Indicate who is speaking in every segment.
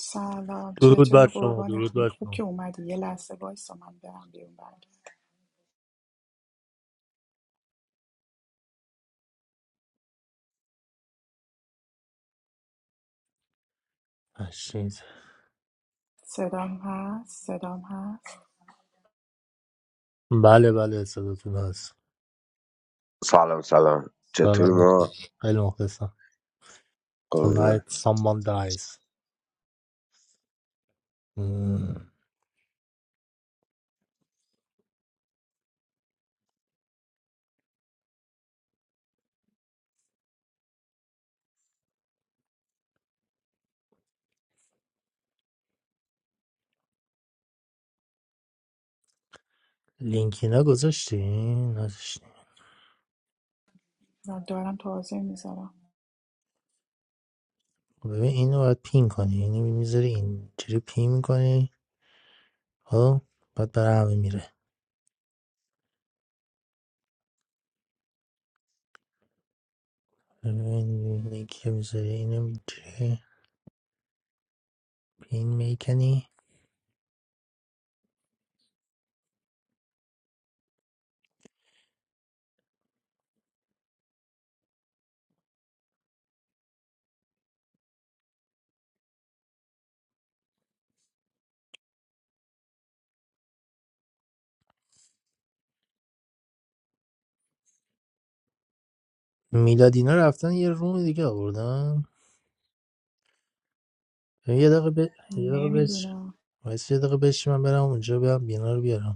Speaker 1: سلام
Speaker 2: درود بر
Speaker 1: چطوری
Speaker 2: شما درود
Speaker 1: قربانتون
Speaker 2: بر
Speaker 1: خوب که
Speaker 2: شما
Speaker 1: اومدی یه لحظه وایسا من برم بیرون برگرد
Speaker 2: هشتید
Speaker 1: صدام هست صدام هست
Speaker 2: بله بله صداتون هست
Speaker 3: Salon, salon.
Speaker 2: سلام آفرین.
Speaker 3: Jethuma,
Speaker 2: خیلی مخلصم
Speaker 3: Gulne.
Speaker 2: Tonight someone dies مم. لینکی نگذاشتی؟ نذاشتی
Speaker 1: و دارم توضیح میذارم
Speaker 2: ببین اینو باید پین کنی اینو میذاری اینجوری پین میکنی خب بعد برای همه میره ببین لینکی که میذاری اینو اینجوری پین میکنی میلادینا رفتن یه روم دیگه آوردن یه دقیقه ب... یه دقیقه بش
Speaker 1: نمیدونم
Speaker 2: وایس یه دقیقه بشی من برم اونجا برم بینا رو بیارم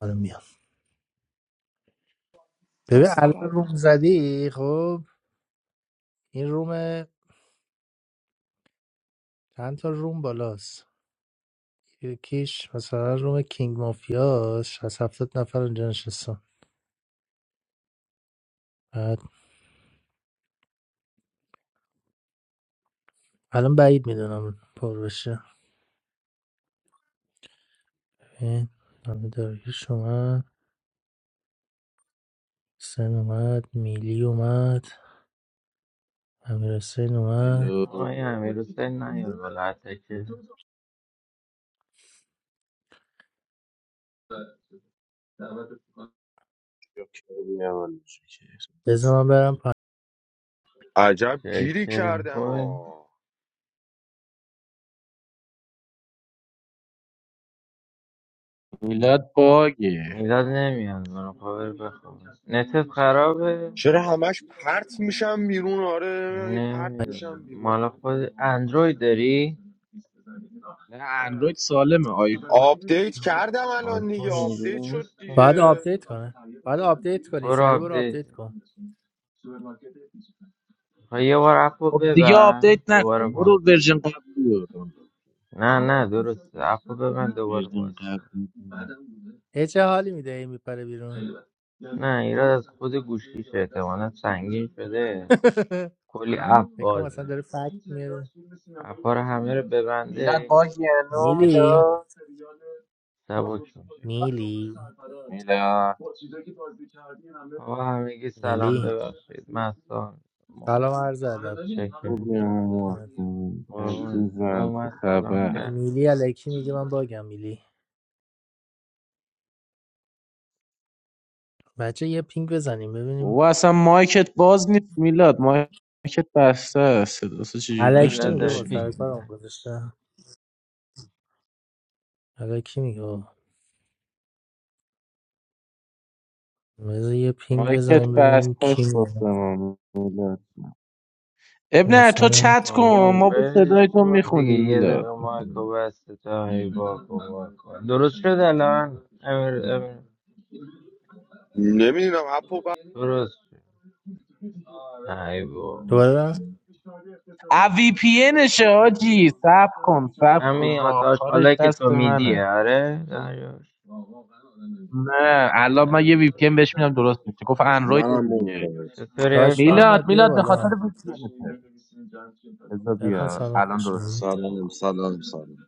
Speaker 2: حالا میام ببین
Speaker 1: دستت
Speaker 2: الان
Speaker 1: گردم
Speaker 2: روم زدی خب این روم چند تا روم بالاست یکیش مثلا روم کینگ مافیاس از هفتاد نفر اونجا نشستم بعد الان بعید میدونم پر بشه این همه داریش اومد سن اومد میلی اومد امیر حسین اومد
Speaker 4: الو
Speaker 5: آقای امیر حسین نیار بالا حتی که
Speaker 2: بذار من برم پایین
Speaker 6: عجب
Speaker 5: شاید
Speaker 6: گیری
Speaker 5: کریم
Speaker 6: کردم
Speaker 5: خوبه
Speaker 6: آ
Speaker 4: میلاد باگه
Speaker 5: میلاد نمیاد منو خبر بخواب نتت خرابه
Speaker 6: چرا همش پرت میشم بیرون آره پرت میشم
Speaker 5: نمیدونم مال
Speaker 6: بیرون
Speaker 5: خود اندروید داری
Speaker 4: نه اندروید سالمه آیفون
Speaker 6: آپدیت کردم الان دیگه
Speaker 5: آیفون اینجوری
Speaker 6: آپدیت شد
Speaker 5: نیست که
Speaker 2: باید
Speaker 6: دیگه
Speaker 2: آپدیت کنه باید آپدیت کنی
Speaker 5: برو
Speaker 2: سری برو
Speaker 5: آپدیت
Speaker 2: آپدیت کن
Speaker 5: خواهی یه بار اپو
Speaker 4: خب دیگه
Speaker 5: ببند
Speaker 4: آپدیت
Speaker 5: دوباره
Speaker 4: نکن
Speaker 5: باز
Speaker 4: برو
Speaker 5: کن.
Speaker 4: ورژن قبلی رو دانلود.
Speaker 5: نه نه درسته اپو ببند دوباره
Speaker 4: ورژن
Speaker 5: باز کن.
Speaker 4: قبلی
Speaker 2: ای چه حالی میده این میپره بیرون
Speaker 5: نه ایراد از خود گوشیشه احتمالا سنگین شده کلی اپ
Speaker 2: فکر کنم اصلا
Speaker 5: بازه
Speaker 2: داره فکت میاره
Speaker 5: اپا رو همه رو ببنده
Speaker 4: میلاد
Speaker 5: این
Speaker 4: باگه الو
Speaker 5: گوشی
Speaker 2: میلی
Speaker 5: سبک
Speaker 4: میلاد
Speaker 5: سبک میشه
Speaker 2: میلی
Speaker 4: میلاد
Speaker 5: آقا همگی سلام
Speaker 2: میلی
Speaker 5: ببخشید مستان ما
Speaker 2: سلام عرض ادب
Speaker 5: شکر
Speaker 4: خوبیم
Speaker 5: قربونت.
Speaker 4: عزیزم چه
Speaker 5: اومد سلام
Speaker 4: خبر
Speaker 5: کرد
Speaker 2: میلی الکی میگه من باگم میلی بچه یه پینگ بزنیم ببینیم
Speaker 4: بابا اصلا مایکت باز نیست میلاد مایکت بسته است صدا چجوری
Speaker 2: الکی
Speaker 4: داشته
Speaker 5: میلاد
Speaker 2: میگه
Speaker 5: داره
Speaker 2: با سر
Speaker 4: باشیم
Speaker 5: پینگ
Speaker 2: کارم
Speaker 5: میزنه
Speaker 2: گذاشته الکی میگه بابا. بذار یه پینگ
Speaker 4: مایکت
Speaker 2: بزنیم ببینیم
Speaker 4: بسته
Speaker 2: کی
Speaker 4: است واسه
Speaker 2: میاد
Speaker 4: ما میلاد جان. اب نه تو
Speaker 2: مثلا
Speaker 4: چت
Speaker 5: آقا
Speaker 4: کن ما با
Speaker 5: ولش
Speaker 4: صدای تو
Speaker 5: کن دیگه
Speaker 4: میخونیم
Speaker 5: یه
Speaker 4: میلاد
Speaker 5: دقیقه مایکو بسته تا هی واکن واکن درست شد الان امیر امیر
Speaker 6: نمیدونم اپو بعد
Speaker 5: درست شد نه بابا
Speaker 2: دوباره
Speaker 4: اوی پی انشه حاجی سب کن سب کن
Speaker 5: همین آتاش
Speaker 4: راهکارش
Speaker 5: حالا که
Speaker 4: دست
Speaker 5: تو میدی
Speaker 4: منه
Speaker 5: آره دریاش
Speaker 4: نه الان من
Speaker 5: نه
Speaker 4: یه وی پی ان بهش میدم درست میشه گفت اندروید
Speaker 7: منم مود
Speaker 4: دیگه
Speaker 7: کنید
Speaker 5: چطوری
Speaker 2: داش
Speaker 5: ایفا
Speaker 4: میلاد
Speaker 2: محمد بیا
Speaker 4: میلاد به خاطر
Speaker 2: بالا
Speaker 4: وی پی انته. بذار
Speaker 2: عرفان
Speaker 4: بیا
Speaker 2: سلام
Speaker 4: الان درست
Speaker 2: خوشم
Speaker 4: میشه
Speaker 7: سلام سلام سلام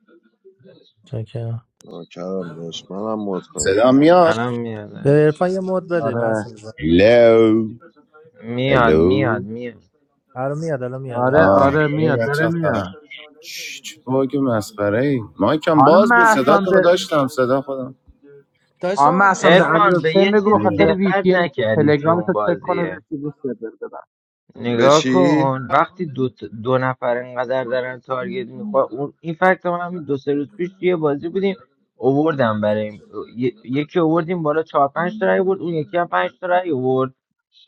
Speaker 2: چاکرم
Speaker 7: ناکرم داشت منم مود کنید
Speaker 8: صدا
Speaker 7: بزنید
Speaker 8: میاد
Speaker 5: الان میاد
Speaker 2: به
Speaker 5: آره.
Speaker 2: عرفان یه مد بده من اصلا
Speaker 4: آره
Speaker 2: میگم
Speaker 8: هلو
Speaker 5: میاد میاد
Speaker 8: هلو
Speaker 5: میاد
Speaker 2: الان میاد الان میاد الان
Speaker 4: آره
Speaker 2: میاد
Speaker 8: آه
Speaker 4: آره
Speaker 8: خیلی
Speaker 4: میاد داره
Speaker 8: بچه‌ها سلام
Speaker 4: میاد
Speaker 8: چ- چه باگ مسخره ای مایکم
Speaker 4: خانم
Speaker 8: باز بود صداتون رو
Speaker 4: محسان
Speaker 8: داشتم صدا خودم
Speaker 2: داش
Speaker 4: اما
Speaker 2: محمد بیا
Speaker 4: اصلا به
Speaker 2: بالا
Speaker 4: امیر
Speaker 5: عرفان به
Speaker 4: حسین
Speaker 5: یه
Speaker 4: بگو به
Speaker 5: چیزی
Speaker 4: خاطر
Speaker 8: نمی‌دونم.
Speaker 4: وی
Speaker 5: دقت
Speaker 4: پی ان
Speaker 5: نکردی تو
Speaker 4: تلگرام
Speaker 5: اون
Speaker 4: تو چک کنه
Speaker 5: بازیه
Speaker 4: رسیدی سرور بدم
Speaker 7: به
Speaker 5: نگاه
Speaker 7: چی؟
Speaker 5: کن وقتی دو, ت- دو نفر انقدر دارن تارگت میخواه اون این فکت هم همین دو سه روز پیش توی بازی بودیم اووردم برای این- ی- یکی اووردیم بالا چهار پنج تا رای بود اون یکی هم پنج تا رای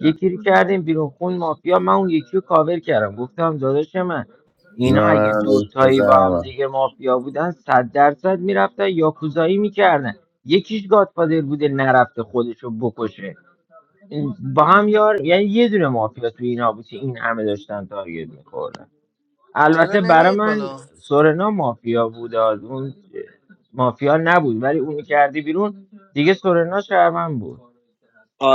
Speaker 5: یکی رو کردیم بیرون خون مافیا من اون یکی رو کاور کردم گفتم داداش من اینا
Speaker 8: بذار من
Speaker 5: اگه
Speaker 8: برم لینک
Speaker 5: دوتایی با
Speaker 8: بذارم
Speaker 5: هم
Speaker 8: اونور.
Speaker 5: دیگه مافیا بودن صد درصد میرفتن یاکوزایی میکردن یکیش گادفادر بوده نرفته خودشو بکشه این- با هم یار یعنی یه دونه مافیا تو اینا بود که این همه داشتن تارگت میخوردن
Speaker 2: چرا
Speaker 5: البته برای
Speaker 2: نمیاد
Speaker 5: من
Speaker 2: بالا
Speaker 5: سورنا مافیا بود اون مافیا نبود ولی اونو کردی بیرون دیگه سورنا شهرمن بود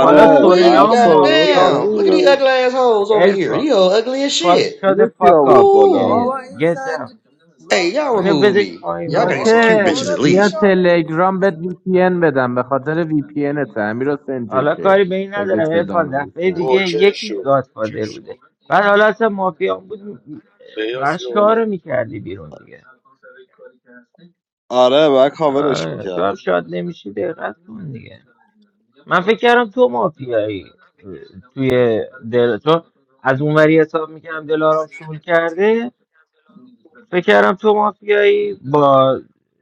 Speaker 5: حالا
Speaker 9: wee,
Speaker 7: بعد
Speaker 5: سورنا
Speaker 7: سالنا رو
Speaker 5: مافیا
Speaker 7: کاور
Speaker 9: goddamn. Look at these
Speaker 5: بود
Speaker 7: میکردم
Speaker 9: ugly assholes over here.
Speaker 5: ارفا
Speaker 9: You all ugly as
Speaker 5: فاس
Speaker 9: shit.
Speaker 5: شده
Speaker 7: اینه کی
Speaker 5: فاک آف
Speaker 7: آورد بالا
Speaker 5: ایدیت
Speaker 2: بابا
Speaker 9: Ooh.
Speaker 2: این
Speaker 5: گت
Speaker 2: زنج
Speaker 5: داون،
Speaker 2: لا
Speaker 9: Hey, y'all
Speaker 5: اینو
Speaker 9: remove
Speaker 5: بدش
Speaker 9: me.
Speaker 5: پایین
Speaker 9: Y'all gotta get
Speaker 5: بابا
Speaker 9: some
Speaker 2: بابا
Speaker 9: cute
Speaker 4: جوکر
Speaker 9: bitches at
Speaker 2: برو
Speaker 4: بیا
Speaker 9: least.
Speaker 2: بیناموز
Speaker 4: تلگرام بهت وی پی ان بدم به خاطر وی پی ان ته امیر حسین
Speaker 5: حالا
Speaker 4: جوکر
Speaker 5: کاری به این
Speaker 4: اگه
Speaker 5: ندارم
Speaker 4: صدام
Speaker 5: ارفان دفعه
Speaker 4: نمیشنوی
Speaker 5: دیگه
Speaker 6: اوکی
Speaker 5: یکی
Speaker 6: شد
Speaker 5: گادفادر بوده بعد حالا اصلا مافیا مافیان بود م-
Speaker 6: بیاس بیا بالا
Speaker 5: میکردی بیرون دیگه
Speaker 7: آره بعد کاورش
Speaker 5: آره تو هم
Speaker 7: میکردم
Speaker 5: شاد نمیشی دقت کن دیگه من فکر کردم تو مافیایی اه، توی دل چون از اونوری حساب میکردم دلارام شول کرده فکر کردم تو مافیایی با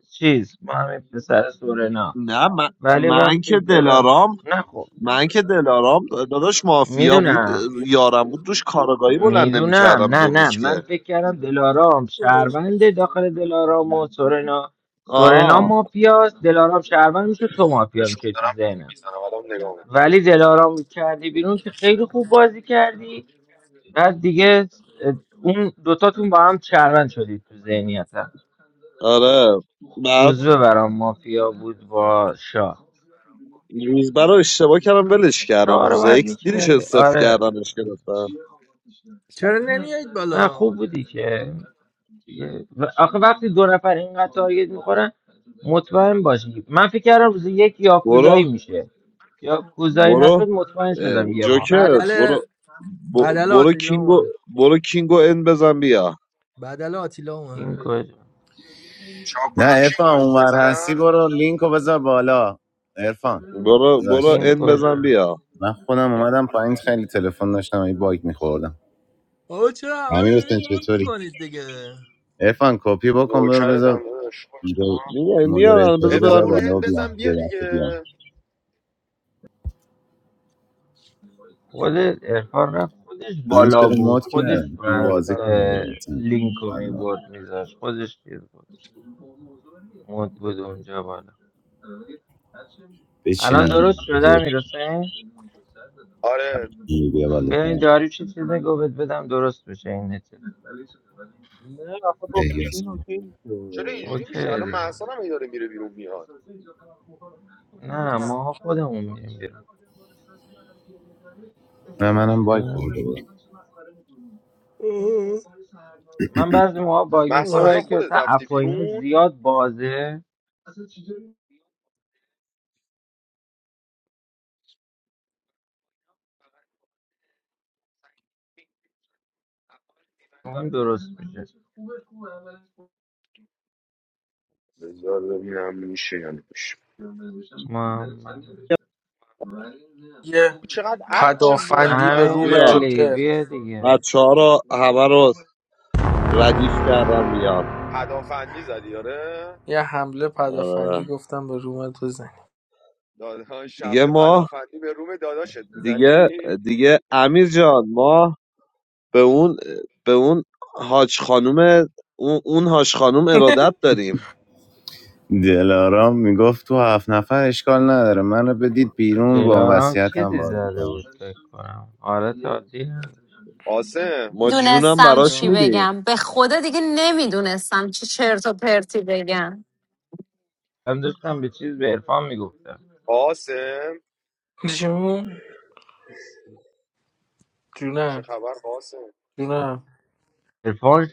Speaker 5: چیز با همین پسر سورنا
Speaker 7: نه من,
Speaker 5: ولی
Speaker 7: من
Speaker 5: وقتی
Speaker 7: که
Speaker 5: دل
Speaker 7: دلارام
Speaker 5: نه خب
Speaker 7: من که دلارام داداش مافیا بود
Speaker 5: میدونم
Speaker 7: یارم بود دوش کارگاهی بلند
Speaker 5: میدونم
Speaker 7: نمیکردم
Speaker 5: نه
Speaker 7: دو
Speaker 5: نه
Speaker 7: روز
Speaker 5: من
Speaker 7: که
Speaker 5: فکر کردم دلارام شهروند داخل دلارام و سورنا سورنا
Speaker 7: آه
Speaker 5: مافیاست دلارام شهروند میشه تو مافیا
Speaker 6: اشکال
Speaker 5: میشه تو
Speaker 6: دارم
Speaker 5: ذهنم ولی دلارام کردی بیرون که خیلی خوب بازی کردی بعد دیگه اه، اون دوتاتون با هم شهروند شدید تو ذهنیت
Speaker 7: آره بعد
Speaker 5: روزبه برام مافیا بود با شاه
Speaker 7: روزبر رو اشتباه کردم ولش کردم
Speaker 5: شاه رو
Speaker 7: روز
Speaker 5: باید
Speaker 7: اکس دیدیش
Speaker 5: میکرده
Speaker 7: استف
Speaker 5: آره
Speaker 7: کردنش گرفتم
Speaker 2: چرا نمیایید
Speaker 5: نه
Speaker 2: بالا
Speaker 5: خوب بودی که دیگه- و آخه وقتی دو نفر اینقدر تارگت میخورن مطمئن باشی من فکر کردم روز یک
Speaker 7: برو
Speaker 5: یاکوزایی میشه یاکوزایی
Speaker 7: برو
Speaker 5: نشد مطمئن
Speaker 7: اه،
Speaker 5: شدم یه
Speaker 7: جوکر
Speaker 5: مافیاست
Speaker 2: بدل
Speaker 7: برو ب-
Speaker 2: بدل
Speaker 7: برو
Speaker 2: آتیلا
Speaker 7: کینگو
Speaker 2: اومد
Speaker 7: برو کینگو ان بزن بیا
Speaker 2: بدل آتیلا اومد
Speaker 5: کین کجا
Speaker 6: چاکنم
Speaker 8: نه
Speaker 6: کنم کینگو
Speaker 8: ارفان
Speaker 6: اند
Speaker 8: اونور هستی
Speaker 6: بزنم
Speaker 8: برو لینک رو بذار بالا ارفان
Speaker 7: برو برو
Speaker 8: باش
Speaker 5: کین
Speaker 7: ان بزن
Speaker 5: کجا
Speaker 7: بیا
Speaker 8: من خودم اومدم پایین خیلی تلفن داشتم این باگ میخوردم
Speaker 2: بابا چرا همه رو
Speaker 8: امیر حسین
Speaker 2: دارید مد
Speaker 8: چطوری
Speaker 2: میکنید دیگه
Speaker 8: ارفان کپی بکن برو
Speaker 6: نوکرت
Speaker 8: بذار
Speaker 6: هم داداش
Speaker 8: اونجا
Speaker 7: میگه میان بذار
Speaker 8: مودریتوری
Speaker 6: ارفان
Speaker 7: برم
Speaker 8: بذار
Speaker 6: برو
Speaker 7: میگه
Speaker 8: بالا و
Speaker 6: اند
Speaker 8: بیان
Speaker 6: بزن
Speaker 8: یه
Speaker 6: بیا
Speaker 8: دفعه
Speaker 6: دیگه
Speaker 8: بیان.
Speaker 5: خود ارفان رفت خودش
Speaker 8: من
Speaker 5: بالا
Speaker 8: چرا
Speaker 5: بود
Speaker 8: مات
Speaker 5: خودش
Speaker 8: کرد میخوام
Speaker 6: بیا بالا
Speaker 5: بعد
Speaker 8: بازی کنم
Speaker 6: ترنم
Speaker 5: اه،
Speaker 8: بلاتن
Speaker 5: لینک رو
Speaker 8: الله
Speaker 5: میبرد میذاشت خودش چیز بود مود بود اونجا بالا
Speaker 8: بچینم
Speaker 5: الان درست
Speaker 8: بذار
Speaker 5: شده میرسه
Speaker 6: آره
Speaker 8: بچینم. بیا
Speaker 5: ببین
Speaker 8: بالاتر
Speaker 5: داری چه چیزی گفت بدم درست بشه این نت
Speaker 4: نه آخه با وی پی
Speaker 8: بهیاس
Speaker 4: ان
Speaker 8: کن.
Speaker 4: اوکی میشه
Speaker 6: چرا
Speaker 4: ولی
Speaker 6: اینجوری
Speaker 5: اوکی
Speaker 6: میشه الان
Speaker 4: خب
Speaker 5: دیگه
Speaker 6: محسان هم هی داره میره بیرون میاد
Speaker 5: نه ما خودمون میریم بیرون
Speaker 8: نه منم
Speaker 5: مشکل
Speaker 8: بای خورده بود
Speaker 5: نداره. من بعضی موقع باگ میخوره
Speaker 6: محسان الان
Speaker 5: برای که
Speaker 6: خودت
Speaker 5: مثلا
Speaker 6: رفتی
Speaker 5: اپا اینا
Speaker 6: بیرون
Speaker 5: زیاد بازه اون درست میشه
Speaker 6: بذار ببینم میشه یا نمیشه
Speaker 5: محمد
Speaker 10: یه
Speaker 6: چقدر اپ باز دارم
Speaker 10: پدافندی به
Speaker 6: من
Speaker 10: روم
Speaker 5: امیر
Speaker 7: میان
Speaker 5: علی
Speaker 10: جوکر
Speaker 5: بیا دیگه
Speaker 7: بچه ها رو همه رو ردیف کردم میان
Speaker 6: پدافندی زدی آره
Speaker 10: یه حمله پدافندی
Speaker 7: آره.
Speaker 10: گفتم به روم تو زنی
Speaker 6: داداش
Speaker 7: دیگه
Speaker 6: شمله
Speaker 7: ما
Speaker 6: پدافندی به روم داداشت
Speaker 7: دیگه
Speaker 6: میزنی
Speaker 7: دیگه امیر جان ما به اون به اون حاج خانوم اون, اون حاج خانوم ارادت داریم
Speaker 8: دلارام میگفت تو هفت نفر اشکال نداره منو بدید بیرون با اون
Speaker 5: دلارام
Speaker 8: وصیتم
Speaker 5: چیزی
Speaker 8: بازی
Speaker 5: زده
Speaker 8: کنم
Speaker 5: بود فکر کنم حالت عادی نداشت.
Speaker 6: قاسم
Speaker 7: ما جونم
Speaker 11: دونستم
Speaker 7: براش
Speaker 11: چی
Speaker 10: جون
Speaker 7: میدیم
Speaker 11: بگم به خدا دیگه نمیدونستم چه چرت و پرتی بگم
Speaker 5: هم داشتم به چیز به عرفان میگفتم
Speaker 6: قاسم
Speaker 10: جون
Speaker 6: چه
Speaker 10: جونم
Speaker 6: خبر قاسم
Speaker 10: جونم
Speaker 5: عرفان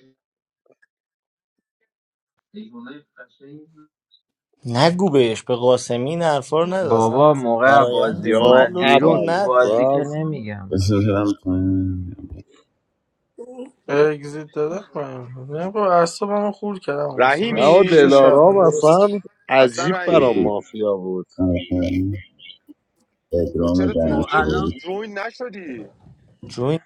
Speaker 12: نگو بهش به قاسمی این حرفا رو نده اصلا
Speaker 5: بابا موقع
Speaker 12: برایند
Speaker 5: بازی
Speaker 12: خودت رو
Speaker 7: یا
Speaker 5: اومد
Speaker 12: لطف کن
Speaker 5: بیرون تو
Speaker 12: نده
Speaker 5: بازی که
Speaker 7: اول
Speaker 5: نمیگم
Speaker 8: بذار برم پایین.
Speaker 10: اگزیت دادم من نه با اعصابمو خور کردم حسین من
Speaker 7: نه
Speaker 6: رحیمی
Speaker 10: 6 تا
Speaker 7: دلارام
Speaker 10: شهروند درست
Speaker 7: اصلا
Speaker 6: اصلا
Speaker 7: عجیب
Speaker 8: بود
Speaker 7: برام
Speaker 6: رحیمی
Speaker 8: بود.
Speaker 7: مافیا بود
Speaker 8: آخرین
Speaker 6: تو
Speaker 8: پدرام
Speaker 6: چرا تو
Speaker 2: او
Speaker 6: اینجا رو-
Speaker 2: الان
Speaker 8: دانشوری
Speaker 6: جوین نشدی
Speaker 12: جوین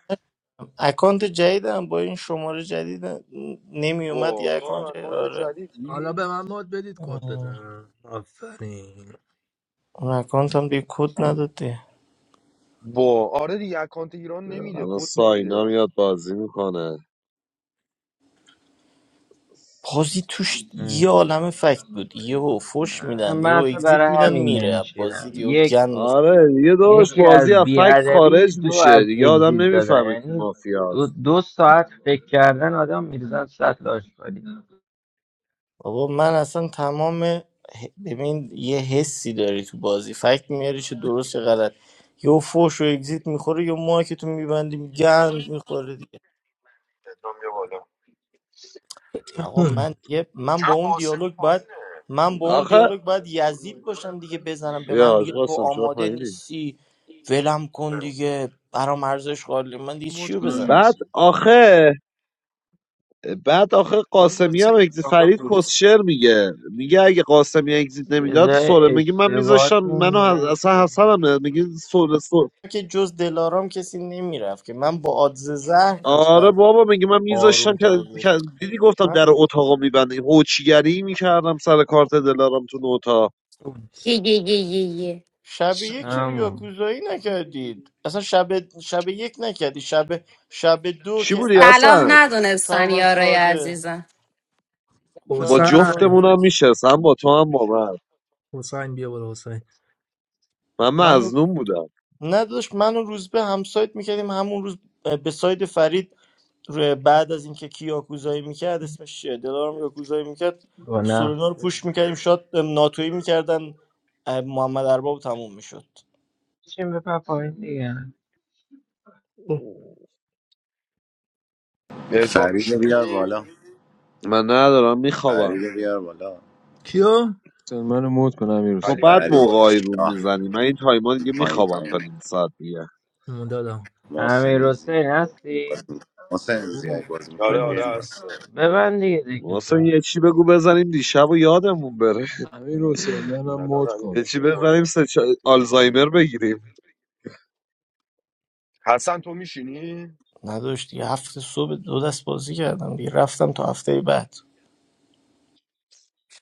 Speaker 12: اکانت جدیدم با این شماره جدید نمی اومد
Speaker 6: وا
Speaker 12: یه
Speaker 6: تو هم
Speaker 12: اکانت جدید
Speaker 6: اکانت
Speaker 12: آره
Speaker 2: حالا
Speaker 6: جدیدی
Speaker 2: به من مد بدید کد
Speaker 12: اه،
Speaker 2: بدم آفرین
Speaker 12: اون اکانت هم دیگه کد نداد دیگه.
Speaker 6: وا آره دیگه اکانت ایران نمیده
Speaker 7: الان
Speaker 6: کد
Speaker 7: ساینا
Speaker 6: نمیده
Speaker 7: میاد بازی میکنه
Speaker 12: بازی توش یه عالم فکت بود یهو فوش
Speaker 5: اه،
Speaker 12: میدن
Speaker 5: من
Speaker 12: یهو
Speaker 5: اصلا
Speaker 12: اگزییت
Speaker 5: برای
Speaker 12: میدن
Speaker 5: همین
Speaker 12: میره
Speaker 5: نمیشینم
Speaker 12: بازی یهو
Speaker 5: یک
Speaker 12: گن
Speaker 7: آره دیگه داداش
Speaker 5: یکی
Speaker 7: بازی
Speaker 5: از
Speaker 7: از فکت
Speaker 5: بیادبی
Speaker 7: خارج
Speaker 5: دو
Speaker 7: میشه
Speaker 5: از
Speaker 7: دیگه آدم
Speaker 5: اگزیت دادن
Speaker 7: نمیفهمه کی
Speaker 5: یعنی دو,
Speaker 7: مافیاست
Speaker 5: دو ساعت فکر کردن آدم میرزن سطل آشغالی
Speaker 12: آقا من اصلا تمام ه- ببین یه حسی داری تو بازی فکت میاری چه درست چه غلط یا فوش و اگزیت میخوره یا ما که تو میبندی گند میخوره دیگه
Speaker 6: بیا بالا
Speaker 12: آقا من یه من
Speaker 6: چرا
Speaker 12: با اون
Speaker 6: قاسمی
Speaker 12: دیالوگ باید
Speaker 6: پایینه
Speaker 12: من با اون
Speaker 7: آخه
Speaker 12: دیالوگ باید یزید باشم دیگه بزنم به
Speaker 7: بیا
Speaker 12: من
Speaker 7: حاج
Speaker 12: میگه تو
Speaker 7: قاسم چرا
Speaker 12: آماده
Speaker 7: پایینی
Speaker 12: نیستی ولم کن دیگه برام ارزش قائل من دیگه
Speaker 13: I'm not
Speaker 12: چیو
Speaker 13: going to
Speaker 12: بزنم
Speaker 7: بعد آخه بعد آخه
Speaker 10: من
Speaker 7: قاسمی
Speaker 10: بازی
Speaker 7: هم اگزیت
Speaker 10: نمی‌کنم
Speaker 7: فرید
Speaker 10: درست
Speaker 7: کسشر میگه میگه اگه قاسمی اگزیت
Speaker 5: یه
Speaker 7: نمیداد سوره
Speaker 5: جای
Speaker 7: میگه من میذاشتم
Speaker 5: اشتباهتون
Speaker 7: منو حس- اصلا
Speaker 5: رفته
Speaker 7: حسنم میگه
Speaker 12: که جز دلارام کسی نمیرفت که من با آدز زهر
Speaker 7: آره
Speaker 12: داشتم
Speaker 7: بابا میگه من میذاشتم
Speaker 12: آروم
Speaker 7: که
Speaker 12: تارگت
Speaker 7: که- دیدی گفتم در اتاقا میبنده هوچیگری میکردم سر کارت دلارم تو اتاق
Speaker 11: یه یه یه یه یه.
Speaker 12: شب یک چرا
Speaker 5: همون
Speaker 12: یاکوزایی نکردید اصلا شب شب یک نکردی شب شب دو
Speaker 7: چی
Speaker 12: که
Speaker 7: بودی
Speaker 12: عطا
Speaker 11: صلاح
Speaker 7: اصلا
Speaker 11: ندونستن
Speaker 12: شهروند
Speaker 11: یارای
Speaker 12: ساده
Speaker 11: عزیزم
Speaker 7: با
Speaker 12: شهروند
Speaker 2: حسین
Speaker 12: ساده
Speaker 7: جفتمونم میشست هم با تو هم با من
Speaker 2: حسین بیا بالا حسین
Speaker 7: من
Speaker 12: منو
Speaker 7: مظنون بودم
Speaker 12: نداشت منو روز به همسایت میکردیم همون روز به ساید فرید رو- بعد از اینکه کی یاکوزایی میکرد اسمش چیه دلارم یاکوزایی میکرد
Speaker 5: با نقش
Speaker 12: سولینا رو پوش میکردیم شاد ناتویی میکردن محمد ارباب تموم میشد
Speaker 5: چیم بپر پایین دیگه
Speaker 6: عرفان
Speaker 8: فرید رو بیار
Speaker 6: میشینی
Speaker 8: بالا
Speaker 7: من ندارم میخوابم
Speaker 8: فرید رو بیار بالا
Speaker 2: کیو؟
Speaker 13: die. I'm not going to
Speaker 7: تو
Speaker 6: خلیفه
Speaker 7: بعد
Speaker 6: بیا
Speaker 8: فرید
Speaker 6: بالا
Speaker 7: موقعی رو
Speaker 8: شاه
Speaker 7: میزنی من این تایما دیگه
Speaker 8: پایین
Speaker 7: میخوابم تا
Speaker 8: پایین
Speaker 7: نیم ساعت دیگه
Speaker 2: دادم
Speaker 8: محسن
Speaker 5: امیر
Speaker 8: ایزی
Speaker 5: حسین هستی؟
Speaker 8: محسن ایزی اگه بازی
Speaker 6: آره
Speaker 8: میکنید بیاین
Speaker 6: آره هستم
Speaker 5: ببند دیگه دکتو
Speaker 7: واسه یه چی بگو بزنیم دیشب و یادمون بره
Speaker 13: die.
Speaker 6: الان
Speaker 7: یه چی
Speaker 6: ردیفش میکنم
Speaker 7: بزنیم سه چا- آلزایمر بگیریم
Speaker 6: حسن تو میشینی؟
Speaker 12: نداشت دیگه هفت صبح دو دست بازی کردم دیگه رفتم تا هفته بعد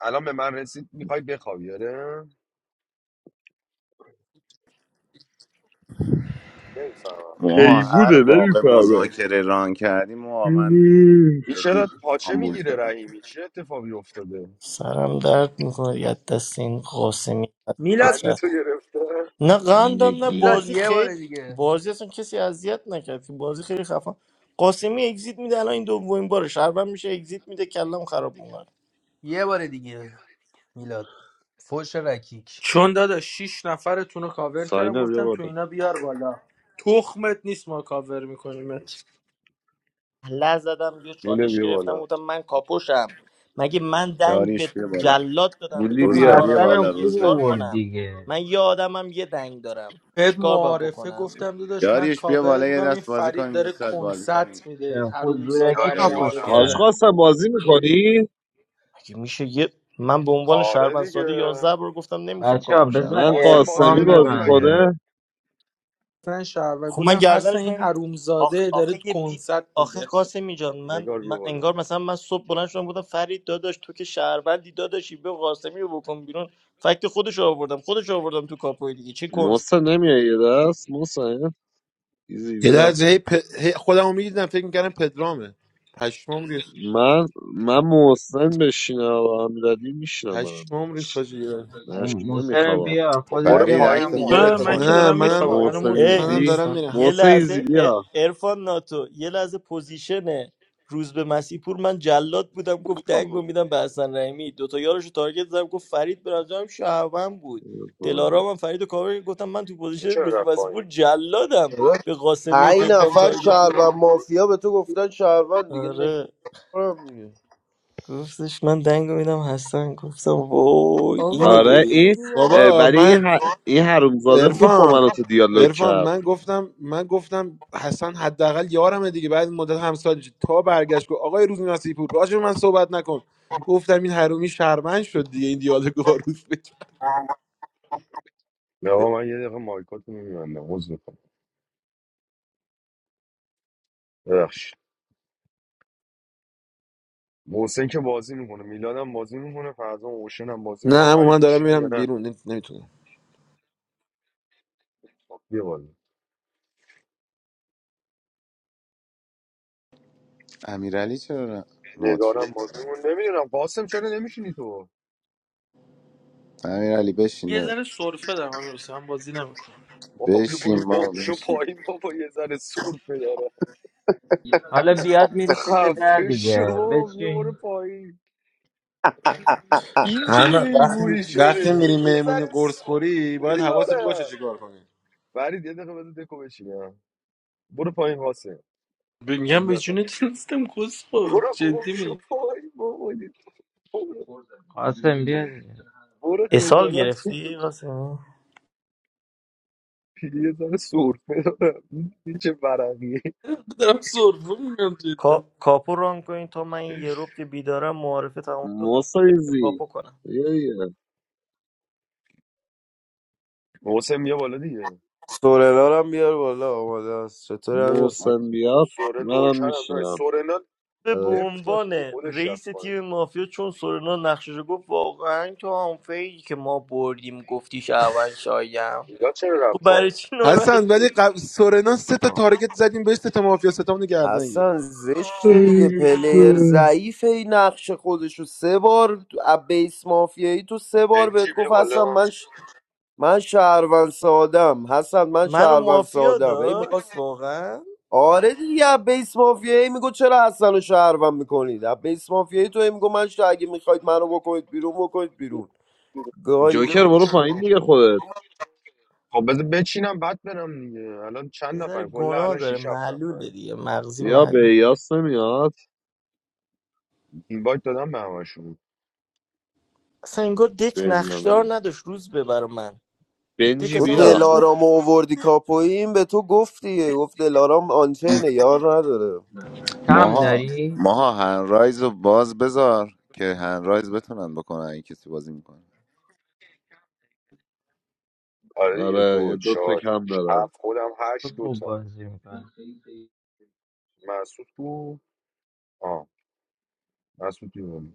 Speaker 6: الان به من رسید میخوای بخوابی آره؟ نمیفهمم
Speaker 8: ما هر
Speaker 7: حیوونه
Speaker 8: موقع
Speaker 7: نمیفهمه
Speaker 8: مذاکره ران کردیم ما من
Speaker 6: این
Speaker 8: جدی
Speaker 6: چرا پاچه
Speaker 8: آمبول
Speaker 6: میگیره
Speaker 8: شدم
Speaker 6: رحیمی چه اتفاقی افتاده؟
Speaker 12: سرم درد میکنه یه دست این قاسمی از
Speaker 2: میلاد
Speaker 6: قنده
Speaker 12: فطرت
Speaker 6: تو گرفته؟
Speaker 12: نه قندم نه
Speaker 7: نگین
Speaker 2: میلاد
Speaker 12: بازی
Speaker 2: یه بار
Speaker 12: خیلی
Speaker 2: دیگه
Speaker 12: بازی اصلا کسی اذیت نکرد که بازی خیلی خفن قاسمی اگزیت میده الان این دومین بارش هر میشه اگزیت میده کلم خراب میکنه
Speaker 2: یه بار دیگه میلاد فوش رکیک
Speaker 10: چون دادا 6 نفرتون رو کاور کردم
Speaker 7: ساینا بیا
Speaker 10: گفتم تو
Speaker 7: بالا
Speaker 10: اینا بیار بالا تخمت نیست ما کاور میکنیم
Speaker 12: له زدم یه
Speaker 6: اینو
Speaker 12: چالش
Speaker 6: بیا بالا
Speaker 12: گرفتم گفتم من کاپوشم مگه من دنگ به
Speaker 8: داریش بیا بالا
Speaker 12: جلاد دادم
Speaker 7: بولی
Speaker 12: دادم به
Speaker 5: اون
Speaker 8: روز
Speaker 7: بیا
Speaker 8: به بیا
Speaker 5: حسن
Speaker 12: کاراگاه
Speaker 5: هم
Speaker 8: بالا
Speaker 12: دیگه
Speaker 8: روز
Speaker 5: خوب
Speaker 8: به
Speaker 12: چیکار
Speaker 5: آورد
Speaker 12: کنم
Speaker 5: دیگه
Speaker 12: من یه آدمم یه دنگ دارم
Speaker 10: بهت
Speaker 12: چیکار باید
Speaker 10: معارفه
Speaker 12: بکنم
Speaker 10: گفتم داداش من
Speaker 8: داریش بیا بالا
Speaker 10: کاورت
Speaker 8: یه
Speaker 10: میکنم این
Speaker 8: دست بازی
Speaker 10: فرید
Speaker 8: کنیم یه
Speaker 10: داره
Speaker 8: ساعت بازی کنیم
Speaker 10: کنسرت میده
Speaker 5: چه
Speaker 10: این
Speaker 5: خود
Speaker 10: حرومزاده
Speaker 5: زورکی
Speaker 10: هم
Speaker 6: دایش بیا
Speaker 5: کاپوش
Speaker 6: بالا
Speaker 8: داریش
Speaker 7: حاج
Speaker 10: معارفه
Speaker 5: کردن
Speaker 7: قاسم بازی میکنی
Speaker 12: مگه میشه یه من به عنوان شهروند
Speaker 6: آره
Speaker 12: ساده
Speaker 6: دیگه
Speaker 12: 11 بار گفتم نمیخوام
Speaker 5: بچه ها
Speaker 12: کاپوشم
Speaker 5: بذار
Speaker 7: من
Speaker 6: قاسم بازی
Speaker 7: قاسمی
Speaker 5: ارفان
Speaker 6: نمیکنی
Speaker 7: بازی
Speaker 5: ببند
Speaker 6: مگه
Speaker 7: کنه
Speaker 10: من شهروند
Speaker 12: خب من
Speaker 10: گفتم هستن
Speaker 12: گردنش
Speaker 10: این
Speaker 12: من آخ...
Speaker 10: حرومزاده داره
Speaker 12: آخه یه بی...
Speaker 10: کنسرت
Speaker 12: آخه
Speaker 10: میده
Speaker 12: قاسمی جان من...
Speaker 6: نگار بیا
Speaker 12: من
Speaker 6: بالا
Speaker 12: انگار مثلا من صبح بلند شدم گفتم فرید داداش تو که شهروندی داداشی به قاسمی رو بکن بیرون فکت خودش رو آوردم خودش رو آوردم تو کاپوی دیگه چه کنس
Speaker 7: محسن نمیای یه دست محسن ایزی
Speaker 14: یه
Speaker 7: بیا
Speaker 14: لحظه هی, پ... هی خودمو میدیدم فکر میکردم پدرامه پشمام ریخ
Speaker 7: من من محسن بشینم و امیرعلی میشینم منم یه
Speaker 14: پشمام ریخ
Speaker 7: دست
Speaker 14: حاجی.
Speaker 7: نش
Speaker 5: اون- محسن
Speaker 7: نمیخوام
Speaker 5: بیا
Speaker 6: خب
Speaker 5: خودت
Speaker 6: برو
Speaker 5: بیا
Speaker 8: فرید
Speaker 6: پایین
Speaker 5: منم
Speaker 8: عکس
Speaker 5: موت
Speaker 6: دیگه
Speaker 10: نه
Speaker 8: خودتو
Speaker 5: کن
Speaker 10: من
Speaker 6: عرفان
Speaker 10: که
Speaker 8: بذار
Speaker 14: نه
Speaker 6: دیگه
Speaker 10: دارم
Speaker 6: برو
Speaker 14: منم
Speaker 10: میخوابم منو
Speaker 6: پایین
Speaker 10: مت
Speaker 7: محسن
Speaker 10: کن من
Speaker 14: منم
Speaker 7: ایزی
Speaker 14: دارم
Speaker 10: نیستم
Speaker 14: میرم
Speaker 12: یه
Speaker 7: محسن ایزی
Speaker 12: لحظه
Speaker 7: بیا
Speaker 12: ارفان ناتو یه لحظه پوزیشن روز به مسیح پور من جلاد بودم گفت دنگو میدم به حسن رحیمی دوتا یارشو تارگت زدم گفت فرید به نظرم شهروند بود دلارام هم فرید و کاور کرد. گفتم من تو
Speaker 6: این
Speaker 12: پوزیشن
Speaker 6: چرا
Speaker 12: روز به
Speaker 6: رفت
Speaker 12: مسیح پور
Speaker 6: پایین
Speaker 12: جلادم
Speaker 15: بابا
Speaker 12: به قاسمی و
Speaker 15: پنج
Speaker 12: پدرام
Speaker 15: نفر
Speaker 12: تارگت ده.
Speaker 15: شهروند مافیا به تو گفتن شهروند دیگه
Speaker 12: آره
Speaker 15: نکنم دیگه
Speaker 12: گفتش من دنگو میدم حسن گفتم وای
Speaker 2: آقا
Speaker 12: اینو
Speaker 2: این
Speaker 7: آره
Speaker 12: ببین
Speaker 2: چیه
Speaker 7: این
Speaker 2: این الان
Speaker 7: اه،
Speaker 14: بابا
Speaker 7: برای
Speaker 14: من
Speaker 2: می‌شینه.
Speaker 7: این, ح... این حرومزاده خوب با من
Speaker 14: عرفان
Speaker 7: و تو دیالوگ
Speaker 14: عرفان
Speaker 7: کرد
Speaker 14: من گفتم من گفتم حسن حداقل یارمه دیگه بعد این مدت همسال تا برگشت گفت آقای روز نصیب پور راجع به من صحبت نکن گفتم این حرومی شرمن شد دیگه این دیالوگو با روز بکرد
Speaker 6: نه آقا، من یه دقیقه مایکاتو میبینم عوض میکنم محسن که بازی میکنه میلاد هم بازی میکنه فرزان اوشن هم بازی
Speaker 14: نه
Speaker 6: میکنه
Speaker 14: اما
Speaker 6: فرید
Speaker 14: من دارم
Speaker 6: میشینی یا
Speaker 14: میرم
Speaker 6: نه
Speaker 14: بیرون نمیتونم
Speaker 6: خب بیا بالا
Speaker 8: امیرعلی چرا نه؟ مد
Speaker 6: نگارم
Speaker 8: شد
Speaker 6: بازی میکنه نمیدونم قاسم چرا نمیشینی تو
Speaker 8: امیرعلی بشین
Speaker 10: یه
Speaker 8: داداش.
Speaker 10: ذره سرفه دارم من میرسه من بازی نمیکنم
Speaker 6: بابا بیا برو
Speaker 8: بشین ما
Speaker 6: گم شو
Speaker 8: بشین
Speaker 6: پایین بابا یه ذره سور پدره
Speaker 5: حالا بیاد میرسی تا ده
Speaker 6: خفه شو
Speaker 5: دیگه
Speaker 6: بابا بیا برو
Speaker 5: بچین
Speaker 6: پایین این چه
Speaker 14: همه وقتی
Speaker 6: حیوری شده
Speaker 14: وقتی میری
Speaker 6: میگه یه
Speaker 14: مهمونی
Speaker 6: ذره
Speaker 14: قرص
Speaker 6: سور
Speaker 14: خوری باید حواست باشه
Speaker 6: پدره
Speaker 14: چیکار کنی
Speaker 6: فرید یه دقیقه بده دکو بشینم برو پایین قاسم
Speaker 10: میگم به
Speaker 6: اذیت نکن
Speaker 10: جونت نیستم کس خود
Speaker 6: برو گم
Speaker 10: جدی
Speaker 6: شو
Speaker 10: میگم
Speaker 6: پایین بابا برو
Speaker 5: قاسم بیا دیگه
Speaker 6: برو
Speaker 12: اسال
Speaker 6: خجالت
Speaker 12: گرفتی قاسمی
Speaker 6: پیری یه ذره سرفه دارم این این چه ورقیه
Speaker 10: دارم سرفه میگم جدا
Speaker 12: کا... کاپو ران کنین تا من این یه روب که بیدارم معارفه تمام شد
Speaker 7: محسن
Speaker 12: قاسمی رو
Speaker 7: ایزی
Speaker 12: کاپو کنم
Speaker 7: بیا. یه
Speaker 6: محسن بیا بالا دیگه
Speaker 15: سورنارم بیار بالا آماده است چطور امیر حسین
Speaker 7: محسن بیاد
Speaker 6: سوره
Speaker 7: منم
Speaker 6: نوکر هم داره
Speaker 7: میشینم
Speaker 6: سورنا
Speaker 12: به
Speaker 15: داداش؟
Speaker 6: لفت داد
Speaker 12: عنوان
Speaker 6: به خودش
Speaker 12: رئیس
Speaker 6: رفت پایین
Speaker 12: تیم مافیا چون سورنا نقشش رو گفت واقعا تو هم فیلی که ما بردیم گفتی شهروند شایم
Speaker 6: چرا
Speaker 12: خب برای
Speaker 6: پایین
Speaker 12: چی ناراحت
Speaker 14: حسن ولی
Speaker 12: شدی
Speaker 14: قبل سورنا سه تا تارگت زدیم بهش سه تا مافیا ستامونو گردن گرفت
Speaker 15: حسن زشته دیگه پلیر ضعیفه این نقش خودشو سه بار از بیس مافیایی تو سه بار
Speaker 6: بنجی
Speaker 15: بهت
Speaker 6: بیا
Speaker 15: گفت حسن
Speaker 6: بالا
Speaker 15: من ش... من شهروند سادم حسن من
Speaker 12: منو
Speaker 15: شهروند
Speaker 12: مافیا
Speaker 15: سادم ای
Speaker 12: داشت
Speaker 15: میخواست
Speaker 12: واقعا
Speaker 15: آره دیگه از بیس مافیایی میگو چرا حسن رو شهروند میکنید از بیس مافیایی تو ای میگو من ش- اگه میخواید منو بکنید بیرون بکنید بیرون گاییده
Speaker 7: جوکر
Speaker 15: بود
Speaker 7: برو پایین دیگه خودت
Speaker 6: خب بذار بچینم بعد برم دیگه الان
Speaker 12: یه
Speaker 6: چند
Speaker 12: ذره
Speaker 6: نفر کلا
Speaker 12: گناه
Speaker 6: الان
Speaker 12: داره
Speaker 6: شش 7 نفر
Speaker 12: معلوله دیگه مغزی
Speaker 7: یا
Speaker 12: معلول
Speaker 7: به یاس نمیاد
Speaker 6: این وایت دادم به همشون
Speaker 12: اصلا انگار دک نقشدار
Speaker 7: بنیامین
Speaker 12: نداشت روز به برا من دک
Speaker 7: بنجی
Speaker 15: تو
Speaker 12: اصلا انگار
Speaker 7: بیا
Speaker 12: هیچ نه
Speaker 15: دلارام اووردی کاپویم به تو گفتی گفت دلارام آنچینه یار نداره
Speaker 5: کم
Speaker 8: ماها
Speaker 5: داری؟
Speaker 8: ماها هنرایز رو باز بذار که هنرایز بتونن بکنن این کسی بازی میکنه
Speaker 6: آره دیگه
Speaker 7: آره یه
Speaker 6: دو
Speaker 7: دو تا
Speaker 6: چهار
Speaker 7: کم
Speaker 6: شش،
Speaker 7: داره
Speaker 6: هفت خودم
Speaker 5: تو
Speaker 6: هشت دو
Speaker 5: خوب
Speaker 6: تا
Speaker 5: بازی میکنه
Speaker 6: مسعود تو آ مسعود بیا بالا.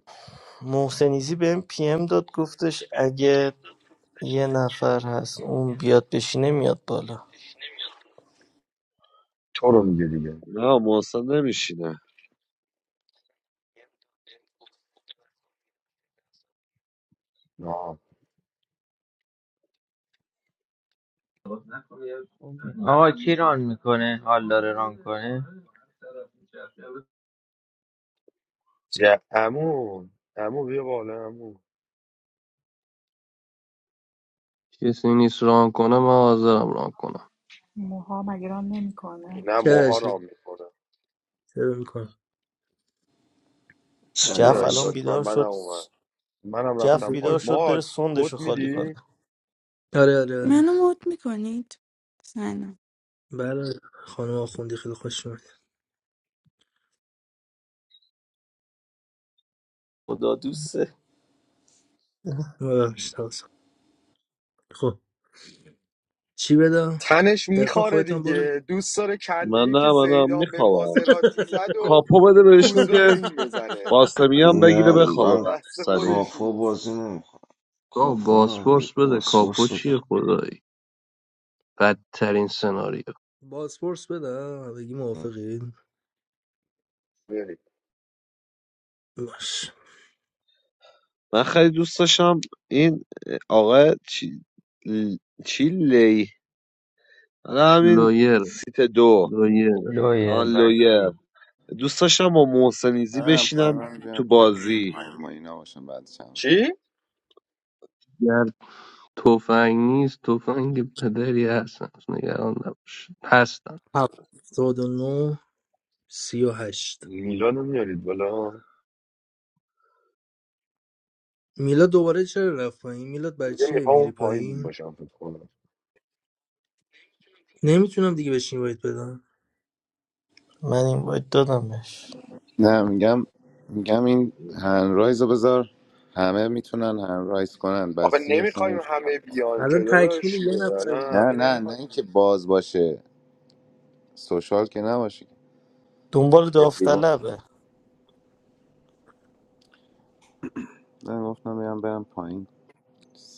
Speaker 12: محسنیزی به پی ام داد گفتش اگه یه نفر هست اون بیاد بشینه میاد بالا
Speaker 6: تو رو میگه دیگه
Speaker 7: نه محسن نمیشینه
Speaker 6: آ
Speaker 5: آقا کی ران میکنه؟ حال داره ران کنه؟
Speaker 6: عمو عمو بیا بالا عمو
Speaker 16: کسی نیست ران کنه من حاضرم ران کنم
Speaker 1: موها مگه رام نمیکنه
Speaker 6: نه
Speaker 2: چرا
Speaker 6: موها
Speaker 2: چرا
Speaker 6: رام میکنه
Speaker 2: چرا میکنم
Speaker 6: یا
Speaker 12: جف
Speaker 17: سلام
Speaker 6: این
Speaker 12: الان
Speaker 17: سلام
Speaker 6: داشت من
Speaker 12: بیدار
Speaker 6: منم
Speaker 12: شد
Speaker 6: اومد منم
Speaker 12: جف
Speaker 6: رفتم
Speaker 12: بیدار
Speaker 6: پایین
Speaker 12: شد
Speaker 6: ما
Speaker 12: بره
Speaker 6: کد
Speaker 12: سندشو خالی کنه
Speaker 6: میدی
Speaker 2: آره آره آره
Speaker 18: منو مد میکنید؟ سلام
Speaker 2: بله خانم آخوندی خیلی خوش اومد
Speaker 12: خدا دوسته
Speaker 2: ببخشید حواسم. خب چی بدم
Speaker 6: تنش
Speaker 2: ارفان
Speaker 6: میخاره
Speaker 2: خودت هم برو
Speaker 6: دیگه دوست داره کله
Speaker 7: من
Speaker 6: ای که
Speaker 7: نه من هم
Speaker 6: زیدان به
Speaker 7: میخوابم
Speaker 6: مازراتی زد و
Speaker 7: کاپو بده بهشون
Speaker 6: روزبه به
Speaker 7: که
Speaker 6: این بزنه
Speaker 7: قاسمی هم بگیره
Speaker 17: نه
Speaker 7: بخوابه
Speaker 17: من
Speaker 7: بعد
Speaker 6: دست
Speaker 7: سریع
Speaker 6: خودش
Speaker 17: کافو
Speaker 6: نیست
Speaker 17: بازی نمیخوام
Speaker 16: تو
Speaker 17: کافو نه
Speaker 16: بازپرس
Speaker 17: باید
Speaker 16: بده
Speaker 17: پاسپورت
Speaker 16: کاپو چیه
Speaker 17: بده
Speaker 16: خدایی بدترین سناریو
Speaker 2: بازپرس بدم بگی موافقین
Speaker 6: بریم
Speaker 2: باش
Speaker 7: من خیلی دوست داشتم این آقا چی, چی لی آره
Speaker 16: ش-
Speaker 7: همین
Speaker 16: لایر
Speaker 7: سیت دو
Speaker 16: لایر
Speaker 5: لویر
Speaker 7: آن لویه
Speaker 5: بکی
Speaker 7: دوست داشتم با محسنیزی
Speaker 8: هم پایین
Speaker 7: بشینم
Speaker 8: هم بیا
Speaker 7: تو
Speaker 8: پایین
Speaker 7: بازی
Speaker 8: پایین ما اینا باشن بعد
Speaker 6: چی
Speaker 16: گر تفنگ نیست تفنگ پدری هستن نگران نباش هستن
Speaker 2: هفتاد و نو سی و هشت
Speaker 6: میلان رو میارید بالا
Speaker 2: میلاد دوباره چرا رفت پایین میلاد برای
Speaker 6: دیگه
Speaker 2: چیه
Speaker 6: میخوام اون
Speaker 2: میری
Speaker 6: پایین
Speaker 2: پایین
Speaker 6: باشم فکر کنم
Speaker 2: نمیتونم دیگه بشین باید بدم
Speaker 12: من این باید دادم بهش
Speaker 8: نه میگم میگم این هنرایز رو بذار همه میتونن هنرایز کنن
Speaker 6: آخه
Speaker 8: بسی اصلا
Speaker 6: نمیخوایم
Speaker 8: نمیشه
Speaker 6: همه
Speaker 8: هنرایز کرد.
Speaker 6: بیان که
Speaker 2: الان تکمیل
Speaker 6: داداش
Speaker 2: یه نفر
Speaker 6: الان
Speaker 2: دیگه
Speaker 8: نه
Speaker 6: همه
Speaker 8: نه نه
Speaker 6: نمیخوایم
Speaker 8: اینکه
Speaker 6: بیان که.
Speaker 8: باز باشه سوشال که نباشه
Speaker 12: دنبال
Speaker 8: everyone
Speaker 12: داوطلبه
Speaker 8: بزن. نه گفتم بیام برم پایین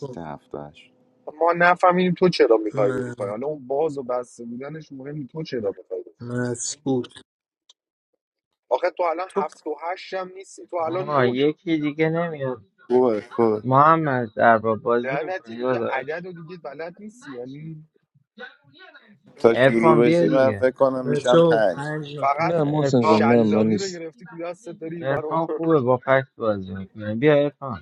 Speaker 2: خب.
Speaker 8: هفتهش
Speaker 6: ما نفهمیدیم تو چرا میخوای بری
Speaker 2: من
Speaker 6: پایین حالا اون باز و بسته بودنش مهم نیست. تو چرا میخوای
Speaker 2: مسعود
Speaker 6: آخه تو الان
Speaker 12: تو
Speaker 6: هفت و هشت هم نیستی تو الان
Speaker 5: آقا
Speaker 6: نهی
Speaker 5: یکی دیگه نمیاد
Speaker 8: خوبه خوبه
Speaker 5: محمد دربا بازی
Speaker 6: لعنتی
Speaker 5: میکنه
Speaker 6: دیگه
Speaker 5: داداش
Speaker 6: عدد و دیگه بلد نیستی یعنی
Speaker 8: تا
Speaker 5: ارفان
Speaker 8: شروع
Speaker 5: بیا
Speaker 8: بشی من
Speaker 5: دیگه
Speaker 8: فکر کنم
Speaker 2: بچه
Speaker 8: میشم
Speaker 2: ها
Speaker 8: پنج
Speaker 2: پنج نفر
Speaker 6: فقط
Speaker 13: I'm not going
Speaker 5: ارفان خوب
Speaker 6: شلاقی
Speaker 13: to die.
Speaker 6: رو گرفتی تو دستت داری این برو
Speaker 5: ارفان خوبه با فکس بازی میکنه بیا ارفان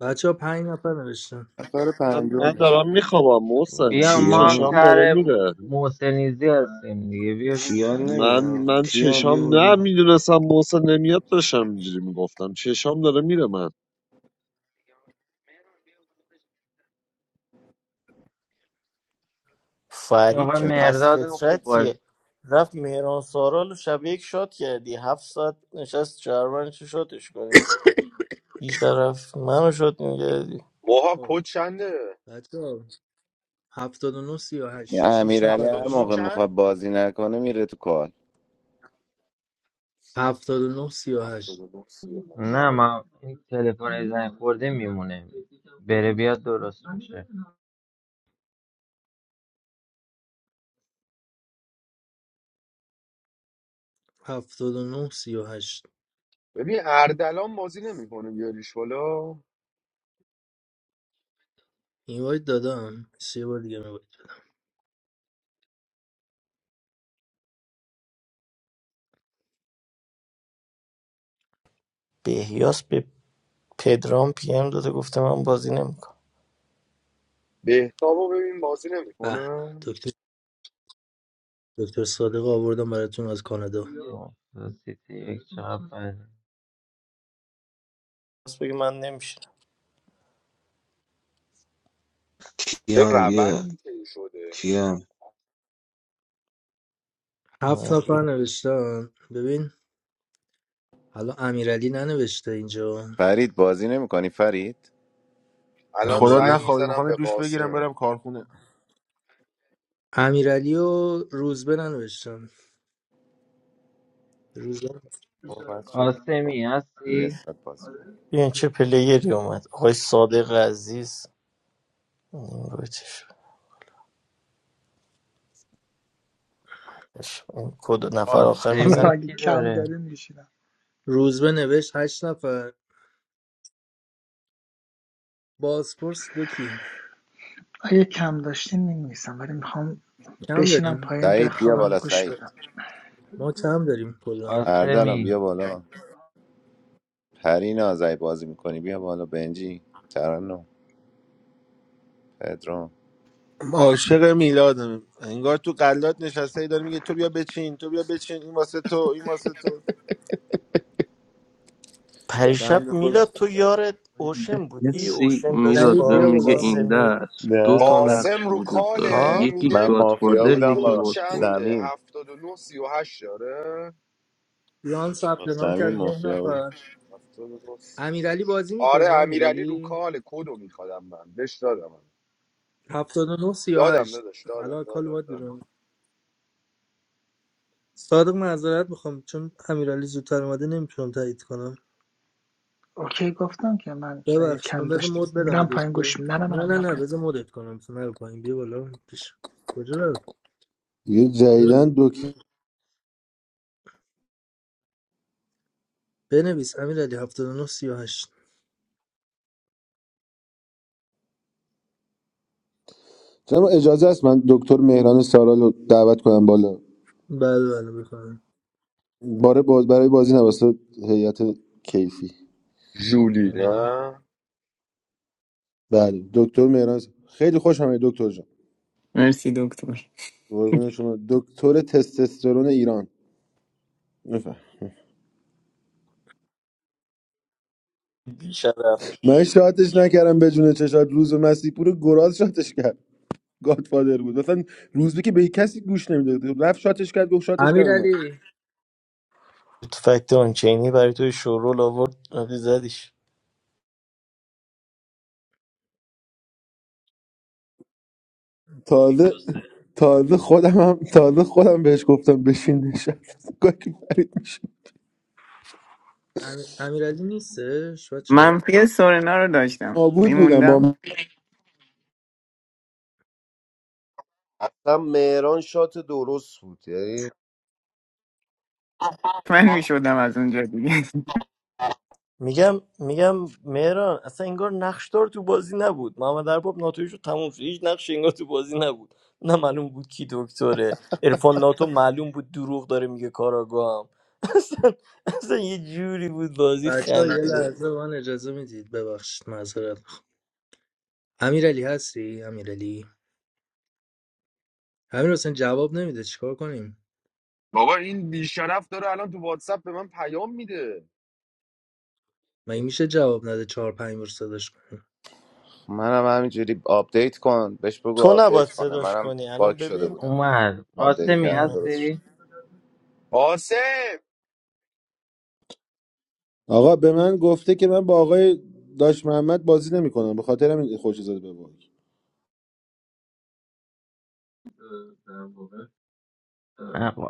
Speaker 2: بچه ها پنج نفر نوشتن
Speaker 8: نفر
Speaker 7: من,
Speaker 8: پنجم
Speaker 7: من
Speaker 8: میشه
Speaker 7: دارم میخوابم محسن
Speaker 5: بیا
Speaker 7: یه
Speaker 5: ما هم
Speaker 7: چشام
Speaker 17: کیان
Speaker 7: داره
Speaker 5: تر
Speaker 7: میره
Speaker 5: محسنیزی هستیم دیگه بیا
Speaker 17: کیان
Speaker 5: بشین
Speaker 7: من
Speaker 17: نمیاد
Speaker 7: من
Speaker 17: کیان بیا
Speaker 7: چشام نه
Speaker 17: بلا
Speaker 7: میدونستم محسن نمیاد داشتم اینجوری میگفتم چشام داره میره من
Speaker 12: فرید
Speaker 5: آقا
Speaker 12: چه پس
Speaker 5: مرداد هم خوب بازی
Speaker 12: فطرتیه رفت مهران سارال رو شب یک شاد کردی هفت ساعت نشست چهارمان چه شاتش کنی این طرف منو شاد میگردی
Speaker 6: موها
Speaker 2: خب
Speaker 6: کد چنده
Speaker 2: بچه ها هفتاد و نه سی و
Speaker 8: این
Speaker 2: هشت شیش
Speaker 8: امیرعلی
Speaker 2: نفر
Speaker 6: هفتاد
Speaker 8: هر
Speaker 6: و نه
Speaker 8: موقع
Speaker 2: نوشتن
Speaker 6: چند
Speaker 8: میخواد بازی نکنه میره تو کال
Speaker 2: هفتاد و نه سی و
Speaker 6: هفتاد
Speaker 2: هشت
Speaker 6: و نه سی و هشت
Speaker 5: نه ما این تلفن زنگ خورده میمونه بره بیاد درست میشه
Speaker 2: هفتاد و نه سی و هشت
Speaker 6: ببین اردلان بازی نمیکنه بیاریش بالا
Speaker 2: این باید دادم سه بار دیگه می باید.
Speaker 12: بهیاس به پدرام پی ام داده گفته من بازی نمیکنم
Speaker 6: بهتابو ببین بازی
Speaker 2: به به.
Speaker 6: نمیکنه
Speaker 2: دکتر دکتر صادق آوردم براتون از کانادا
Speaker 5: خب، سیتی یک چقدر بده.
Speaker 12: بس بگه من نمیشینم
Speaker 6: چه
Speaker 17: کیان بیا
Speaker 6: روندی طی شده
Speaker 17: کیان
Speaker 2: هفت
Speaker 12: آره.
Speaker 2: نفر نوشتن ببین حالا امیرعلی ننوشته اینجا
Speaker 8: فرید بازی نمیکنی فرید
Speaker 6: الان
Speaker 14: خدا
Speaker 6: زنگ
Speaker 2: امیرعلی
Speaker 14: نخواد
Speaker 6: میزنم
Speaker 14: میخوام
Speaker 6: به
Speaker 14: دوش بگیرم
Speaker 6: قاسم
Speaker 14: برم کارخونه
Speaker 2: امیرعلی و روزبه ننوشتن روزبه
Speaker 8: او بچه
Speaker 5: قاسمی
Speaker 8: یه
Speaker 5: هستی؟
Speaker 8: ساعت بازی کن
Speaker 12: ببین چه پلیری اومد آقای صادق عزیز این رو چه شد. اش، این کد نفر آخر میزنه
Speaker 5: قاسمی
Speaker 19: allahy
Speaker 5: کی داره؟
Speaker 19: khamdarim be shina
Speaker 2: روزبه نوشت هشت نفر بازپرس دو کی
Speaker 19: ayekhamdashtin nimi sam berim ham be
Speaker 2: کم
Speaker 19: shina
Speaker 2: داریم
Speaker 19: payim
Speaker 8: سعید بیا
Speaker 19: bekhavan
Speaker 8: بالا
Speaker 19: goosh
Speaker 8: سعید
Speaker 19: bedam
Speaker 2: ما کم داریم کلا
Speaker 8: اردلان
Speaker 5: قاسمی
Speaker 8: بیا بالا پرین آزعی بازی میکنی بیا بالا بنجی ترنم پدرام
Speaker 14: عاشق میلادم انگار تو قلات نشسته ای داره میگه تو بیا بچین تو بیا بچین این واسه تو این واسه تو
Speaker 12: پریشب
Speaker 14: بنده خود
Speaker 12: میلاد تو یارت اوشن بودی
Speaker 16: کسی
Speaker 12: اوشن داشت
Speaker 16: میلاد
Speaker 2: سعید
Speaker 16: به
Speaker 12: با
Speaker 2: بیا
Speaker 16: میگه
Speaker 2: بالا
Speaker 16: این
Speaker 12: قاسمی
Speaker 16: دست دو تا
Speaker 8: نه من,
Speaker 16: نقش
Speaker 6: قاسم رو
Speaker 16: وجود داره
Speaker 6: کاله
Speaker 12: ها
Speaker 16: یکی
Speaker 6: میگه
Speaker 8: من مافیا
Speaker 16: گادفادر
Speaker 6: میگه
Speaker 8: بودم
Speaker 16: یکی
Speaker 6: کد
Speaker 8: با
Speaker 16: بازپرس
Speaker 6: چنده
Speaker 8: سمیم
Speaker 6: هفتاد و نه سی و هشت داره
Speaker 2: بیان ثبت
Speaker 8: با
Speaker 2: نام کرد
Speaker 8: سمیم
Speaker 2: نه
Speaker 8: مافیا
Speaker 2: نفر
Speaker 8: بود
Speaker 6: هفتاد و نه سی و
Speaker 2: امیرعلی
Speaker 6: هشت
Speaker 2: بازی
Speaker 6: آره
Speaker 2: میکنی
Speaker 6: امیرعلی رو
Speaker 2: امیرعلی
Speaker 6: کاله کدو میخوادم من بهش دادم من.
Speaker 2: 79
Speaker 6: دادم
Speaker 2: 38
Speaker 6: نداشت دادم
Speaker 2: الان کال
Speaker 6: دادم
Speaker 2: اومد
Speaker 6: دادم
Speaker 2: بیرون صادق معذرت میخوام چون امیرعلی زودتر اومده نمیتونم تایید کنم
Speaker 19: okay goftam ki man
Speaker 2: ببخشید من بذار
Speaker 19: ayekhamdashtim
Speaker 2: مود بدم به
Speaker 19: miram payim
Speaker 2: دکتر
Speaker 19: goosh nema
Speaker 2: نه
Speaker 19: manam
Speaker 2: نه
Speaker 19: miram
Speaker 2: نه بذار مدت کنم تو نرو پایین بیا بالا پیش کجا رو
Speaker 14: یه جدیدن دکتر
Speaker 2: بنویس امیرعلی 79 38
Speaker 14: جناب اجازه است من دکتر مهران سارال رو دعوت کنم بالا
Speaker 2: بله بله بفهم
Speaker 14: باره باز برای بازی نواسط هیئت کیفی
Speaker 6: جولی نه
Speaker 14: بله دکتر مهران س- خیلی خوش آمدید دکتر جان
Speaker 20: مرسی دکتر
Speaker 14: قربون شما دکتر تستوسترون ایران
Speaker 12: بیشرف
Speaker 14: من شاتش نکردم به جون چشات روز مسیح پور گراز شاتش کرد گادفادر بود مثلا روزبه که به کسی گوش نمیداد رفت شاتش کرد گفت شاتش کردم اومد
Speaker 2: امیرعلی
Speaker 12: تو فکت آنچینی برای توی شورول آورد رفتی زدیش
Speaker 14: تازه تازه خودم هم تازه خودم بهش گفتم بشین نشست گاهی که فرید میشه
Speaker 2: امی- امیرعلی نیستش بچه
Speaker 20: منفی سورنا رو داشتم
Speaker 14: نابود بودم با
Speaker 20: میموندم
Speaker 14: من.
Speaker 15: هم مهران شات درست بود یعنی
Speaker 20: من میشدم از اونجا دیگه
Speaker 12: میگم میگم مهران اصلا انگار نقشدار تو بازی نبود محمد ارباب ناتویش رو تموم شد هیچ نقش انگار تو بازی نبود نه معلوم بود کی دکتره عرفان ناتو معلوم بود دروغ داره میگه کاراگام اصلا اصلا یه جوری بود بازی
Speaker 2: بچه
Speaker 12: خنده
Speaker 2: یه
Speaker 12: دار.
Speaker 2: لحظه به من اجازه میدید ببخشید معذرت می‌خوام. امیرعلی هستی امیرعلی امیر حسین جواب نمیده چیکار کنیم
Speaker 6: بابا این بیشرف داره الان تو واتساپ به من پیام میده
Speaker 2: مگه میشه جواب نده چهار پنج بار صداش کنیم
Speaker 8: منم همینجوری آپدیت کن بهش بگو
Speaker 12: تو نباید
Speaker 8: آپدیت کنه
Speaker 12: صداش
Speaker 8: منم
Speaker 12: کنی الان
Speaker 8: باک شده
Speaker 12: ببین
Speaker 8: بودم
Speaker 5: اومد
Speaker 8: آپدیت
Speaker 5: قاسمی
Speaker 8: کردم
Speaker 12: اه،
Speaker 8: درست شد
Speaker 5: هستی؟
Speaker 6: قاسم
Speaker 14: آقا به من گفته که من با آقای داش محمد بازی نمیکنم به خاطر همین خوش زده به باک.
Speaker 5: نقا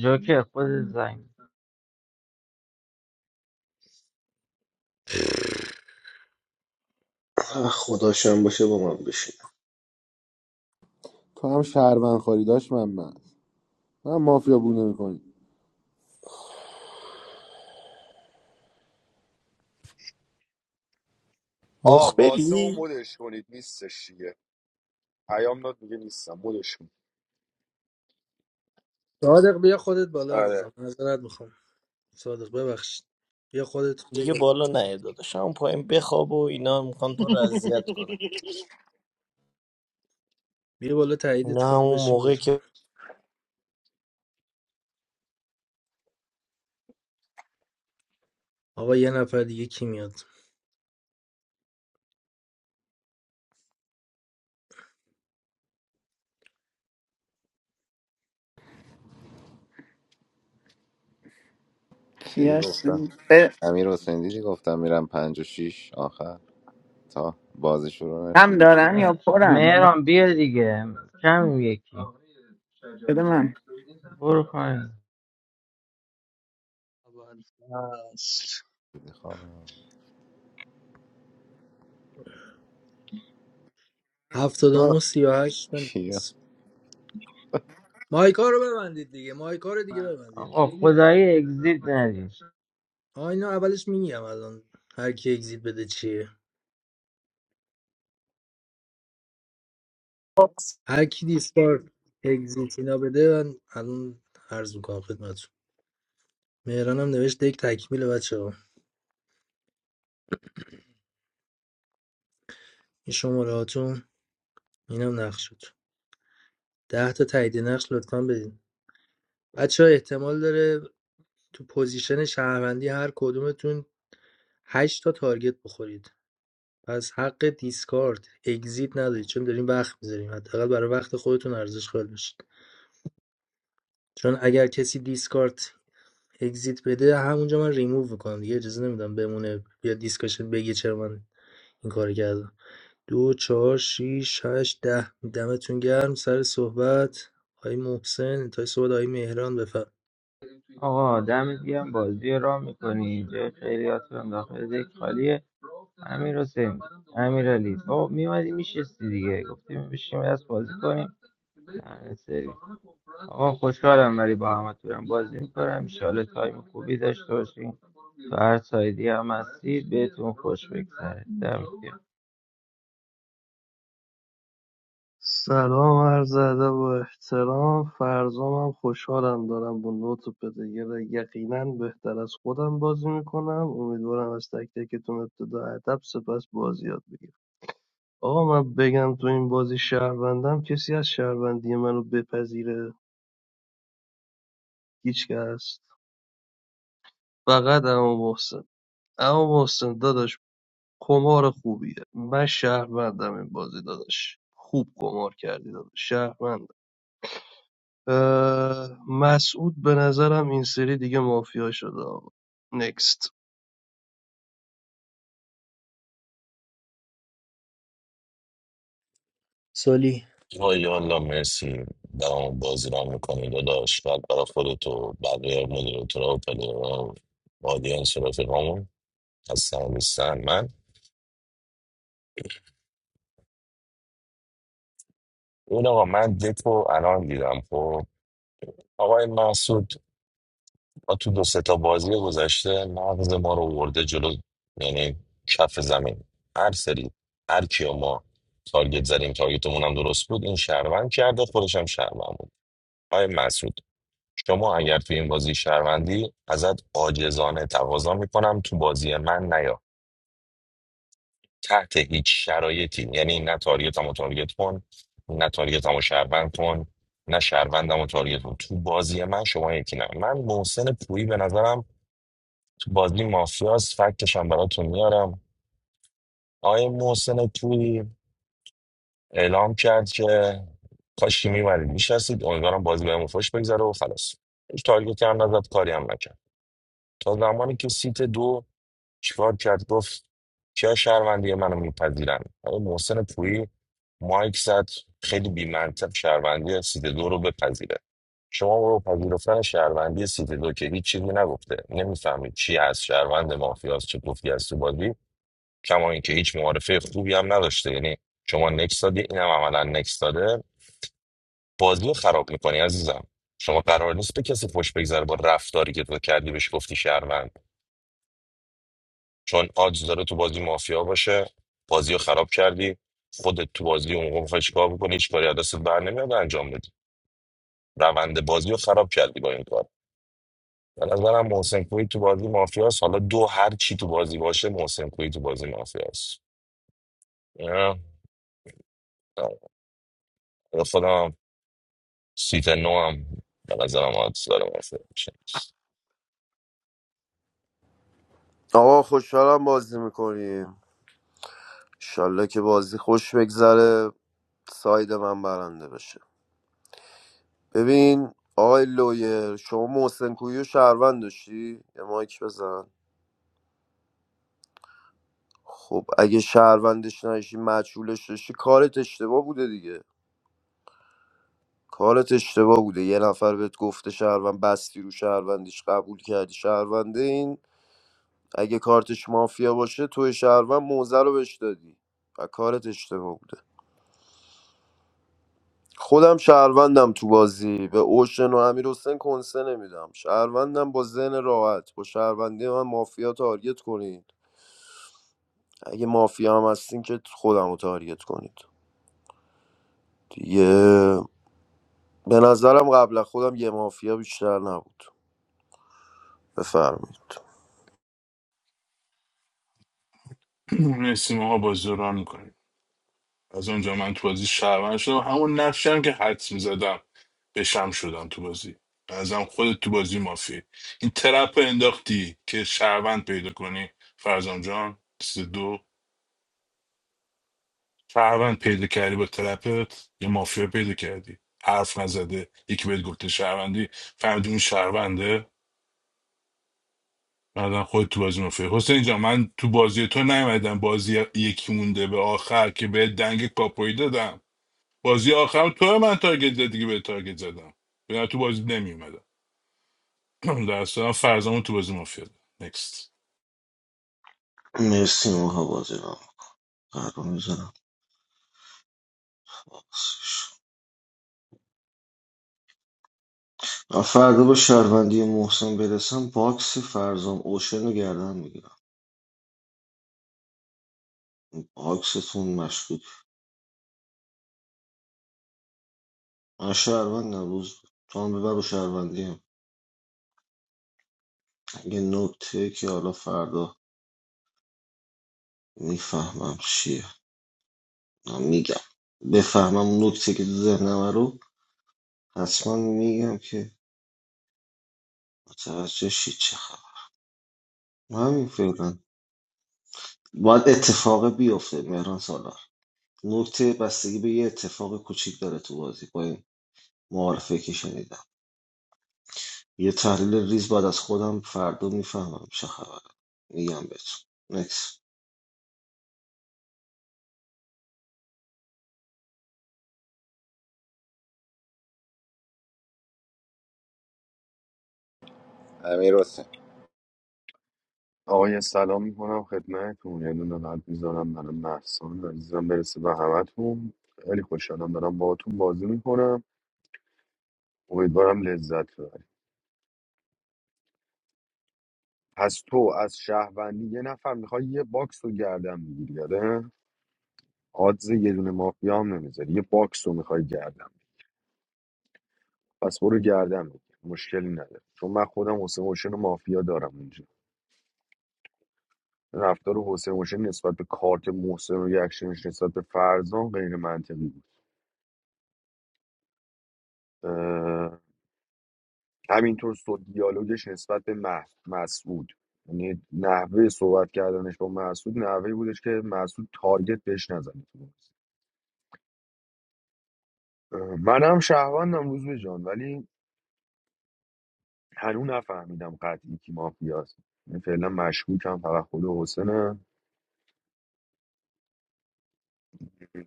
Speaker 5: جوکر خود زنگ
Speaker 17: آه، خداشم باشه با من بشین
Speaker 14: تو هم شهروند خاری داش محمد من مافیا بود نمیکنی
Speaker 6: آ قاسم رو
Speaker 12: مخبری
Speaker 6: مدش کنید نیستش دیگه پیام داد میگه نیستم مدش کن
Speaker 2: صادق بیا خودت بالا
Speaker 6: آره
Speaker 2: عزیزم معذرت میخوام صادق ببخشید بیا خودت بیا
Speaker 12: دیگه
Speaker 2: بالا
Speaker 12: بالا نیا داداش همون پایین بخواب و اینا میخوان تو رو اذیت کنن
Speaker 2: بیا بالا تاییدت
Speaker 12: اینا
Speaker 2: کنم
Speaker 12: همون
Speaker 2: بشین
Speaker 12: موقع
Speaker 2: بازی کن
Speaker 12: که
Speaker 2: آقا یه نفر دیگه کی میاد
Speaker 8: دیدی
Speaker 20: کیاش
Speaker 8: گفتم
Speaker 20: ب-
Speaker 8: امیر حسین دیدی گفتم میرم پنج و شیش آخر تا بازی شروع
Speaker 20: هم
Speaker 8: نشده
Speaker 20: دارم
Speaker 5: اه،
Speaker 20: یا پرم
Speaker 5: مهران بیا دیگه کم یکی
Speaker 20: بده من
Speaker 5: برو پایین
Speaker 16: اول فصل
Speaker 8: دیدی خوابم آه،
Speaker 2: 79 38
Speaker 8: کیا
Speaker 2: بنویس مایکا رو ببندید دیگه مایکا رو دیگه ببندید
Speaker 5: آقا خدایی اگزیت ندیم
Speaker 2: آ اینو اولش میگم الان هر کی اگزییت بده چیه هر کی دیسکارد اگزیت اینا بده من الان عرض میکنم خدمتتون مهران هم نوشت یک تکمیل بچه ها این شماره هاتون اینم نقشتون ده تا تایید نقش لطفا بدین بچه ها احتمال داره تو پوزیشن شهروندی هر کدومتون هشت تا تارگت بخورید پس حق دیسکارد اگزیت ندارید چون داریم وقت میذاریم حداقل برای وقت خودتون ارزش قائل بشید چون اگر کسی دیسکارد اگزییت بده همونجا من ریموو میکنم دیگه اجازه نمیدم بمونه بیا دیسکشن بگه چرا من این کار کردم دو چهار شیش هشت ده دمتون گرم سر صحبت آقای محسن انتهای صحبت آقای مهران بفرم
Speaker 5: آقا دمت گرم بازی رو میکنی اینجا خیلیاتون داخل دک خالیه امیر حسین امیر علی با میومدی میشستی دیگه گفتیم بشیم از بازی کنیم دهنت سرویس. آقا خوشحالم ولی با همه تورم بازی میکنم انشالله تایم خوبی داشته باشیم تو هر سایدی هم هستید بهتون خوش بگذره دمت گرم
Speaker 16: سلام عرض ادب و احترام فرزامم خوشحالم دارم با نوت و پدگر یقینا بهتر از خودم بازی میکنم امیدوارم از تک تکتون ابتدا ادب سپس بازی یاد بگیرم آقا من بگم تو این بازی شهروندم کسی از شهروندی منو بپذیره هیچکس فقط اما محسن اما محسن داداش قمار خوبیه من شهروندم این بازی داداش خوب قمار کردی داداش شهروندم مسعود به نظرم این سری دیگه مافیا شده آقا نکست
Speaker 2: سالی
Speaker 21: وای والا مرسی برام بازی رو میکنی داداش بعد برای خودت و بقیه مدیراتورا و پلیرها و آدینس و رفیقامون هستن و نیستن من اون آقا من دکو الان دیدم خب آقای محسود ما تو دو سه تا بازی گذشته مغز ما رو ورده جلو یعنی کف زمین هر سری هر کیو ما تارگت زدیم تارگتمون هم درست بود این شهروند کرده خودش هم شهروند بود آقای مسعود شما اگر تو این بازی شهروندی ازت عاجزانه تقاضا میکنم تو بازی من نیا تحت هیچ شرایطی یعنی نه تارگتم و تارگت کن نه تارگتم و شهروند کن نه شهروندم و تارگت کن تو بازی من شما یکی نه من محسن پویی به نظرم تو بازی مافیاس فکتشم براتون میارم آقای محسن پویی اعلام کرد که کاشکی میبرید میشستید امیدوارم بازی بهمون خوش بگذره و خلاص هیچ تارگتی هم نزد کاری هم نکرد تا زمانی که سیت دو چیکار کرد گفت کیا شهروندی منو میپذیرن آقا محسن پویی مایک زد خیلی بی‌منطق شهروندی سیت دو رو بپذیره شما برو پذیرفتن شهروندی سیت دو که هیچ چیزی نگفته نمیفهمید چی از شهروند مافیاست چه گفتی از تو بازی کما اینکه هیچ معارفه خوبی هم نداشته یعنی شما نکس دادی اینم عملا نکس داده بازی رو خراب میکنی عزیزم شما قرار نیست به کسی خوش بگذره با رفتاری که تو کردی بهش گفتی شهروند. چون آدز داره تو بازی مافیا باشه بازی رو خراب کردی خودت تو بازی اون موقع می‌خوای چیکار بکنی هیچ کاری از دستت بر نمیاد انجام بدی روند بازی رو خراب کردی با این کار به نظرم محسن کوی تو بازی مافیاست حالا دو هر چی تو بازی باشه محسن کوی تو بازی مافیاست نه، نه. خودم سیت نو هم به نظرم آدز داره مافیا باشه.
Speaker 15: آقا خوشحالم بازی میکنیم انشالله که بازی خوش بگذره ساید من برنده بشه ببین آقای لویر شما محسن کویی و شهروند داشتی یه مایک بزن خب اگه شهروندش نشی مجهولش داشتی کارت اشتباه بوده دیگه کارت اشتباه بوده یه نفر بهت گفته شهروند بستی رو شهروندیش قبول کردی شهرونده این اگه کارتش مافیا باشه توی شهروند موزه رو بهش دادی و کارت اشتباه بوده خودم شهروندم تو بازی به اوشن و امیر حسین کنسه نمیدم شهروندم با ذهن راحت با شهروندی من مافیا تارگت کنید اگه مافیا هم هستین که خودم رو تارگت کنید دیگه به نظرم قبل از خودم یه مافیا بیشتر نبود بفرمایید
Speaker 22: مرسی ماها بازی رو ران میکنیم از اونجا من تو بازی شهروند شدم همون نقشی هم که حدس میزدم بشم شدم تو بازی ازم خودت تو بازی مافی این ترپ رو انداختی که شهروند پیدا کنی فرزام جان سه دو شهروند پیدا کردی با ترپت یه مافیا پیدا کردی حرف نزده یکی بهت گفته شهروندی فهمیدی اون شهرونده بعدن خودت تو بازی مافیا حسین جان من تو بازی تو نیومدم بازی یکی مونده به آخر که به دنگ کاپوی دادم بازی آخرم تو من تارگت زد دیگه به تارگت زدم به تو بازی نمی اومدم در اصلا فرزمون تو بازی مافیا ده. نکست
Speaker 17: مرسی موها بازی رو قرار میزنم من فردا به شهروندی محسن برسم باکس فرزام اوشن رو گردن میگیرم باکستون مشکوک من شهروند نبوز تو هم ببر و شهروندی هم. یه نکته که حالا فردا میفهمم چیه من میگم بفهمم اون نکته که تو ذهنمه رو حتما میگم که متوجه شید چه خبر من همین فعلا باید اتفاق بیفته مهران سالار نکته بستگی به یه اتفاق کوچیک داره تو بازی با این معارفه که شنیدم یه تحلیل ریز بعد از خودم فردا میفهمم چه خبره میگم بهتون نکس
Speaker 8: امیر حسین
Speaker 6: آقا سلام میکنم خدمتتون یه دونه قلب میذارم برای محسان عزیزم برسه به همتون خیلی خوشحالم دارم باهاتون بازی میکنم امیدوارم لذت ببرید پس تو از شهروندی یه نفر میخوای یه باکس رو گردن میگیری یاده آدز یه دونه مافیا هم نمیذاری یه باکس رو میخوای گردن بگیری. پس برو گردن بگیر مشکلی نداره چون من خودم حسین حسین و مافیا دارم اونجا رفتار حسین حسین نسبت به کارت محسن و ریاکشنش نسبت به فرزان غیر منطقی بود همینطور سو دیالوگش نسبت به مح- مسعود یعنی نحوه صحبت کردنش با مسعود نحوه بودش که مسعود تارگت بهش نزنه تو بازی. اه، منم شهروندم روز به جان ولی هنوز نفهمیدم قطعی کی مافیاست یعنی فعلا مشکوکم فقط خود حسنه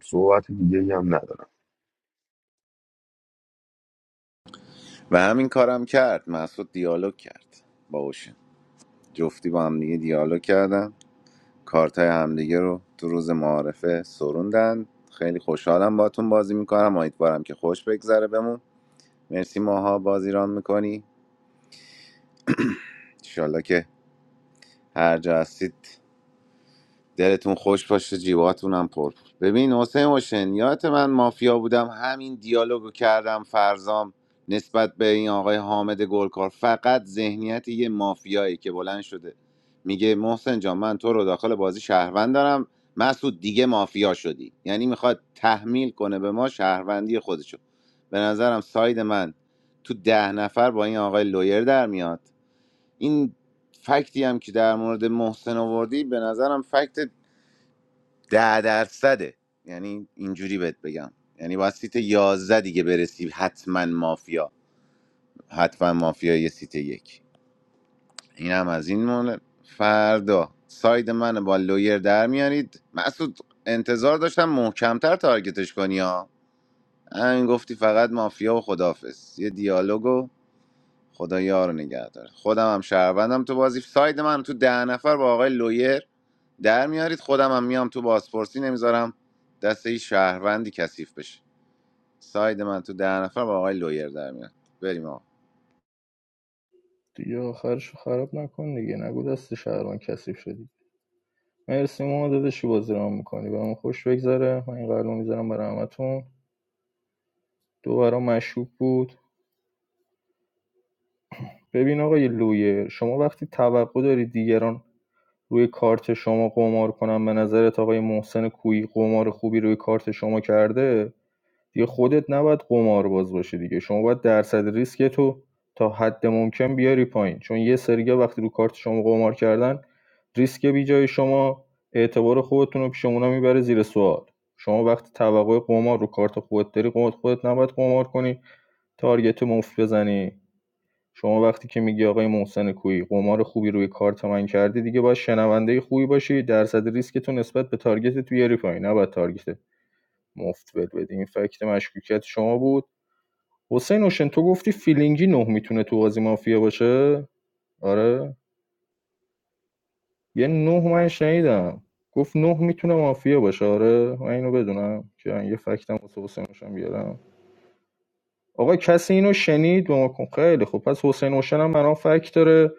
Speaker 6: صحبت دیگه هم ندارم
Speaker 8: و همین کارم کرد مسعود دیالوگ کرد با اوشن. جفتی با هم دیگه دیالوگ کردن کارت های همدیگه رو تو روز معارفه سروندن خیلی خوشحالم باتون بازی میکنم امیدوارم که خوش بگذره بمون مرسی ماها بازی ران میکنی انشالله که هر جا هستید دلتون خوش باشه جیباتون هم پر ببین حسین حسین یادت من مافیا بودم همین دیالوگو کردم فرزام نسبت به این آقای حامد گلکار فقط ذهنیت یه مافیایی که بلند شده میگه محسن جان من تو رو داخل بازی شهروند دارم مسعود دیگه مافیا شدی یعنی میخواد تحمیل کنه به ما شهروندی خودشو به نظرم ساید من تو ده نفر با این آقای لویر در میاد این فکتی هم که در مورد محسن آوردی به نظرم فکت ده درصده یعنی اینجوری بهت بگم یعنی باید سیت 11 دیگه برسی حتما مافیا حتما مافیا یه سیت یک این هم از این مونه فردا ساید من با لویر در میارید مسعود انتظار داشتم محکمتر تارگتش کنی ها همین گفتی فقط مافیا و خدافز یه دیالوگو خدا یار نگه داره خودم هم شهروندم تو بازی ساید من تو ده نفر با آقای لویر در میارید خودم هم میام تو بازپرسی نمیذارم دست هیچ شهروندی کثیف بشه ساید من تو ده نفر با آقای لویر در میاد بریم آقا.
Speaker 23: دیگه آخرشو خراب نکن دیگه نگو دست شهروند کثیف شدی مرسی ما داداشی بازی رو میکنی برام خوش بگذره من این قلبو میذارم برای همتون دو برام مشکوک بود ببین آقای لویر شما وقتی توقع داری دیگران روی کارت شما قمار کنن به نظرت آقای محسن کویی قمار خوبی روی کارت شما کرده دیگه خودت نباید قمارباز باشی دیگه شما باید درصد ریسک تو تا حد ممکن بیاری پایین چون یه سریا وقتی رو کارت شما قمار کردن ریسک بیجای شما اعتبار خودتون رو پیش میبره زیر سوال شما وقتی توقع قمار رو کارت خودت داری قمار خودت نباید قمار کنی تارگت مفت بزنی شما وقتی که میگی آقای محسن کویی قمار خوبی روی کارت من کردی دیگه باید شنونده خوبی باشی درصد ریسک تو نسبت به تارگت تو بیاری پایین نباید تارگت مفت ول بدی این فکت مشکوکیت شما بود حسین اوشن تو گفتی فیلینگی نه میتونه تو بازی مافیا باشه آره یه نه من شنیدم گفت نه میتونه مافیا باشه آره من اینو بدونم که یه فکتم واسه حسین اوشن بیارم آقا کسی اینو شنید به ما کن خیلی خوب پس حسین اوشن هم برام فکت داره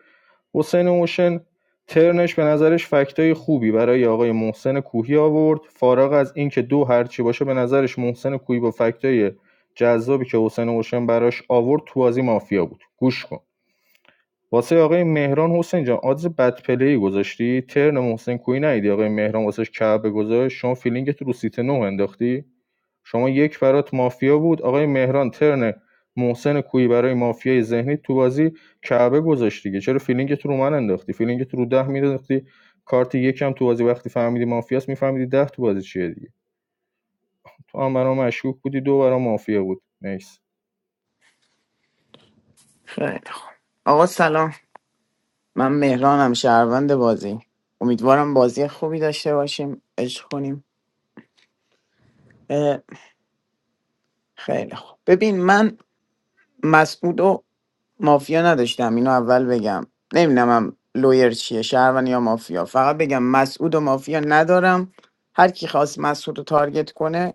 Speaker 23: حسین اوشن ترنش به نظرش فکتای خوبی برای آقای محسن کوهی آورد فارغ از اینکه دو هرچی باشه به نظرش محسن کوهی با فکتای جذابی که حسین اوشن براش آورد تو بازی مافیا بود گوش کن واسه آقای مهران حسین جان آدز بد پلی گذاشتی ترن محسن کوی نیدی آقای مهران واسش کعبه گذاشت شما فیلینگت رو سیت نه انداختی شما یک برات مافیا بود آقای مهران ترن محسن کوی برای مافیای ذهنی تو بازی کعبه گذاشتی دیگه چرا فیلینگت رو من انداختی فیلینگت رو ده مینداختی کارت یکم تو بازی وقتی فهمیدی مافیاست میفهمیدی ده تو بازی چیه دیگه تو هم برام مشکوک بودی دو برام مافیا بود نیس
Speaker 20: خیلی خوب آقا سلام من مهرانم شهروند بازی امیدوارم بازی خوبی داشته باشیم عشق کنیم اه، خیلی خوب ببین من مسعود مافیا نداشتم اینو اول بگم نمیدونم لویر چیه شهرون یا مافیا فقط بگم مسعود و مافیا ندارم هر کی خواست مسعود رو تارگت کنه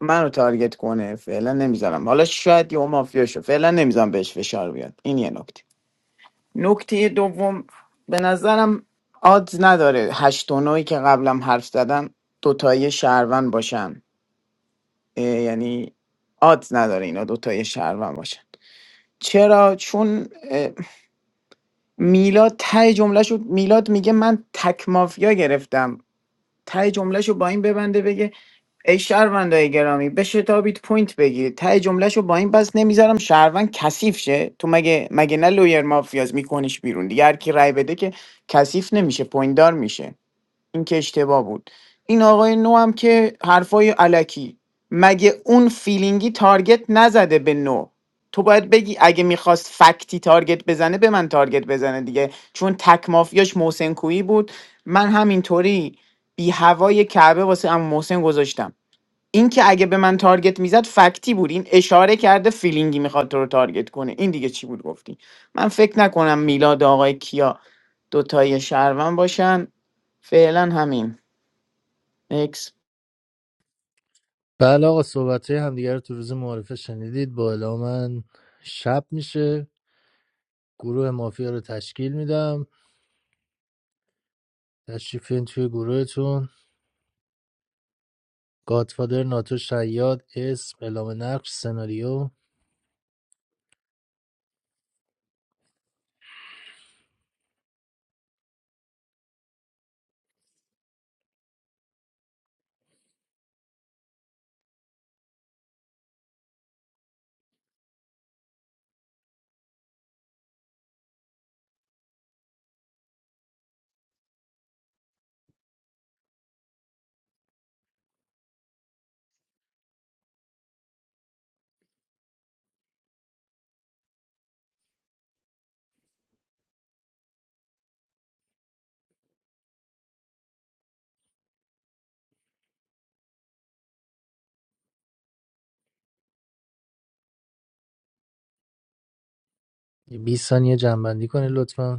Speaker 20: منو تارگت کنه فعلا نمیذارم حالا شاید یه مافیا شو فعلا نمیذارم بهش فشار بیاد این یه نکته نکته دوم به نظرم آدز نداره هشت و نهی که قبلم حرف زدم دوتایی شهرون باشن اه، یعنی آدز نداره اینا دوتایی شهرون باشن چرا چون میلاد ته جملهشو میلاد میگه من تک مافیا گرفتم ته جملهشو با این ببنده بگه ای شهروندای گرامی بشتابید پوینت بگیرید ته جملهشو با این بس نمیذارم شهروند کثیف شه تو مگه مگه نه لویر مافیاز میکنش بیرون دیگه هر کی رای بده که کثیف نمیشه پوینت دار میشه این که اشتباه بود این آقای نو هم که حرفای علکی مگه اون فیلینگی تارگت نزده به نو تو باید بگی اگه میخواست فکتی تارگت بزنه به من تارگت بزنه دیگه چون تک مافیاش محسن کویی بود من همینطوری بی هوای کعبه واسه ام محسن گذاشتم این که اگه به من تارگت میزد فکتی بود این اشاره کرده فیلینگی میخواد تو رو تارگت کنه این دیگه چی بود گفتی من فکر نکنم میلاد آقای کیا دوتای شهروند باشن فعلا همین اکس
Speaker 2: بله آقا صحبت های همدیگه رو تو روز معارفه شنیدید با اعلام من شب میشه گروه مافیا رو تشکیل میدم تشریفین توی گروهتون گادفادر ناتو شیاد اسم اعلام نقش سناریو 20 ثانیه جنبندی کنید لطفا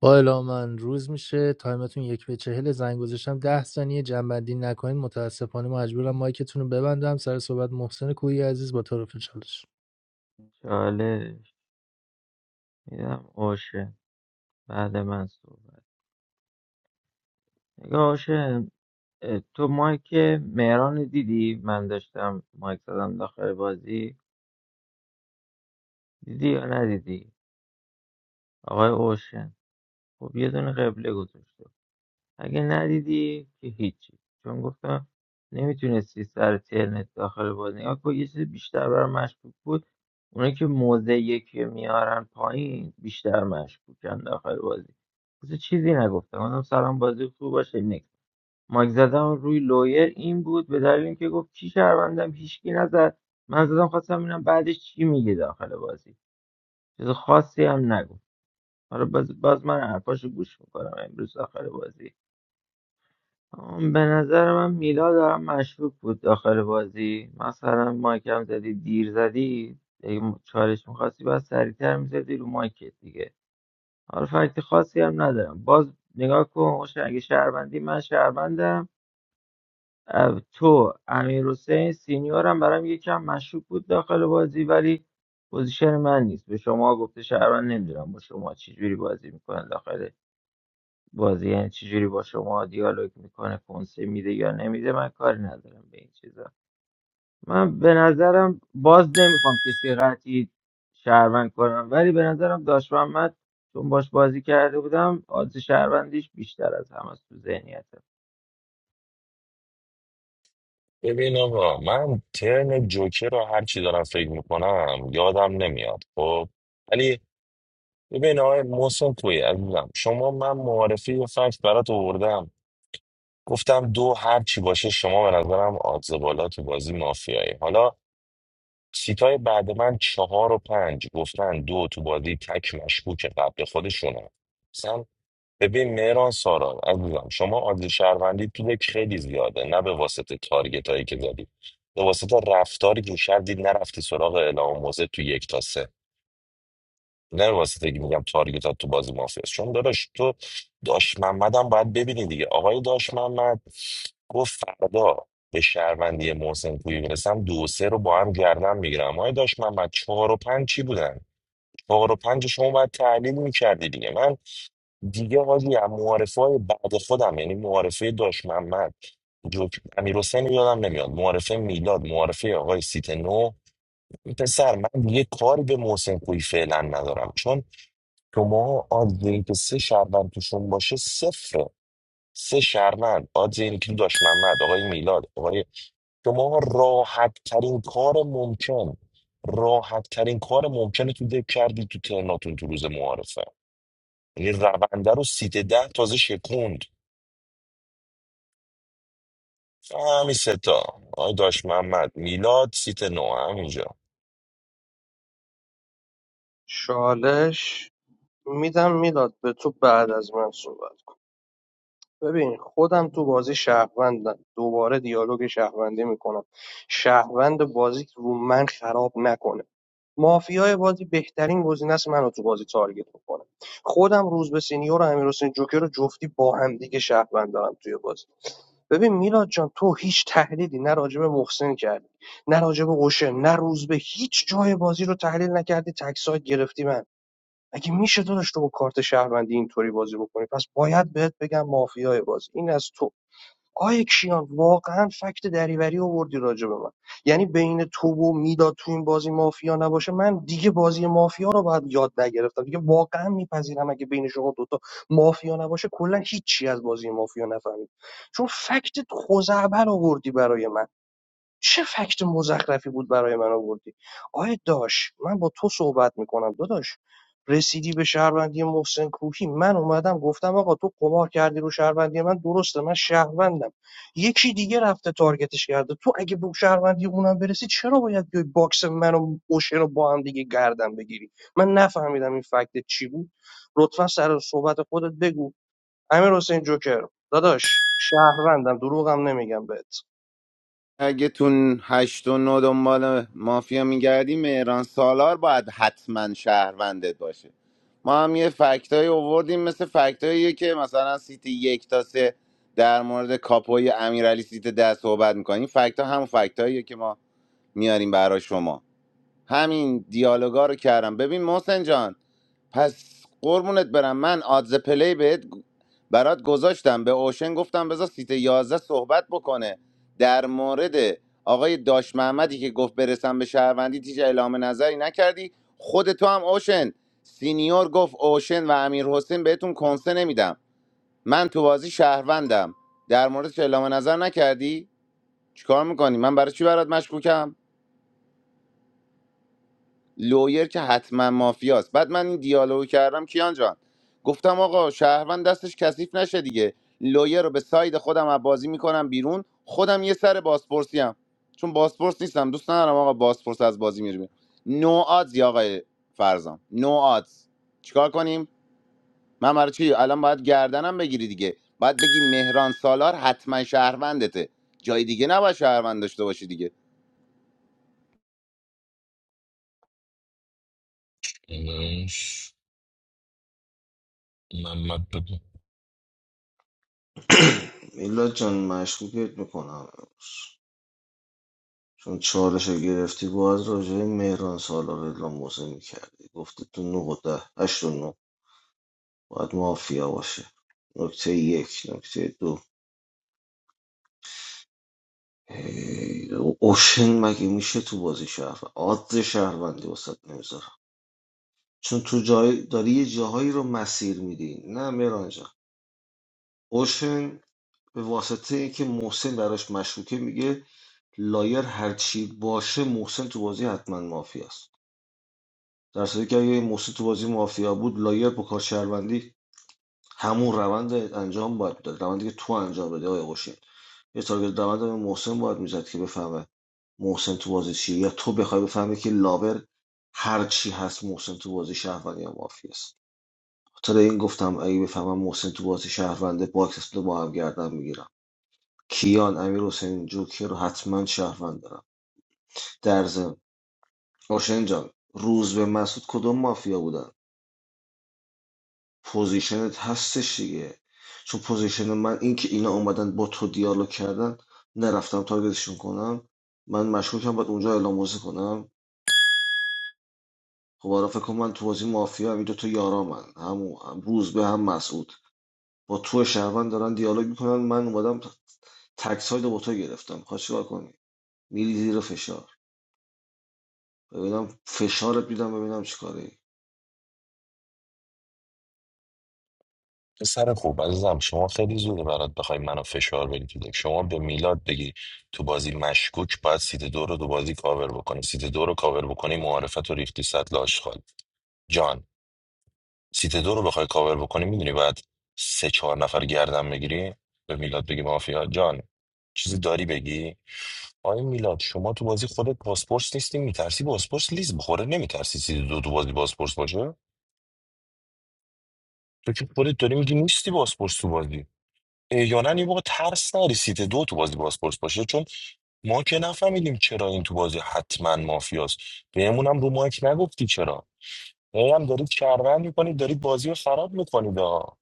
Speaker 2: با اعلام من روز میشه تایمتون یک به چهل زنگ گذاشتم ده ثانیه جنبندی نکنین متاسفانه مجبورم مایکتون رو ببندم سر صحبت محسن کویی عزیز با طرف چالش
Speaker 5: چالش میدم اوشه بعد من صحبت نگاه اوشن اه، تو مایک مهران رو دیدی من داشتم مایک زدم داخل بازی دیدی یا ندیدی آقای اوشن خب یه دونه قبله گذاشته اگه ندیدی که هیچی چون گفتم نمیتونستی سر ترنت داخل بازی نگاه کن. یه چیز بیشتر برام مشکوک بود اونایی که موضع یکی رو میارن پایین بیشتر مشکوکن داخل بازی بس چیزی نگفتم گفتم سلام بازی خوب باشه مایک زدم روی لویر این بود به دلیل اینکه گفت کی شهروندم هیچکی نزد من زدم خواستم ببینم بعدش چی میگه داخل بازی چیز خاصی هم نگفت حالا باز, باز من حرفاشو گوش میکنم امروز داخل بازی آم، به نظر من میلا دارم مشکوک بود داخل بازی مثلا مایکم زدی دیر زدی اگه م- چالش میخواستی باز سریعتر میزدی رو مایکت دیگه حالا فکت خاصی هم ندارم باز نگاه کن اوشن، اگه شهروندی من شهروندم اه، تو امیرحسین سینیور هم برام یکم مشکوک بود داخل بازی ولی پوزیشن من نیست به شما گفته شهروند نمیدونم با شما چجوری بازی میکنه داخل بازی یعنی چجوری با شما دیالوگ میکنه کنسه میده یا نمیده من کاری ندارم به این چیزا من به نظرم باز نمیخوام کسی قطعی شهروند کنم ولی به نظرم داشت محمد چون باش بازی کرده بودم آدز شهروندیش بیشتر از همه است تو ذهنیتم
Speaker 21: ببین آقا من ترن جوکر رو هر چی دارم فکر میکنم یادم نمیاد خب ولی ببین آقای محسن توی عزیزم شما من معارفه یه فکت برات آوردم گفتم دو هر چی باشه شما به نظرم آدز بالا تو بازی مافیایی حالا سیتای بعد من چهار و پنج گفتن دو تو بازی تک مشکوک قبل خودشونه مثلا ببین مهران سارا عزیزم شما آدز شهروندی تو دک خیلی زیاده نه به واسطه تارگت هایی که زدی به واسطه رفتاری که کردی نرفتی سراغ اعلام موزه تو یک تا سه. نه واسه که میگم تارگتات تو بازی مافیاست چون داداش تو داش محمدم باید ببینی دیگه آقای داش محمد گفت فردا به شهروندی محسن کوی میرسم دو و سه رو با هم گردن میگیرم آقای داش محمد چهار و پنج چی بودن چهار و پنج شما باید تحلیل میکردی دیگه من دیگه حاجی هم معارفه های بعد خودم یعنی معارفه داش محمد جوک امیر حسین یادم نمیاد معارفه میلاد معارفه آقای سیت نو این پسر من دیگه کاری به محسن کوی فعلا ندارم چون شما آدز اینکه سه شهروند توشون باشه صفره سه شهروند آدز اینه که داشت محمد آقای میلاد آقای شما راحت ترین کار ممکن راحت ترین کار ممکن رو تو دک کردی تو ترناتون تو روز معارفه یعنی رونده رو سیت ده تازه شکوند همین سه تا آقای داشت محمد میلاد سیت نو همینجا
Speaker 16: چالش میدم میلاد به تو بعد از من صحبت کن ببین خودم تو بازی شهروندم دوباره دیالوگ شهروندی میکنم شهروند بازی رو من خراب نکنه مافیای بازی بهترین گزینه است منو تو بازی تارگت بکنه خودم روزبه سینیور و امیرحسین جوکر رو جفتی با هم دیگه شهروند دارم توی بازی ببین میلاد جان تو هیچ تحلیلی نه راجب محسن کردی نه راجب قشه نه روزبه هیچ جای بازی رو تحلیل نکردی تک ساید گرفتی من اگه میشه داداش تو با کارت شهروندی اینطوری بازی بکنی پس باید بهت بگم مافیای بازی این از تو آیه کیان واقعا فکت دریوری آوردی راجع به من یعنی بین تو و میلاد تو این بازی مافیا نباشه من دیگه بازی مافیا رو باید یاد نگرفتم دیگه واقعا میپذیرم اگه بین شما دوتا مافیا نباشه کلا هیچی از بازی مافیا نفهمید چون فکت خزعبر آوردی برای من چه فکت مزخرفی بود برای من آوردی آیه داش من با تو صحبت میکنم داداش رسیدی به شهروندی محسن کوهی من اومدم گفتم آقا تو قمار کردی رو شهروندی من درسته من شهروندم یکی دیگه رفته تارگتش کرده تو اگه به شهروندی اونم برسی چرا باید بیای باکس من و اوشه رو با هم دیگه گردن بگیری من نفهمیدم این فکت چی بود لطفا سر صحبت خودت بگو امیر حسین جوکر داداش شهروندم دروغم نمیگم بهت
Speaker 8: اگه تو هشت و نه دنبال مافیا میگردی مهران سالار باید حتما شهروندت باشه ما هم یه فکتایی آوردیم مثل فکتاییه که مثلا سیت یک تا سه در مورد کاپوی امیرعلی سیت ده صحبت میکنیم فکتا هم فکتاییه که ما میاریم برای شما همین دیالوگا رو کردم ببین محسن جان پس قربونت برم من آدز پلی بهت برات گذاشتم به اوشن گفتم بذار سیت 11 صحبت بکنه در مورد آقای داش محمدی که گفت برسم به شهروندی تیج اعلام نظری نکردی خود تو هم اوشن سینیور گفت اوشن و امیر حسین بهتون کنسه نمیدم من تو بازی شهروندم در موردش اعلام نظر نکردی چیکار میکنی من برای چی برات مشکوکم لویر که حتما مافیاست بعد من این دیالوگ کردم کیان جان گفتم آقا شهروند دستش کثیف نشه دیگه لویر رو به ساید خودم از بازی میکنم بیرون خودم یه سر بازپرسی هم چون بازپرس نیستم دوست ندارم آقا بازپرس از بازی میره بیرون نو آدز یا آقای فرزام نو آدز چیکار کنیم من برای چی الان باید گردنم بگیری دیگه باید بگی مهران سالار حتما شهروندته جای دیگه نباید شهروند داشته باشی دیگه
Speaker 21: منم- محمد بگو.
Speaker 17: میلاد جان مشکوکت میکنم چون چالش رو گرفتی باید راجع به مهران سالار اعلام موضع میکردی گفتی تو نه و ده هشت و نه باید مافیا باشه نکته یک نکته دو هی، اوشن مگه میشه تو بازی شهر عاد شهروندی وسط نمیذارم چون تو جای داری یه جاهایی رو مسیر میدی نه مهران جان اوشن به واسطه اینکه محسن براش مشکوکه میگه لایر هرچی باشه محسن تو بازی حتما مافیاست در صورتی که اگه موسی تو بازی مافیا بود لایر با کار شهروندی همون روند انجام باید میداد روندی که تو انجام بده آقای اوشن یه تارگت روند به محسن باید میزد که بفهمه محسن تو بازی چیه یا تو بخوای بفهمی که لاور هر چی هست محسن تو بازی شهروندی هم مافیاست خاطر این گفتم اگه بفهمم محسن تو بازی شهرونده باکس رو با هم گردن میگیرم کیان امیر حسین جوکر رو حتما شهروند دارم در ضمن اوشن جان روز به مسعود کدوم مافیا بودن پوزیشنت هستش دیگه چون پوزیشن من این که اینا اومدن با تو دیالوگ کردن نرفتم تارگتشون کنم من مشکوکم باید اونجا اعلام موضع کنم خب حالا فکر کن من تو بازی مافیا هم این دوتا یارا من هم هم روز به هم مسعود با تو شهروند دارن دیالوگ میکنن من اومدم تک ساید با تو گرفتم خواهد چیکار کنی میری زیر فشار ببینم فشارت میدم ببینم چیکاری
Speaker 21: پسر خوب عزیزم شما خیلی زوده برات بخوای منو فشار بدی تو دک. شما به میلاد بگی تو بازی مشکوک باید سیت دو رو دو بازی کاور بکنی سیت دو رو کاور بکنی معارفت رو ریختی سطل آشغال جان سیت دو رو بخوای کاور بکنی میدونی بعد سه چهار نفر گردن بگیری به میلاد بگی مافیا جان چیزی داری بگی آیا میلاد شما تو بازی خودت پاسپورت نیستی میترسی پاسپورت لیز بخوره نمیترسی سیت دو تو بازی پاسپورت باشه تو که خودت داری میگی نیستی پاسپورت تو بازی احیانا یه موقع ترس نری سیت دو تو بازی بازپرس باشه چون ما که نفهمیدیم چرا این تو بازی حتما مافیاست بهمون هم رو مایک نگفتی چرا هی هم دارید شهروند میکنید دارید بازی رو خراب میکنید آه.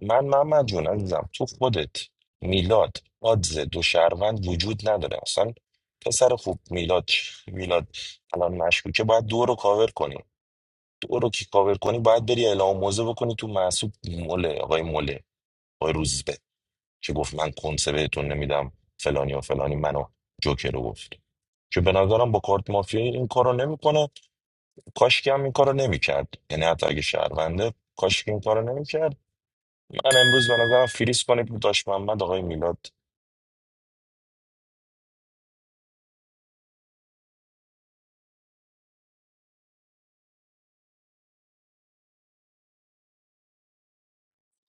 Speaker 21: من محمد جون عزیزم تو خودت میلاد آدز دو شهروند وجود نداره اصلا پسر خوب میلاد میلاد الان مشکوکه باید دو رو کاور کنی دو رو که کاور کنی باید بری اعلام موزه بکنی تو محسوب مله آقای مله آقای روزبه که گفت من کنسه بهتون نمیدم فلانی و فلانی منو جوکر رو گفت که به نظرم با کارت مافیایی این کارو نمیکنه کاش که هم این کارو نمیکرد یعنی حتی اگه شهرونده کاش که این کارو نمیکرد من امروز به نظرم فریز کنید داشت محمد آقای میلاد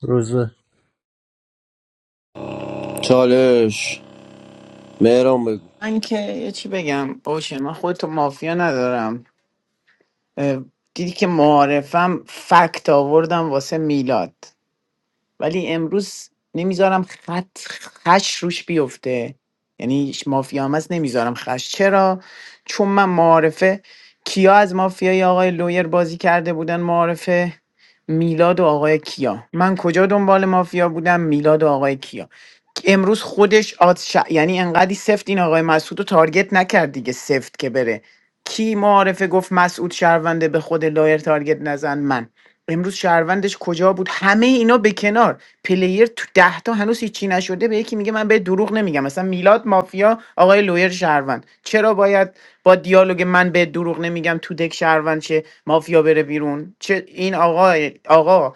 Speaker 2: روزه
Speaker 15: چالش مهران بگو
Speaker 20: من که یه چی بگم باشه من خودتو مافیا ندارم اه، دیدی که معارفم فکت آوردم واسه میلاد ولی امروز نمیذارم خط خش روش بیفته یعنی مافیا هم هست نمیذارم خش چرا چون من معارفه کیا از مافیای آقای لویر بازی کرده بودن معارفه میلاد و آقای کیا من کجا دنبال مافیا بودم میلاد و آقای کیا امروز خودش آت یعنی انقدی سفت این آقای مسعود رو تارگت نکرد دیگه سفت که بره کی معارفه گفت مسعود شهرونده به خود لایر تارگت نزن من امروز شهروندش کجا بود همه اینا به کنار پلیر تو ده تا هنوز هیچی نشده به یکی میگه من به دروغ نمیگم مثلا میلاد مافیا آقای لویر شهروند چرا باید با دیالوگ من به دروغ نمیگم تو دک شهروند شه مافیا بره بیرون چه این آقای آقا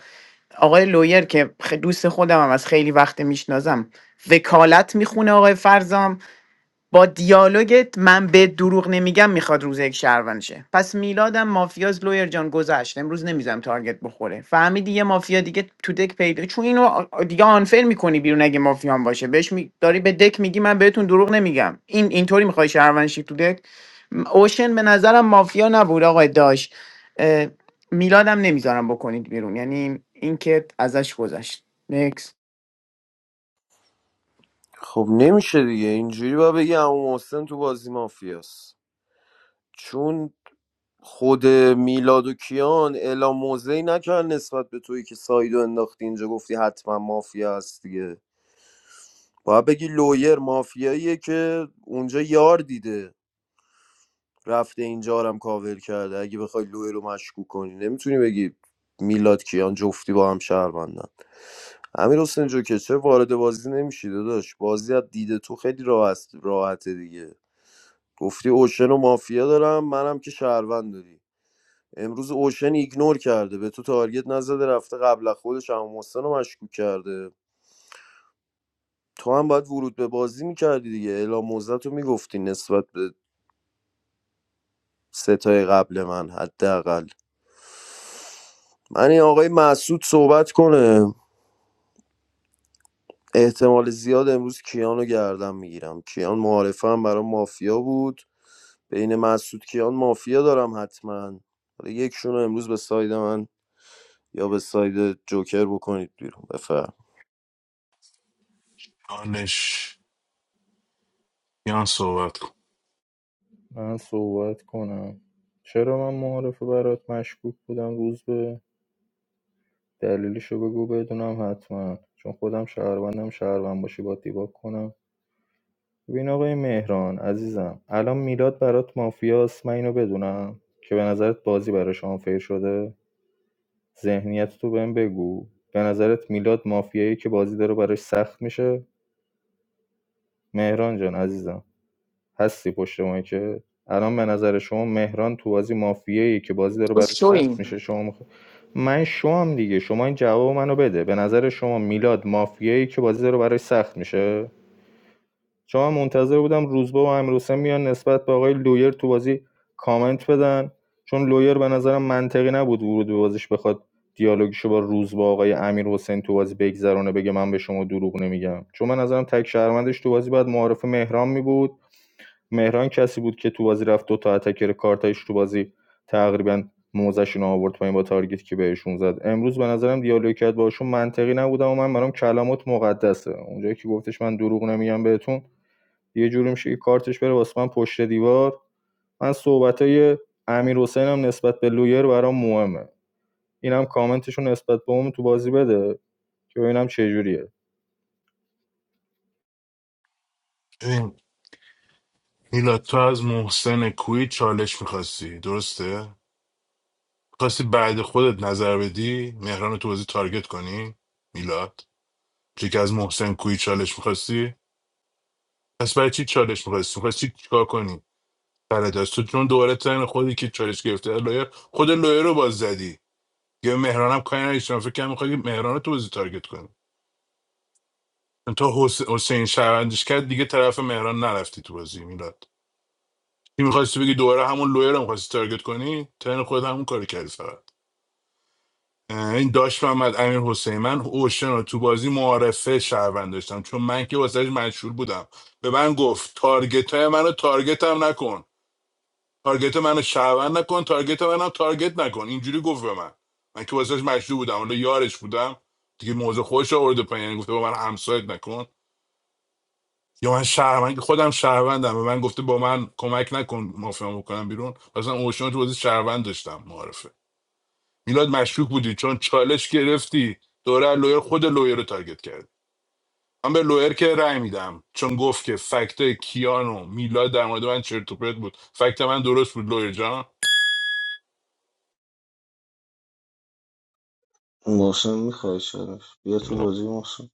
Speaker 20: آقای لویر که خ- دوست خودم هم از خیلی وقت میشناسم وکالت میخونه آقای فرزام با دیالوگت من به دروغ نمیگم میخواد روز یک شهروند شه پس میلادم مافیاز لویر جان گذشت امروز نمیذارم تارگت بخوره فهمیدی یه مافیا دیگه تو دک پیدا چون اینو آ- دیگه آنفر میکنی بیرون اگه مافیا هم باشه بهش می... داری به دک میگی من بهتون دروغ نمیگم این اینطوری میخوای شهروند شی تو دک م- اوشن به نظرم مافیا نبود آقای داش اه، میلادم نمیذارم بکنید بیرون یعنی این که ازش گذشت نکس
Speaker 15: خب نمیشه دیگه اینجوری باید بگی عمو محسن تو بازی مافیاست چون خود میلاد و کیان اعلام موضعی نکردن نسبت به تویی که سایدو انداختی اینجا گفتی حتما مافیا هست دیگه باید بگی لویر مافیاییه که اونجا یار دیده رفته اینجا رو هم کاور کرده اگه بخوای لوی رو مشکوک کنی نمیتونی بگی میلاد کیان جفتی با هم شهروندن امیر حسین جو که چه وارد بازی نمیشی داداش بازی از دید تو خیلی راحت راحته دیگه گفتی اوشن و مافیا دارم منم که شهروند داری امروز اوشن ایگنور کرده به تو تارگت نزده رفته قبل از خودش هم محسن رو مشکوک کرده تو هم باید ورود به بازی میکردی دیگه اعلام موزت رو میگفتی نسبت به ستای قبل من حداقل من این آقای مسعود صحبت کنه احتمال زیاد امروز کیانو گردم میگیرم کیان معارفه هم برای مافیا بود بین مسعود کیان مافیا دارم حتما حالا یکشون رو امروز به ساید من یا به ساید جوکر بکنید بیرون بفر
Speaker 22: چالش یان صحبت کن
Speaker 23: من صحبت کنم چرا من معارفه برات مشکوک بودم روز به دلیلشو بگو بدونم حتما چون خودم شهروندم شهروند باشی با دیباک کنم ببین آقای مهران عزیزم الان میلاد برات مافیاست من اینو بدونم که به نظرت بازی براش آنفیر شده ذهنیت تو بهم بگو به نظرت میلاد مافیایی که بازی داره براش سخت میشه مهران جان عزیزم هستی پشت ما، که الان به نظر شما مهران تو بازی مافیایی که بازی داره
Speaker 20: تو
Speaker 23: برای سخت
Speaker 20: شوین
Speaker 23: میشه شما مخ... من شوام دیگه شما این جواب منو بده به نظر شما میلاد مافیایی که بازی داره برای سخت میشه شما منتظر بودم روزبه و امیرحسین میان نسبت به آقای لویر تو بازی کامنت بدن چون لویر به نظرم منطقی نبود ورود به بازیش بخواد دیالوگشو با روز با آقای امیر حسین تو بازی بگذرونه بگه من به شما دروغ نمیگم چون من نظرم تک شهروندش تو بازی بعد معارف مهران می بود مهران کسی بود که تو بازی رفت دو تا اتکر کارتایش تو بازی تقریبا موزشون آورد پایین با تارگت که بهشون زد امروز به نظرم دیالوگ کرد باشون منطقی نبودم و من برام کلامات مقدسه اونجایی که گفتش من دروغ نمیگم بهتون یه جوری میشه که کارتش بره واسه من پشت دیوار من صحبتای های امیر حسین هم نسبت به لویر برام مهمه اینم کامنتشون نسبت به اون تو بازی بده که ببینم چه جوریه
Speaker 22: ببین میلاد تو از محسن کوی چالش میخواستی درسته خواستی بعد خودت نظر بدی مهران رو تو بازی تارگت کنی میلاد چی که از محسن کوی چالش میخواستی پس برای چی چالش میخواستی میخواستی چیکار کنی برای دست تو چون دوباره تن خودی که چالش گرفته لویر خود لویر رو باز زدی دیگه به مهرانم کاری نداشتم فکر کنم می‌خوای مهران رو تو بازی تارگت کنی چون تا حس- حسین شهروندش کرد دیگه طرف مهران نرفتی تو بازی میلاد این میخواستی بگی دوباره همون لویر رو میخواستی تارگت کنی تن خود همون کاری کردی فقط اه، این داشت محمد امیر حسین من اوشن رو تو بازی معارفه شهروند داشتم چون من که واسهش مشهور بودم به من گفت تارگت های منو تارگت هم نکن تارگت منو شهروند نکن تارگت منم تارگت نکن اینجوری گفت به من من که واسهش مجدور بودم حالا یارش بودم دیگه موضوع خودش رو آورده پایین یعنی گفته با من همسایت نکن یا من شهروند خودم شهروندم به من گفته با من کمک نکن مافیام بکنم بیرون مثلا اوشن تو بازی شهروند داشتم معرفه میلاد مشکوک بودی چون چالش گرفتی دوره لویر خود لویر رو تارگت کرد من به لویر که رأی میدم چون گفت که فکت کیان میلاد در مورد من چرت و پرت بود فکت من درست بود لویر جان
Speaker 17: محسن میخوای چرا بیا تو بازی محسن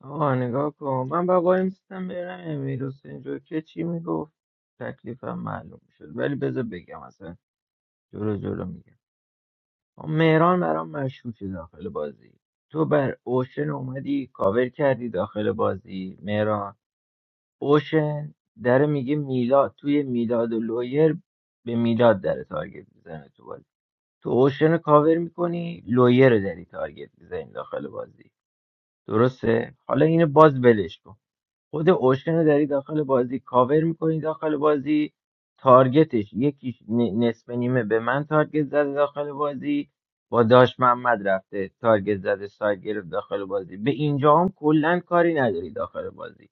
Speaker 5: آقا نگاه کن من با بقا میستم برم امیر حسین جو که چی میگفت تکلیفم معلوم شد ولی بذار بگم اصلا جلو جلو میگم مهران برام مشکوکه داخل بازی تو بر اوشن اومدی کاور کردی داخل بازی مهران اوشن داره میگه میلاد توی میلاد و لویر به میلاد داره تارگت میزنه تو بازی تو اوشن رو کاور میکنی لویر رو داری تارگت میزنی داخل بازی درسته حالا اینو باز ولش کن خود اوشن رو داری داخل بازی کاور میکنی داخل بازی تارگتش یکیش ن- نصف نیمه به من تارگت زده داخل بازی با داش محمد رفته تارگت زده سایت گرفت داخل بازی به اینجا هم کلا کاری نداری داخل بازی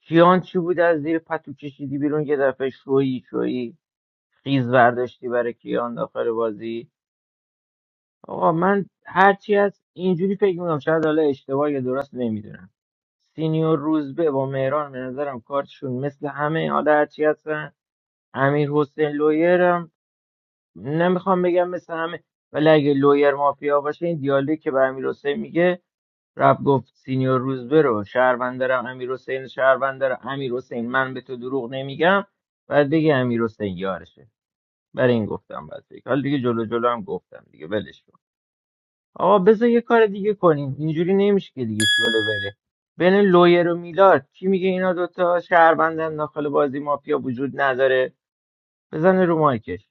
Speaker 5: کیان چی بود از زیر پتو کشیدی بیرون یه دفعه شویی شویی خیز برداشتی برای کیان داخل بازی آقا من هرچی از اینجوری فکر میکنم شاید حالا اشتباه یا درست نمیدونم سینیور روزبه با مهران به نظرم کارتشون مثل همه حالا هرچی هستن امیر حسین لویرم نمیخوام بگم مثل همه ولی اگه لویر مافیا باشه این دیالوگی که به امیر حسین میگه رب گفت سینیور روزبه رو شهروند دارم امیر حسین شهروند دارم امیر حسین من به تو دروغ نمیگم بعد بگی امیر حسین یارشه برای این گفتم بعد فکر. حالا دیگه جلو جلو هم گفتم دیگه ولش کن. آقا بذار یه کار دیگه کنیم اینجوری نمیشه که دیگه شوله بره بین لویر و میلاد کی میگه اینا دوتا شهروندن داخل بازی مافیا وجود نداره بزنه رو مایکش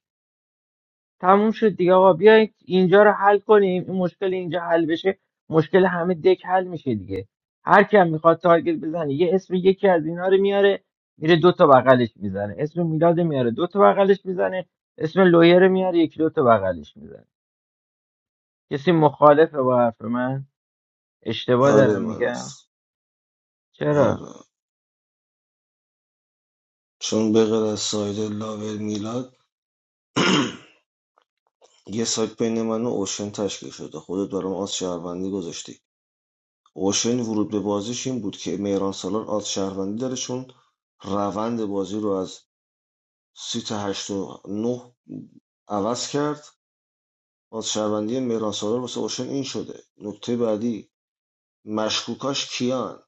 Speaker 5: تموم شد دیگه آقا بیایید اینجا رو حل کنیم این مشکل اینجا حل بشه مشکل همه دک حل میشه دیگه هر کم میخواد تارگت بزنه یه اسم یکی از اینا رو میاره میره دو تا بغلش میزنه اسم میلاد رو میاره دو تا بغلش میزنه اسم لویر رو میاره یکی دو تا بغلش میزنه کسی مخالفه با حرف من اشتباه
Speaker 17: آره
Speaker 5: دارم
Speaker 17: من
Speaker 5: میگم
Speaker 17: هست
Speaker 5: چرا
Speaker 17: آره چون به غیر از ساید لاور میلاد یه سایت بین من و اوشن تشکیل شده خودت برام آز شهروندی گذاشتی اوشن ورود به بازیش این بود که مهران سالار آز شهروندی داره چون روند بازی رو از سیت هشت و نه عوض کرد آز شهروندی مهران سالار واسه اوشن این شده نکته بعدی مشکوکاش کیان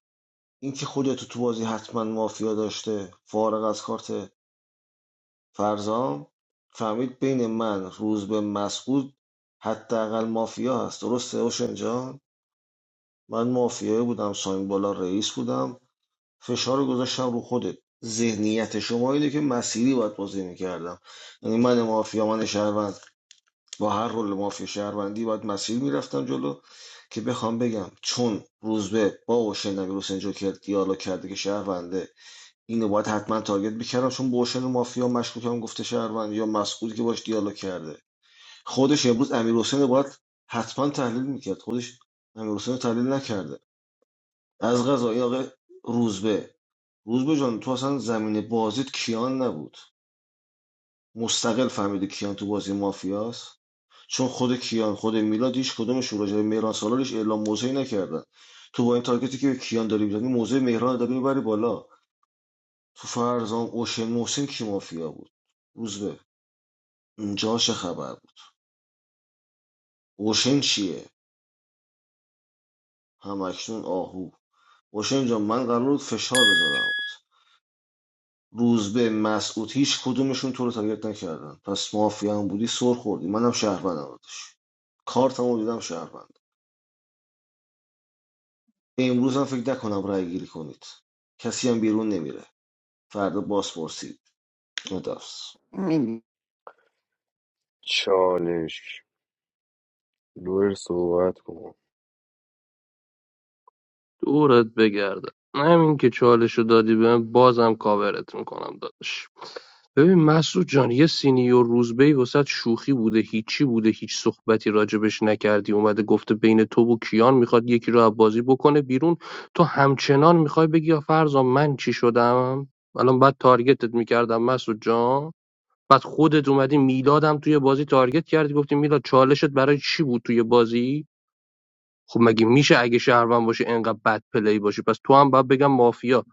Speaker 17: اینکه خودتو تو بازی حتما مافیا داشته فارغ از کارت فرزام فهمید بین من روز روزبه مسعود حداقل مافیا هست درسته اوشن جان من مافیایی بودم ساین بالا رئیس بودم فشار رو گذاشتم رو خودت ذهنیت شما اینه که مسیری باید بازی میکردم یعنی من مافیا من شهروند با هر رول مافیا شهروندی باید مسیر میرفتم جلو که بخوام بگم چون روزبه با اوشن نبی حسین جوکر دیالوگ کرده که شهرونده اینو باید حتما تارگت میکردم چون بوشن مافیا مشکوکم گفته شهروند یا مسئولی که باش دیالوگ کرده خودش امروز امیر حسین رو باید حتما تحلیل میکرد خودش امیر تحلیل نکرده از غذا آقای روزبه روزبه جان تو اصلا زمین بازیت کیان نبود مستقل فهمیده کیان تو بازی مافیاست چون خود کیان خود میلاد هیچ کدومشون راجع به مهران سالارش اعلام موضعی نکردن تو با این تارگتی که به کیان داری میزنی موضع مهران رو داری میبری بالا تو فرزام اوشن محسن کی مافیا بود روزبه اینجا چه خبر بود اوشن چیه همکنون آهو اوشن جان من قرار بود فشار بذارم بود. روزبه مسعود هیچ کدومشون تو رو تارگت نکردن پس مافیا هم بودی سر خوردی منم شهروندم داداش کارتمو دیدم شهروند امروز هم فکر نکنم رای گیری کنید کسی هم بیرون نمیره فردا باز پرسید ندفس
Speaker 6: چالش لور صحبت کن
Speaker 16: دورت بگردم همین که چالشو دادی بهم بازم کاورت میکنم داداش ببین مسعود جان یه سینیور روزبه وسط شوخی بوده هیچی بوده هیچ صحبتی راجبش نکردی اومده گفته بین تو و کیان میخواد یکی رو از بازی بکنه بیرون تو همچنان میخوای بگی یا فرضا من چی شدم الان بعد تارگتت میکردم مسعود جان بعد خودت اومدی میلادم توی بازی تارگت کردی گفتی میلاد چالشت برای چی بود توی بازی خب مگه میشه اگه شهروند باشه انقدر بد پلی باشه پس تو هم باید بگم مافیا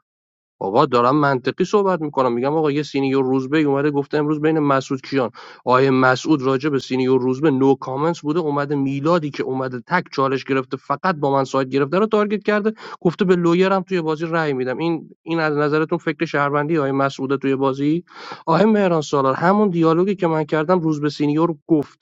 Speaker 16: آقا دارم منطقی صحبت میکنم میگم آقا یه سینیور روزبه اومده گفته امروز بین مسعود کیان آیه مسعود راجع به سینیور روزبه نو کامنتس بوده اومده میلادی که اومده تک چالش گرفته فقط با من سایت گرفته رو تارگت کرده گفته به لویرم توی بازی رأی میدم این این از نظرتون فکر شهروندی آیه مسعوده توی بازی آیه مهران سالار همون دیالوگی که من کردم روزبه سینیور گفت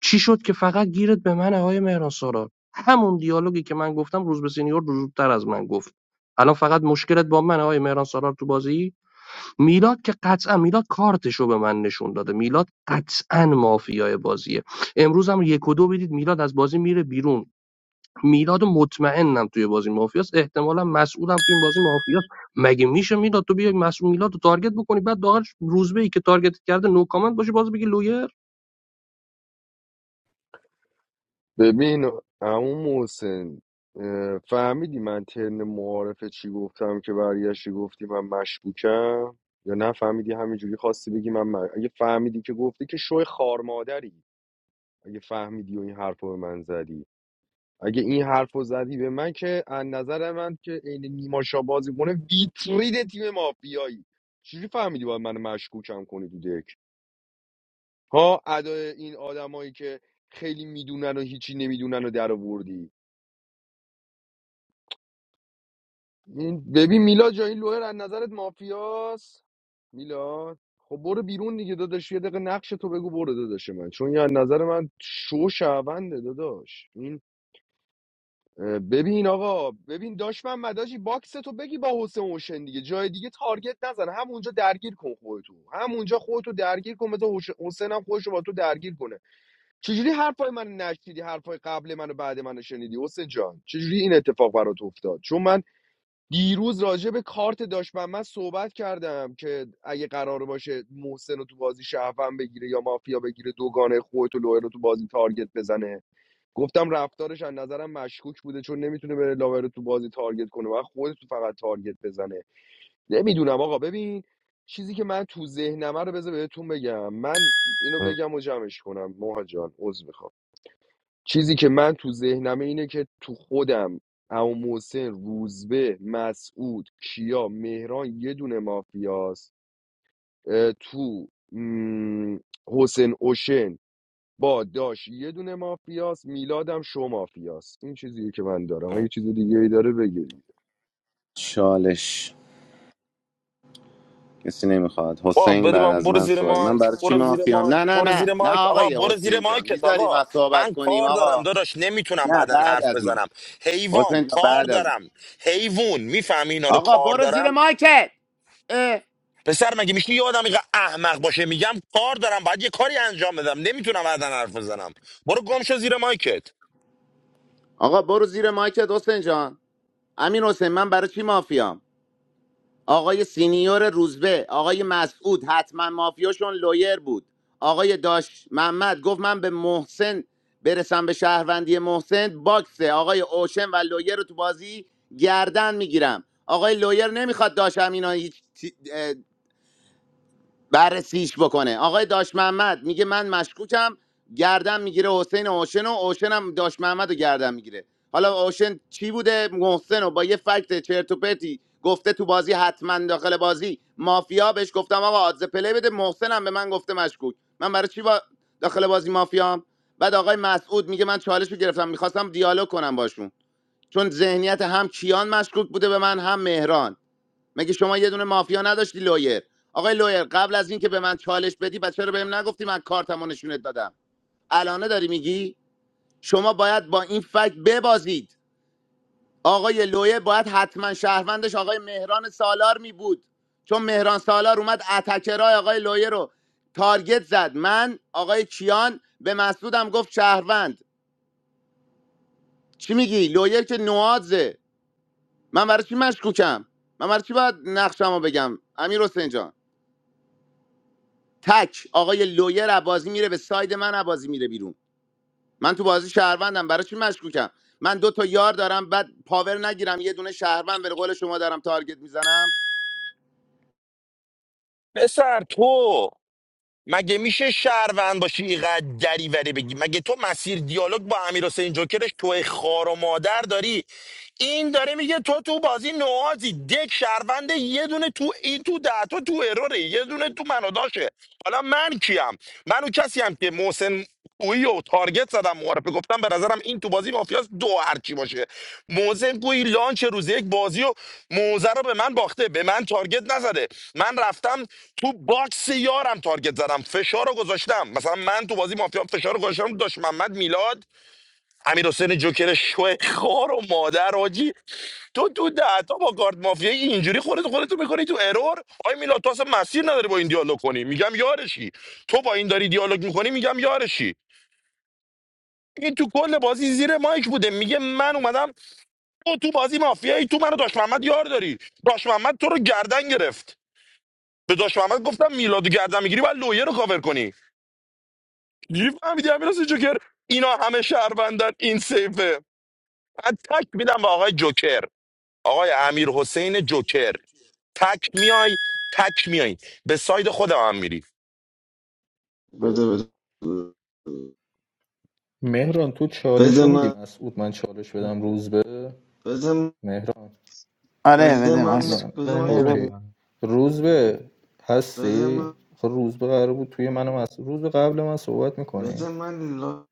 Speaker 16: چی شد که فقط گیرت به من آقای مهران سارار همون دیالوگی که من گفتم روز به سینیور زودتر از من گفت الان فقط مشکلت با من آقای مهران سارار تو بازی میلاد که قطعا میلاد کارتشو به من نشون داده میلاد قطعا مافیای بازیه امروز هم یک و دو بدید میلاد از بازی میره بیرون میلاد مطمئنم توی بازی مافیاس احتمالا مسئولم توی این بازی مافیاس مگه میشه میلاد تو بیای مسئول میلاد رو تارگت بکنی بعد داخل روزبه ای که تارگت کرده نو کامنت باشه باز بگی لویر
Speaker 6: ببین عمو محسن اه، فهمیدی من ترن معارفه چی گفتم که برگشتی گفتی من مشکوکم یا نه فهمیدی همینجوری خواستی بگی من م- اگه فهمیدی که گفتی که شوی خارمادری اگه فهمیدی و این حرف رو به من زدی اگه این حرف رو زدی به من که از نظر من که عین نیما شاه بازی کنه ویترین تیم مافیایی چجوری فهمیدی باید من مشکوکم کنی تو دک ها ادای این آدمایی که خیلی میدونن و هیچی نمیدونن و در آوردی این ببین میلاد جا این لوهر از نظرت مافیاس میلاد خب برو بیرون دیگه داداش یه دقیقه نقش تو بگو برو داداش من چون یه از نظر من شو شونده داداش این اه، ببین آقا ببین داش من مداجی باکس تو بگی با حسین اوشن دیگه جای دیگه تارگت نزن همونجا درگیر کن خودتو همونجا خودتو درگیر کن مثلا حوش- حسین هم خودشو با تو درگیر کنه چجوری حرفای من نشنیدی حرفای قبل من و بعد من شنیدی حسین جان چجوری این اتفاق برات افتاد چون من دیروز راجع به کارت داشت من من صحبت کردم که اگه قرار باشه محسن رو تو بازی شهفن بگیره یا مافیا بگیره دوگانه خودت و لوئر رو تو بازی تارگت بزنه گفتم رفتارش از نظرم مشکوک بوده چون نمیتونه بره لاور رو تو بازی تارگت کنه و خودت تو فقط تارگت بزنه نمیدونم آقا ببین چیزی که من تو ذهنمه رو بذار بهتون بگم من اینو بگم و جمعش کنم مهاجان عذر می‌خوام. چیزی که من تو ذهنمه اینه که تو خودم عمو محسن روزبه مسعود کیا مهران یه دونه مافیاست اه، تو م، حسین اوشن با داش یه دونه مافیاست میلادم شو مافیاست این چیزیه که من دارم اگه چیز دیگه ای داره بگیرید
Speaker 8: چالش کسی نمیخواد
Speaker 21: با
Speaker 8: حسین
Speaker 21: بده
Speaker 8: بعد
Speaker 21: من
Speaker 8: از
Speaker 21: برو
Speaker 8: من
Speaker 21: زیر
Speaker 8: سوال من
Speaker 21: مایک
Speaker 8: برای چی
Speaker 21: برو زیر
Speaker 8: مافیام نه
Speaker 21: مایک
Speaker 8: نه
Speaker 21: برو
Speaker 8: نه
Speaker 21: زیر
Speaker 8: نه
Speaker 21: مایک آقا
Speaker 8: آقای
Speaker 21: برو زیر
Speaker 8: حسین جان
Speaker 21: مایکت
Speaker 8: میذاری
Speaker 21: آقا
Speaker 8: ما صحبت
Speaker 21: من
Speaker 8: کنیم
Speaker 21: کار دارم
Speaker 8: آقا
Speaker 21: داداش نمیتونم
Speaker 8: نه
Speaker 21: بعدن
Speaker 8: بعد
Speaker 21: حرف
Speaker 8: از من
Speaker 21: بزنم
Speaker 8: حسین
Speaker 21: حیوان
Speaker 8: جان
Speaker 21: کار
Speaker 8: بعد از من
Speaker 21: دارم حیوان میفهمی اینا رو
Speaker 8: آقا
Speaker 21: کار
Speaker 8: برو
Speaker 21: دارم
Speaker 8: زیر مایکت اه.
Speaker 21: پسر مگه میشه یه آدم اینقدر احمق باشه میگم کار دارم باید یه کاری انجام بدم نمیتونم بعدا حرف بزنم برو گم شو زیر مایکت
Speaker 8: آقا برو زیر مایکت حسین جان امین حسین من برای چی مافیام آقای سینیور روزبه آقای مسعود حتما مافیاشون لویر بود آقای داش محمد گفت من به محسن برسم به شهروندی محسن باکس آقای اوشن و لویر رو تو بازی گردن میگیرم آقای لویر نمیخواد داش امینا هیچ بررسیش بکنه آقای داش محمد میگه من مشکوکم گردن میگیره حسین اوشن و اوشن هم داش محمد رو گردن میگیره حالا اوشن چی بوده محسن رو با یه فکت چرت و پرتی گفته تو بازی حتما داخل بازی مافیا بهش گفتم آقا آدز پلی بده محسن هم به من گفته مشکوک من برای چی با داخل بازی مافیام بعد آقای مسعود میگه من چالش رو گرفتم میخواستم دیالوگ کنم باشون چون ذهنیت هم کیان مشکوک بوده به من هم مهران مگه شما یه دونه مافیا نداشتی لویر آقای لویر قبل از اینکه به من چالش بدی بچه رو بهم نگفتی من کارتمو نشونت دادم الانه داری میگی شما باید با این فکت ببازید آقای لویر باید حتما شهروندش آقای مهران سالار می بود چون مهران سالار اومد اتکرای آقای لویر رو تارگت زد من آقای کیان به مسعودم گفت شهروند چی میگی لویر که نوازه من برای چی مشکوکم من برای چی باید نقشمو بگم امیر حسین جان؟ تک آقای لویر عبازی میره به ساید من عبازی میره بیرون من تو بازی شهروندم برای چی مشکوکم من دو تا یار دارم بعد پاور نگیرم یه دونه شهروند به قول شما دارم تارگت میزنم
Speaker 21: پسر تو مگه میشه شهروند باشی اینقدر دریوری بگی مگه تو مسیر دیالوگ با امیر حسین جوکرش توی خار و مادر داری این داره میگه تو تو بازی نوازی دک شهروند یه دونه تو این تو ده تا تو اروره یه دونه تو منو داشه حالا من کیم من اون کسی هم که محسن گویی و تارگت زدم معارفه گفتم به نظرم این تو بازی مافیاس دو هرچی باشه موزه گویی لانچ روز یک بازی و موزه رو به من باخته به من تارگت نزده من رفتم تو باکس یارم تارگت زدم فشار رو گذاشتم مثلا من تو بازی مافیا فشار رو گذاشتم داشت محمد میلاد امیر حسین جوکر شو خار و مادر آجی تو تو دهتا با کارت مافیایی اینجوری خودت خودتو میکنی تو ارور آی میلاد تو اصلا مسیر نداری با این دیالوگ کنی میگم یارشی تو با این داری دیالوگ میکنی میگم یارشی این تو کل بازی زیر مایک بوده میگه من اومدم تو تو بازی مافیایی تو منو داش محمد یار داری داش محمد تو رو گردن گرفت به داش محمد گفتم میلاد گردن میگیری باید لویه رو کاور کنی چجوری فهمیدی امیر حسین جوکر اینا همه شهروندن این سیفه من تک میدم به آقای جوکر آقای امیر حسین جوکر تک میای تک میای به ساید خودم هم میری
Speaker 17: بده بده
Speaker 23: مهران تو چالش
Speaker 17: بده
Speaker 23: رو میدی
Speaker 17: من
Speaker 23: مسعود من چالش بدم روز به
Speaker 17: بده من
Speaker 23: مهران
Speaker 20: آره
Speaker 17: بده
Speaker 20: بده
Speaker 17: من
Speaker 23: من
Speaker 20: مست
Speaker 17: بده
Speaker 5: و
Speaker 17: من
Speaker 23: اوکی
Speaker 5: نمیخوام
Speaker 23: روز به
Speaker 17: بده من
Speaker 23: هستی خب روز به قرار بود توی من مسعود روز به قبل من صحبت میکنی
Speaker 17: بده من لا...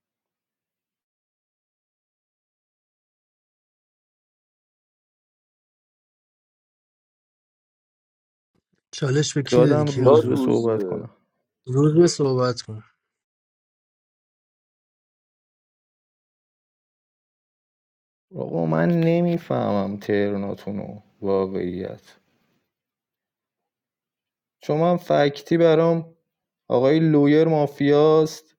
Speaker 2: چالش به کی دادی
Speaker 23: دادم
Speaker 2: کیان
Speaker 23: روز
Speaker 6: داد
Speaker 23: به
Speaker 2: جان
Speaker 23: صحبت
Speaker 6: روزبه
Speaker 23: کنم
Speaker 2: روز به صحبت کن
Speaker 23: آقا من نمیفهمم ترناتونو واقعیت شما هم فکتی برام آقای لویر مافیاست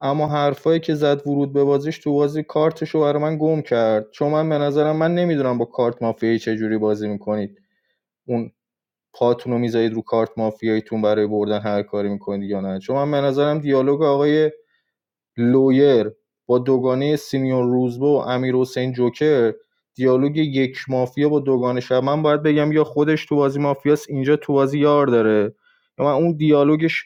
Speaker 23: اما حرفایی که زد ورود به بازیش تو بازی کارتشو برای من گم کرد چون من به نظرم من نمیدونم با کارت مافیایی چه جوری بازی میکنید اون پاتون رو میذارید رو کارت مافیاییتون برای بردن هر کاری میکنید یا نه چون من به نظرم دیالوگ آقای لویر با دوگانه سیمیون روزبه و امیرحسین جوکر دیالوگ یک مافیا با دوگانه شب من باید بگم یا خودش تو بازی مافیاست اینجا تو بازی یار داره یا من اون دیالوگش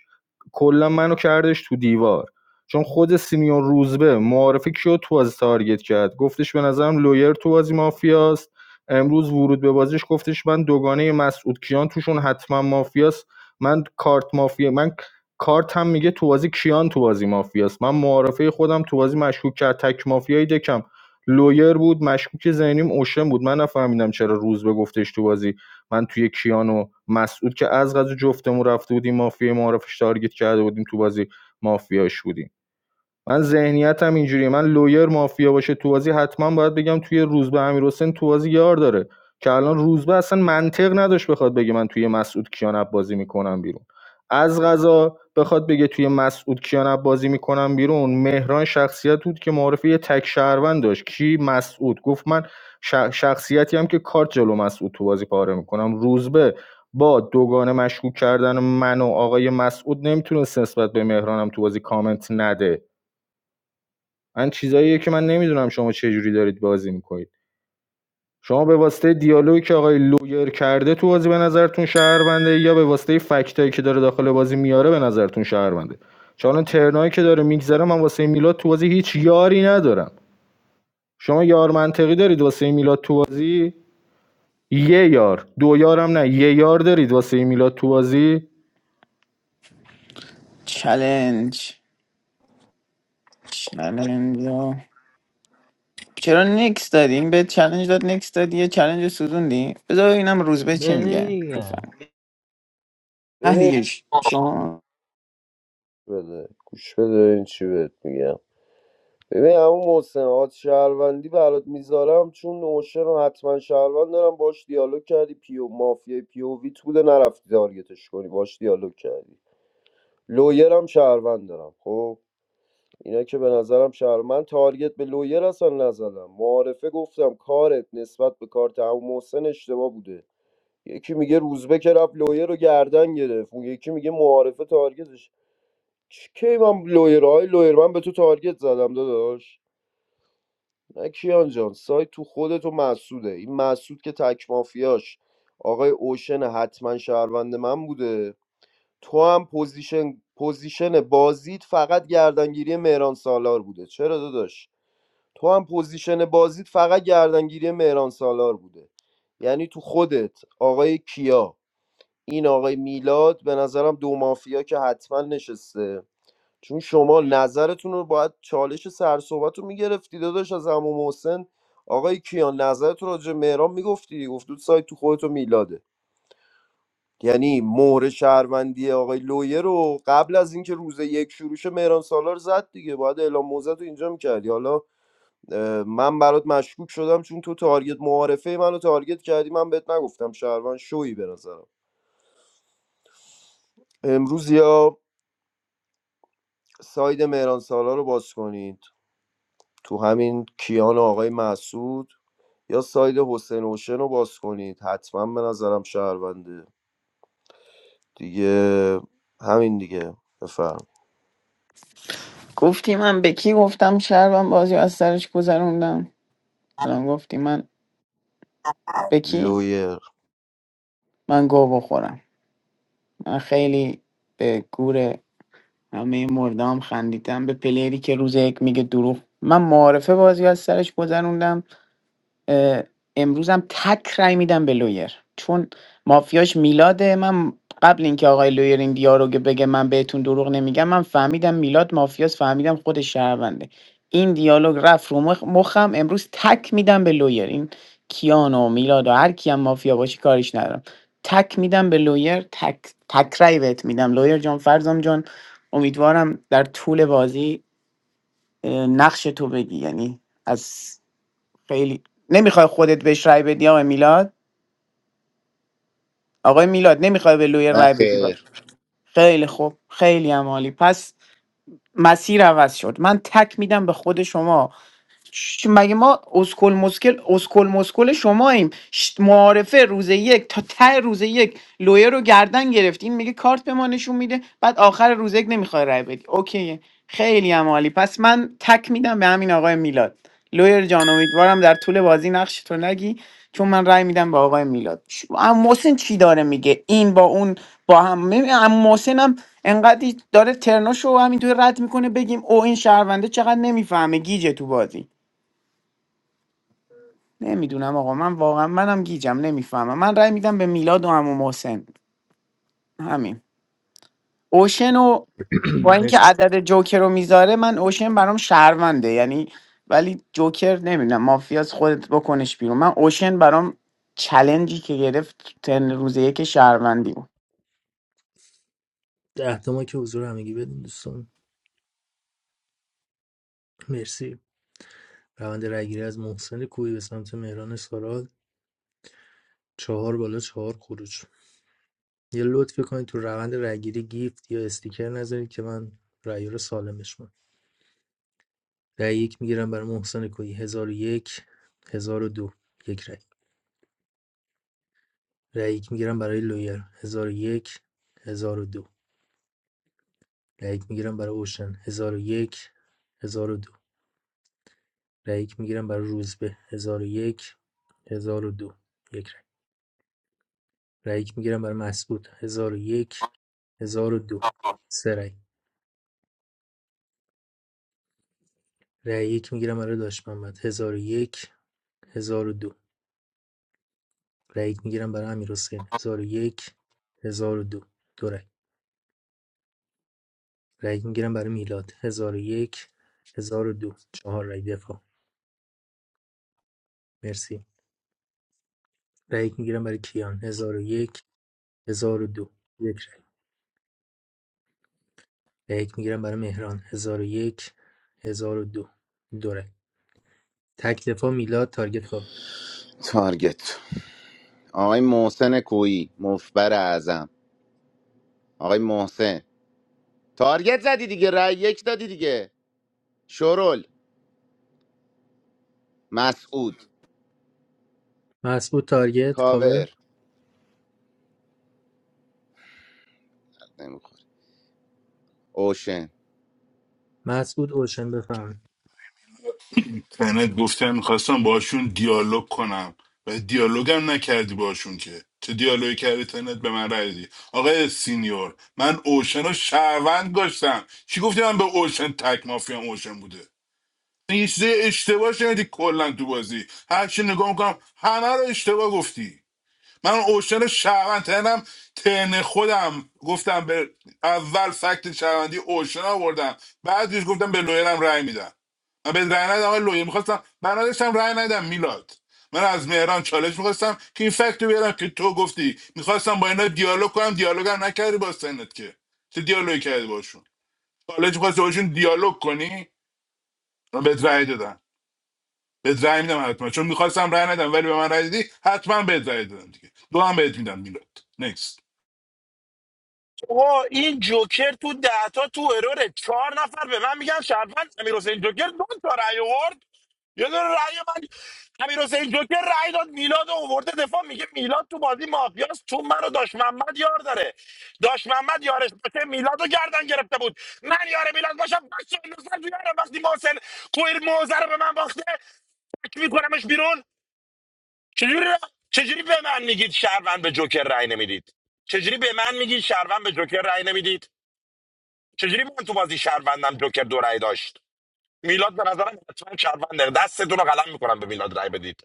Speaker 23: کلا منو کردش تو دیوار چون خود سیمیون روزبه معارفه کیو تو بازی تارگت کرد گفتش به نظرم لویر تو بازی مافیاست امروز ورود به بازیش گفتش من دوگانه مسعود کیان توشون حتما مافیاست من کارت مافیا من کارت هم میگه تو بازی کیان تو بازی مافیاست من معارفه خودم تو بازی مشکوک کرد تک مافیای دکم لویر بود مشکوک ذهنیم اوشن بود من نفهمیدم چرا روز به گفتش تو بازی من توی کیان و مسعود که از غذا جفتمون رفته بودیم مافیا معارفش تارگت کرده بودیم تو بازی مافیاش بودیم من ذهنیتم اینجوریه من لویر مافیا باشه تو بازی حتما باید بگم توی روزبه امیرحسین تو بازی یار داره که الان روزبه اصلا منطق نداشت بخواد بگه من توی مسعود کیان بازی میکنم بیرون از غذا بخواد بگه توی مسعود کیان بازی میکنم بیرون مهران شخصیت بود که معرفی یه تک شهروند داشت کی مسعود گفت من ش- شخصیتی هم که کارت جلو مسعود تو بازی پاره میکنم روزبه با دوگانه مشکوک کردن من و آقای مسعود نمیتونست نسبت به مهرانم تو بازی کامنت نده من چیزاییه که من نمیدونم شما چه جوری دارید بازی میکنید شما به واسطه دیالوگی که آقای لویر کرده تو بازی به نظرتون شهرونده یا به واسطه فکتایی که داره داخل بازی میاره به نظرتون شهرونده چون ترنایی که داره میگذره من واسه میلاد تو بازی هیچ یاری ندارم شما یار منطقی دارید واسه میلاد تو بازی یه یار دو یارم نه یه یار دارید واسه میلاد تو بازی
Speaker 20: چلنج چلنج یا چرا نکس دادی این به چلنج داد نکس دادی یه چلنج رو سوزوندی بذار اینم روزبه چی
Speaker 5: بده
Speaker 20: میگه
Speaker 5: دیگه
Speaker 20: بفهم نه
Speaker 15: ببین
Speaker 20: دیگه ش- شما
Speaker 15: بده گوش بده این چی بهت میگم ببین همون محسن آد شهروندی برات میذارم چون نوشه رو حتما شهروند دارم باش دیالوگ کردی پیو مافیای پیوویت بوده نرفتی تارگتش کنی باش دیالوگ کردی لویرم شهروند دارم خب اینا که به نظرم شهر من تارگت به لویر اصلا نزدم معارفه گفتم کارت نسبت به کارت عمو محسن اشتباه بوده یکی میگه روزبه که رفت لویر رو گردن گرفت اون یکی میگه معارفه تارگتش چ- کی من لویر های لویر من به تو تارگت زدم داداش نه کیان جان سایت تو خودت و مسعوده این مسعود که تک مافیاش آقای اوشن حتما شهروند من بوده تو هم پوزیشن پوزیشن بازیت فقط گردنگیری مهران سالار بوده چرا داداش تو هم پوزیشن بازیت فقط گردنگیری مهران سالار بوده یعنی تو خودت آقای کیا این آقای میلاد به نظرم دو مافیا که حتما نشسته چون شما نظرتون رو باید چالش سرصحبت رو میگرفتی داداش از عمو محسن آقای کیا نظرت رو راجع به مهران میگفتی گفت تو سایت تو خودت و میلاده یعنی مهر شهروندی آقای لویه رو قبل از اینکه روز یک شروع شه مهران سالار زد دیگه باید اعلام موزه تو اینجا میکردی حالا اه، من برات مشکوک شدم چون تو تارگت معارفه منو تارگت کردی من بهت نگفتم شهروند شویی به نظرم امروز یا ساید مهران سالار رو باز کنید تو همین کیان و آقای مسعود یا ساید حسین اوشن رو باز کنید حتما به نظرم شهرونده دیگه همین دیگه بفرم
Speaker 20: گفتی من به کی گفتم شربم بازی رو از سرش گذروندم الان گفتی من به کی
Speaker 15: لویر
Speaker 20: من گو بخورم من خیلی به گور همه مردام خندیدم به پلیری که روز یک میگه دروغ من معارفه بازی رو از سرش گذروندم اه، امروزم تک رأی میدم به لویر چون مافیاش میلاده من قبل اینکه آقای لویر این دیالوگ بگه من بهتون دروغ نمیگم من فهمیدم میلاد مافیاس فهمیدم خود شهرونده این دیالوگ رفت رو مخ- مخم امروز تک میدم به لویر این کیانو میلاد و هر کیم مافیا باشه کاریش ندارم تک میدم به لویر تک تک رأی بهت میدم لویر جان فرزام جان امیدوارم در طول بازی اه، نقش تو بگی یعنی از خیلی نمیخوای خودت بهش رای بدی آقای میلاد آقای میلاد نمیخوای به لوی
Speaker 8: نه
Speaker 20: رای بدی با.
Speaker 8: خیر
Speaker 20: خیلی خوب خیلی هم عالی پس مسیر عوض شد من تک میدم به خود شما چ- مگه ما اسکل مسکل اسکل مسکل شماییم ش- معارفه روز یک تا ته روز یک لویه رو گردن گرفتیم میگه کارت به ما نشون میده بعد آخر روز یک نمیخوای رای بدی اوکی خیلی هم عالی پس من تک میدم به همین آقای میلاد لویر جان امیدوارم در طول بازی نقش تو نگی چون من رای میدم به آقای میلاد چ- اما محسن چی داره میگه این با اون با هم ببین، اما محسن هم انقدر داره ترناشو همینطور رد میکنه بگیم او این شهرونده چقدر نمیفهمه گیجه تو بازی نمیدونم آقا من واقعا منم گیجم نمیفهمم من رأی میدم به میلاد و عمو محسن همین اوشن و با اینکه
Speaker 2: مرسی
Speaker 20: عدد جوکر رو میذاره من اوشن برام شهرونده یعنی ولی جوکر نمیدونم مافیاس خودت بکنش بیرون من اوشن برام چلنجی که گرفت تو تن روز یک شهروندی بود
Speaker 2: ده تا ما که حضور همگی بدین دوستان مرسی روند رگیری از محسن کویی به سمت مهران سارال چهار بالا چهار خروج یه لطفی کنید تو روند رگیری گیفت یا استیکر نذارید که من رأی رو سالمش کنم. رأی یک میگیرم برای محسن کویی 1001 1002 یک رأی دو یک رای. رای یک میگیرم برای لویر 1001 1002 رأی یک میگیرم برای اوشن 1001 1002 رأی یک میگیرم برای روزبه 1001 1002 یک هزار و دو، یک رأی رأی یک میگیرم برای مسعود 1001 1002 سه رأی رأی یک میگیرم برای داش محمد 1001 1002 رأی یک میگیرم برای امیرحسین 1001 1002 دو دو رأی رأی میگیرم برای میلاد هزار و یک هزار و دو چهار رأی دفاع مرسی رأی میگیرم برای کیان هزار و یک هزار و دو یک رأی رأی میگیرم برای مهران هزار و یک هزار و دو دو رأی تک دفاع میلاد تارگت کاور
Speaker 8: تارگت آقای محسن کویی مفبر اعظم آقای محسن تارگت زدی دیگه رای یک دادی دیگه شرول مسعود
Speaker 2: مسعود تارگت کاور
Speaker 8: کاور نمیخوره اوشن
Speaker 2: مسعود اوشن بفهم
Speaker 22: تنت گفتم میخواستم باشون دیالوگ کنم و دیالوگم نکردی باشون که چه دیالوگی کردی تنت به من رای دی آقای سینیور من اوشن رو شهروند داشتم چی گفتی من به اوشن تک مافیام اوشن بوده این یه چیز اشتباه شنیدی کلا تو بازی هر چی نگاه میکنم همه رو اشتباه گفتی من اوشن شهروند ترنم ترن خودم گفتم به اول فکت شهروندی اوشن آوردم بعدش گفتم به لویرم رأی میدم من به رأی ندم آقای لویر میخواستم من نداشتم رأی ندم میلاد من از مهران چالش میخواستم که این فکت رو بیارم که تو گفتی میخواستم با اینا دیالوگ کنم دیالوگ هم نکردی با سنت که چه دیالوگی کردی باشون چالش میخواستی باشون دیالوگ کنی من بهت رأی دادم بهت رأی میدم حتما چون میخواستم رأی ندم ولی به من رأی دادی حتما بهت رأی دادم دیگه دو هم بهت میدم میلاد نکست
Speaker 21: آقا این جوکر تو ده تا تو اروره چهار نفر به من میگن شهروند امیر حسین جوکر دو تا رأی آورد یه دونه رأی من امیر حسین جوکر رأی داد میلاد رو آورده دفاع میگه میلاد تو بازی مافیاست تو منو داش محمد یار داره داش محمد یارش باشه میلاد رو گردن گرفته بود من یار میلاد باشم بچه این دوستان تو یارم وقتی محسن کویر موزه رو به من باخته تک میکنمش بیرون چجوری چجوری به من میگید شهروند به جوکر رأی نمیدید چجوری به من میگید شهروند به جوکر رأی نمیدید چجوری من تو بازی شهروندم جوکر دو رأی داشت میلاد به نظرم حتما شهرونده دستتون رو قلم میکنم به میلاد رأی بدید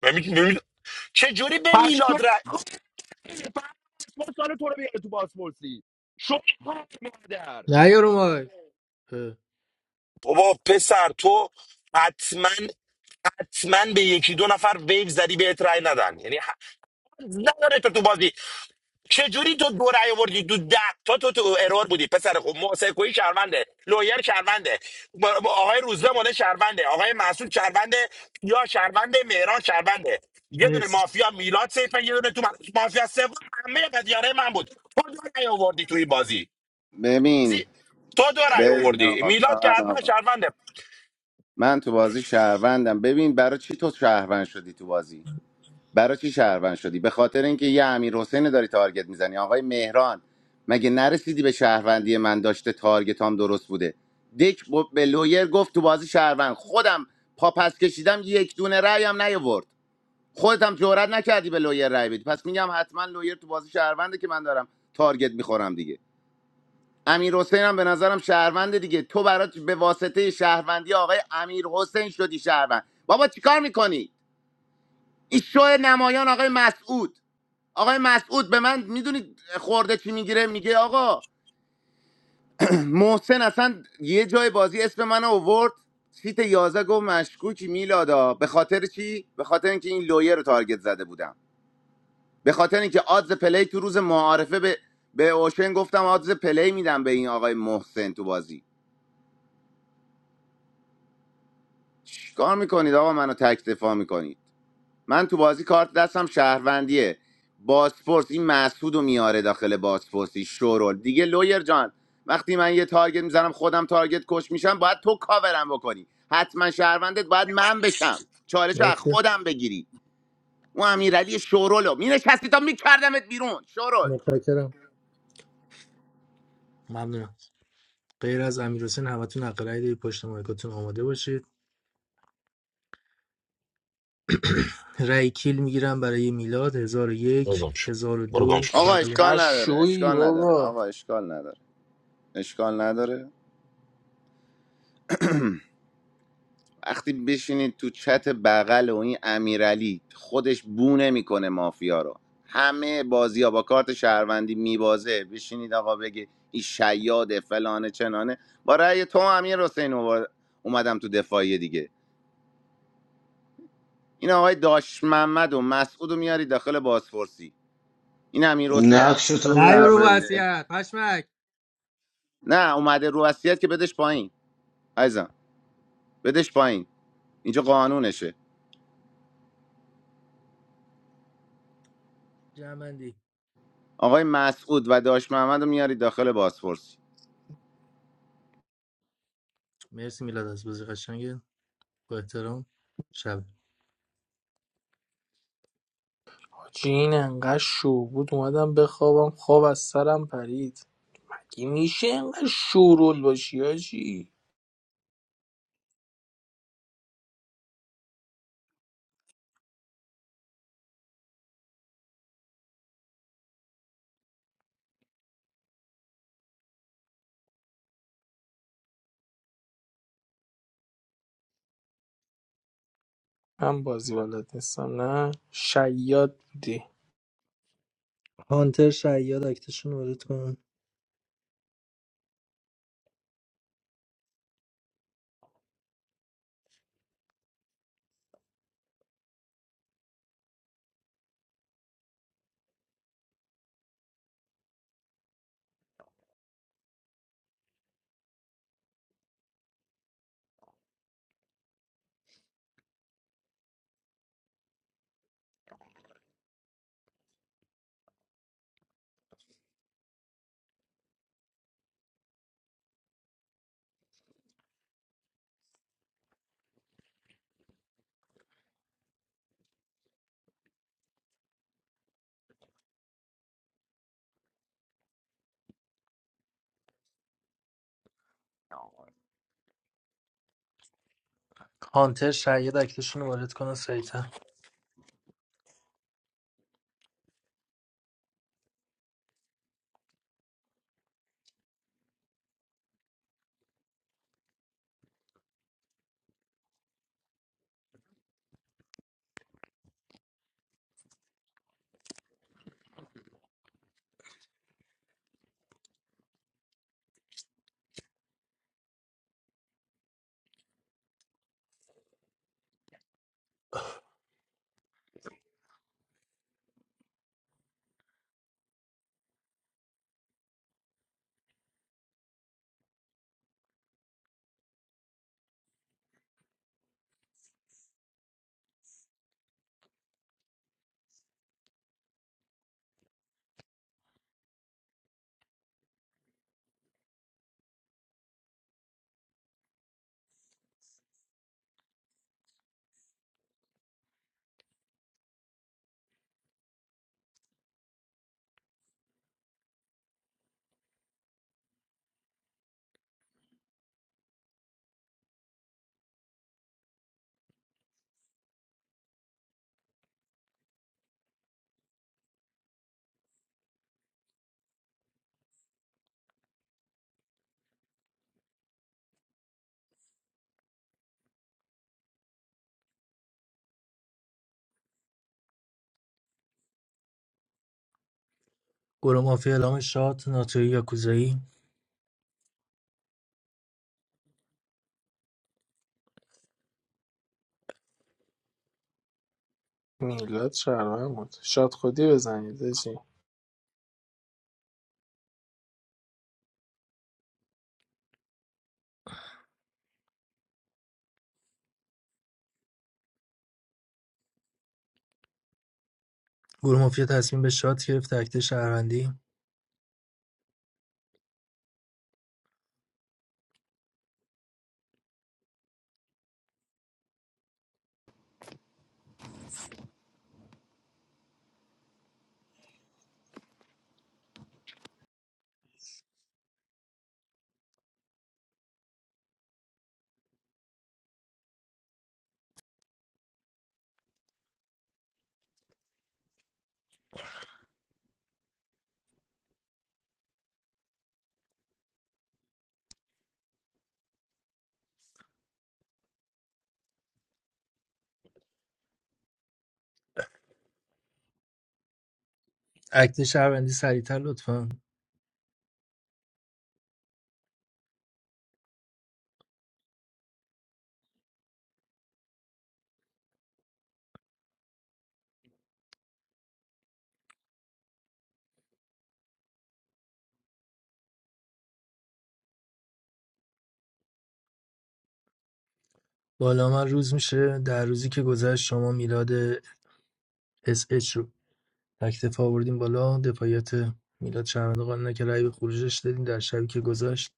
Speaker 21: به می- به میلاد- چجوری به
Speaker 6: پشتو
Speaker 21: میلاد رأی
Speaker 6: سال تو رو بیاره تو بازپرسی شوی مادر
Speaker 2: نه یارو مای اه،
Speaker 21: بابا پسر تو حتما حتما به یکی دو نفر ویو زدی بهت رأی ندن یعنی ح- نداره تو تو بازی چجوری تو دو رأی آوردی تو ده تا تو تو ارور بودی پسر خوب محسن کوی شرمنده لویر شرمنده م- م- آقای روزبه مال شرمنده آقای مسعود شرمنده یا شرمنده مهران شرمنده یه دونه
Speaker 2: مرسی
Speaker 21: مافیا میلاد سیفه یه دونه تو من- مافیا سوم همه پدیاره من بود تو دو رأی آوردی توی بازی بازی-
Speaker 8: ببین
Speaker 21: تو دو رأی
Speaker 8: ببین
Speaker 21: آوردی
Speaker 8: آقا
Speaker 21: میلاد که
Speaker 8: بذار من
Speaker 21: حتما
Speaker 8: آقا.
Speaker 21: شرمنده
Speaker 8: من تو بازی شهروندم ببین برای چی تو شهروند شدی تو بازی برای چی شهروند شدی به خاطر اینکه یه امیر حسین داری تارگت میزنی آقای مهران مگه نرسیدی به شهروندی من داشته تارگت هم درست بوده دک ب- به لویر گفت تو بازی شهروند خودم پا پس کشیدم یک دونه رأی هم نیاورد خودت هم جرئت نکردی به لویر رأی بدی پس میگم حتما لویر تو بازی شهرونده که من دارم تارگت میخورم دیگه امیر حسین هم به نظرم شهرونده دیگه تو برات به واسطه شهروندی آقای امیر حسین شدی شهروند بابا چیکار میکنی این شو نمایان آقای مسعود آقای مسعود به من میدونید خورده چی میگیره میگه آقا محسن اصلا یه جای بازی اسم من اوورد سیت 11 گفت مشکوکی میلادا به خاطر چی به خاطر اینکه این لویه رو تارگت زده بودم به خاطر اینکه آدز پلی تو روز معارفه به به اوشن گفتم آدز پلی میدم به این آقای محسن تو بازی چیکار میکنید آقا منو تک دفاع میکنید. من تو بازی کارت دستم شهروندیه باسپورس این مسعود رو میاره داخل باسپورسی شورول دیگه لویر جان وقتی من یه تارگت میزنم خودم تارگت کش میشم باید تو کاورم بکنی حتما شهروندت باید من بشم چالش رو از
Speaker 2: مرسی
Speaker 8: خودم بگیری اون امیرعلی شورولو مینشستی تا میکردمت بیرون شورول
Speaker 2: متشکرم ممنونم غیر از امیر حسین همتون حق رأی دارید پشت مایکاتون آماده باشید رای کیل میگیرم برای میلاد هزار و
Speaker 21: برو
Speaker 2: یک
Speaker 21: گم شو.
Speaker 2: هزار و
Speaker 21: برو گم
Speaker 2: دو
Speaker 21: شو.
Speaker 8: آقا
Speaker 2: بله
Speaker 8: اشکال نداره
Speaker 10: قشویی
Speaker 8: اشکال نداره
Speaker 10: بابا
Speaker 8: آقا اشکال نداره اشکال نداره وقتی بشینید تو چت بغل و این امیرعلی خودش بونه میکنه مافیا رو همه بازی ها با کارت شهروندی میبازه بشینید آقا بگه این شیاده فلانه چنانه با رأی تو امیر حسین اومد- اومدم تو دفاعی دیگه این آقای داش محمد و مسعود رو میاری داخل بازپرسی این امیر حسین از
Speaker 17: نقش تو
Speaker 8: نظرم
Speaker 2: نه
Speaker 17: بگو
Speaker 2: یارو
Speaker 17: فعلا
Speaker 8: شهرونده
Speaker 2: وصیت پشمک
Speaker 8: نه اومده رو وصیت که بدش پایین عزیزم بدش پایین اینجا قانونشه
Speaker 2: جمندی
Speaker 8: آقای مسعود و داش محمد رو میاری داخل بازپرسی
Speaker 2: مرسی میلاد از بازی قشنگه با احترام شب
Speaker 10: حاجی این انقدر شو بود اومدم بخوابم خواب از سرم پرید میشه اینقدر شورول باشی هاجی من بازی بلد نیستم نه شیاد بودی
Speaker 2: هانتر شیاد اکتشون وارد کنن هانتر شاید اکتشون رو وارد کنه سریعتر گروه مافیا اعلام شات ناتوی یا کوزایی.
Speaker 10: میلاد شهروند بود شاد خودی بزنید آجی.
Speaker 2: گروه مافیا تصمیم به شات گرفت اکت شهروندی اکت شهروندی سریعتر لطفا بالا من روز میشه در روزی که گذشت شما میلاد اس اچ تک آوردیم بالا دفاعیت میلاد شرمنده قانونه که رأی به خروجش دادیم در شبی که گذشت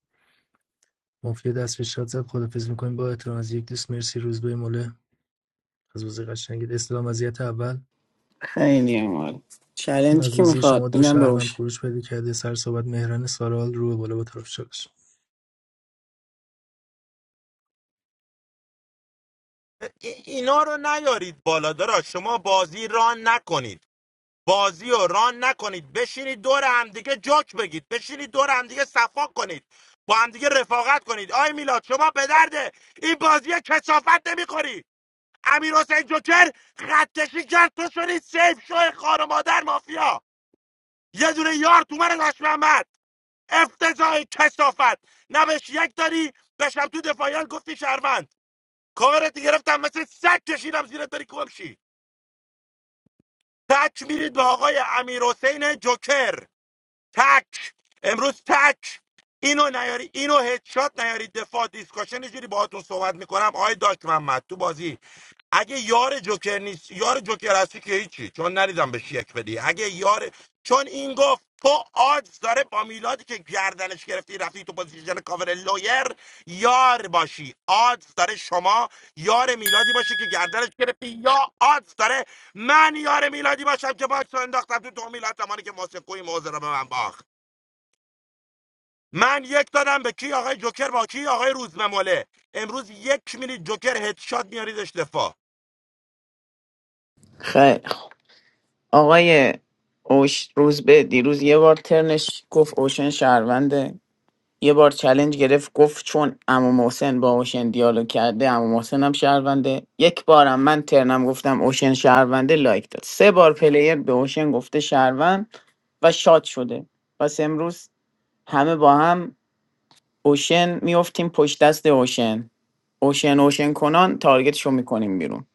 Speaker 2: مافیا دست به شاد زد خدافظ میکنیم با احترام از یک دوست مرسی روز به از بازی قشنگید استلام وضعیت اول
Speaker 20: خیلی مال چلنجی
Speaker 2: از
Speaker 20: که
Speaker 2: بازی شما
Speaker 20: میخواد
Speaker 2: دو
Speaker 20: میدم به
Speaker 2: شهروند
Speaker 20: اوشن
Speaker 2: خروج پیدا کرده سر صحبت مهران سارال رو به بالا با طرف چالش
Speaker 21: ای- اینا رو نیارید بالا دارا شما بازی ران نکنید بازی رو ران نکنید بشینید دور همدیگه جوک بگید بشینید دور همدیگه صفا کنید با همدیگه رفاقت کنید آی میلاد شما به درده این بازی کسافت نمیخوری امیر حسین جوکر خطکشی کرد تو شدی سیف شو خار مادر مافیا یه دونه یار تو من لاش محمد افتضاح کسافت نه بهش یک داری بشم تو دفاعیان گفتی شهروند کاورت گرفتم مثل سگ کشیدم زیرت بری کمشی تک میرید به آقای امیر حسین جوکر تک امروز تک اینو نیاری اینو هدشات نیاری دفاع دیسکاشن یه جوری باهاتون صحبت میکنم آقای داک محمد تو بازی اگه یار جوکر نیست یار جوکر هستی که هیچی چون نریدم بهش یک بدی اگه یار چون این گفت تو آدز داره با میلادی که گردنش گرفتی رفتی تو پوزیشن کاور لویر یار باشی آدز داره شما یار میلادی باشی که گردنش گرفتی یا آدز داره من یار میلادی باشم که باکس رو انداختم تو دو میلاد زمانی که محسن کوی موزه رو به من باخت من یک دادم به کی آقای جوکر با کی آقای روزمموله امروز یک میلی جوکر هدشات میاریدش دفاع
Speaker 20: خیلی خب. آقای اوش روز به دیروز یه بار ترنش گفت اوشن شهرونده یه بار چلنج گرفت گفت چون عمو محسن با اوشن دیالوگ کرده عمو محسن هم شهرونده یک بارم من ترنم گفتم اوشن شهرونده لایک داد سه بار پلیر به اوشن گفته شهروند و شاد شده پس امروز همه با هم اوشن میفتیم پشت دست اوشن اوشن اوشن کنان تارگتشو میکنیم بیرون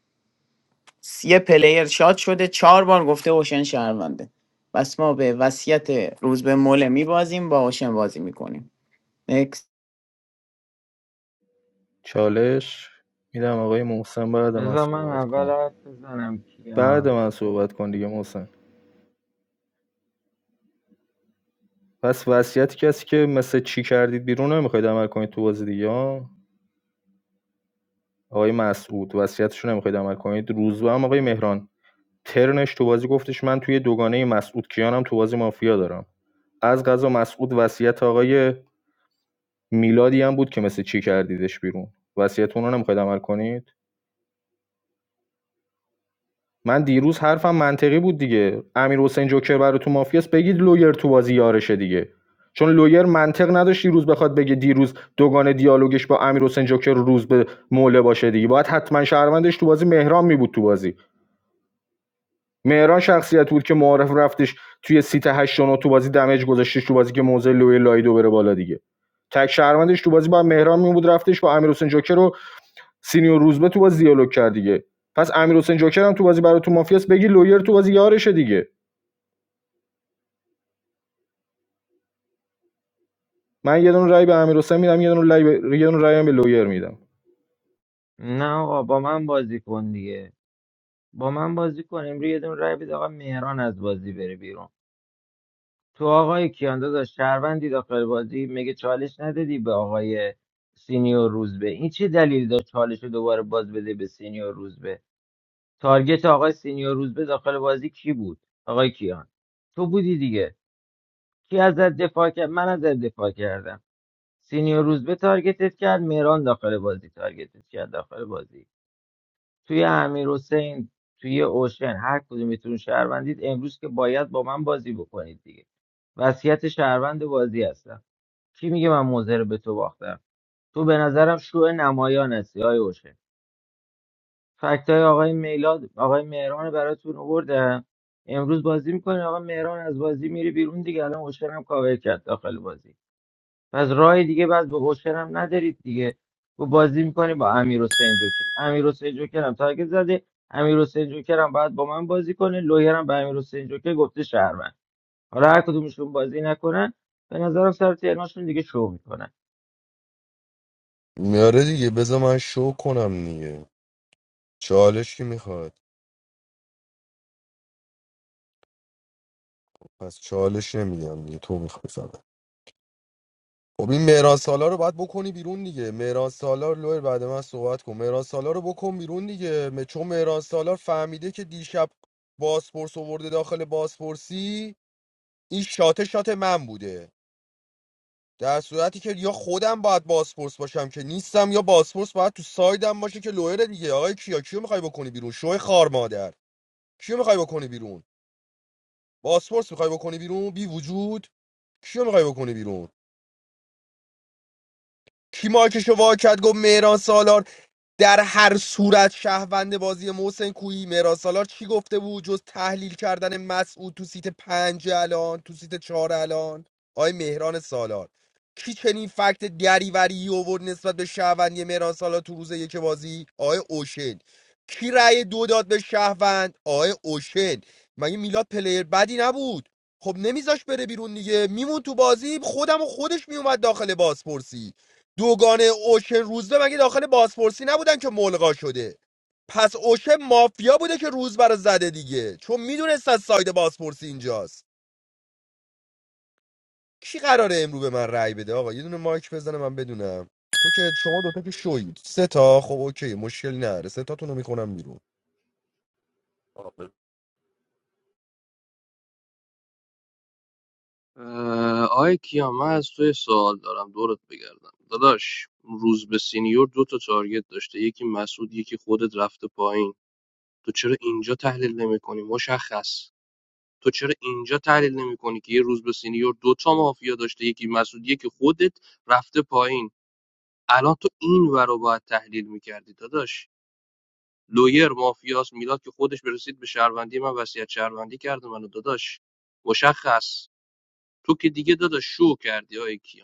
Speaker 20: یه پلیر شاد شده چهار بار گفته اوشن شهرونده پس ما به وصیت روز به موله میبازیم با اوشن بازی میکنیم نکس
Speaker 23: چالش میدم آقای محسن بعد من
Speaker 5: بذار من
Speaker 23: صحبت
Speaker 5: اول
Speaker 23: کن
Speaker 5: حرف بزنم
Speaker 23: بعد
Speaker 5: کیان
Speaker 23: من صحبت کن دیگه محسن پس وصیت کسی که مثل چی کردید بیرون نمیخواید عمل کنید تو بازی دیگه ها؟ آقای مسعود وصیتش رو نمیخواید عمل کنید روزبه هم آقای مهران ترنش تو بازی گفتش من توی دوگانه مسعود کیانم تو بازی مافیا دارم از غذا مسعود وصیت آقای میلادی هم بود که مثل چی کردیدش بیرون وصیتتون رو نمیخواید عمل کنید من دیروز حرفم منطقی بود دیگه امیر حسین جوکر برای تو مافیاس بگید لویر تو بازی یارشه دیگه چون لویر منطق نداشت دیروز بخواد بگه دیروز دوگان دیالوگش با امیر حسین جوکر روز به موله باشه دیگه باید حتما شهروندش تو بازی مهران می بود تو بازی مهران شخصیت بود که معارف رفتش توی سیت 8 و 9 تو بازی دمج گذاشتش تو بازی که موزه لویر لایدو بره بالا دیگه تک شهروندش تو بازی با مهران می بود رفتش با امیر حسین جوکر رو سینیور روزبه تو بازی دیالوگ کرد دیگه پس امیر حسین جوکر هم تو بازی برای تو مافیاس بگی لویر تو بازی یارشه دیگه من یه دونه رای به امیر حسین میدم یه دونه رای به یه دونه رای هم به لویر میدم
Speaker 5: نه آقا با من بازی کن دیگه با من بازی کن امروز یه دون رای بده آقا مهران از بازی بره بیرون تو آقای کیان داداش شهروندی داخل بازی میگه چالش ندادی به آقای سینیور روزبه این چه دلیل داشت چالش رو دوباره باز بده به سینیور روزبه تارگت آقای سینیور روزبه داخل بازی کی بود آقای کیان تو بودی دیگه کی ازت دفاع کرد من ازت دفاع کردم سینیور روزبه تارگتت کرد مهران داخل بازی تارگتت کرد داخل بازی توی امیر حسین توی اوشن هر کدومتون شهروندید امروز که باید با من بازی بکنید دیگه وصیت شهروند بازی هستم کی میگه من موزه رو به تو باختم تو به نظرم شو نمایان هستی آی اوشن فکت های آقای میلاد آقای مهران رو براتون آوردم امروز بازی میکنه آقا مهران از بازی میره بیرون دیگه الان اوشن هم کاور کرد داخل بازی پس راه دیگه بعد به اوشن هم ندارید دیگه و بازی میکنی با امیر حسین جوکر امیر حسین جوکر هم تارگت زده امیر حسین جوکر هم باید با من بازی کنه لویر هم به امیر حسین جوکر گفته شهروند حالا هر کدومشون بازی نکنن به نظرم سر تهرانشون دیگه شو میکنن
Speaker 6: میاره دیگه بذار من شو کنم دیگه چالش که میخواد پس چالش نمیدم دیگه تو میخوای فقط خب این مهران سالار رو باید بکنی بیرون دیگه مهران سالار لویر بعد من صحبت کن مهران سالار رو بکن بیرون دیگه م- چون مهران سالار فهمیده که دیشب باسپورس آورده داخل باسپورسی این شاته شات من بوده در صورتی که یا خودم باید باسپورس باشم که نیستم یا باسپورس باید تو سایدم باشه که لویر دیگه آقای کیا کیو میخوای بکنی بیرون شوی خار مادر کیو میخوای بکنی بیرون باسپورس میخوای بکنی بیرون بی وجود کیو میخوای بکنی بیرون کی مایکشو وا کرد گفت مهران سالار در هر صورت شهروند بازی محسن کویی مهران سالار چی گفته بود جز تحلیل کردن مسعود تو سیت پنج الان تو سیت چهار الان آی مهران سالار کی چنین فکت دریوری آورد نسبت به شهروندی مهران سالار تو روز یک بازی آی اوشن کی رأی دو داد به شهروند آی اوشن مگه میلاد پلیر بدی نبود خب نمیذاش بره بیرون دیگه میمون تو بازی خودم و خودش میومد داخل بازپرسی دوگانه اوشن روزبه مگه داخل بازپرسی نبودن که ملغا شده پس اوشن مافیا بوده که روزبه رو زده دیگه چون میدونست از ساید بازپرسی اینجاست کی قراره امرو به من رأی بده آقا یه دونه مایک بزنه من بدونم تو که شما دوتا که شوید سه تا خب اوکی مشکلی نداره سه تاتون رو میکنم بیرون.
Speaker 16: اه، آی کیا من از توی سوال دارم دورت بگردم داداش روز به سینیور دو تا تارگت داشته یکی مسعود یکی خودت رفته پایین تو چرا اینجا تحلیل نمیکنی مشخص تو چرا اینجا تحلیل نمیکنی که یه روز به سینیور دو تا مافیا داشته یکی مسعود یکی خودت رفته پایین الان تو این ور رو باید تحلیل میکردی داداش لویر مافیاس میلاد که خودش برسید به شهروندی من وصیت شهروندی کرده منو داداش مشخص تو که دیگه داداش شو کردی آی کیا.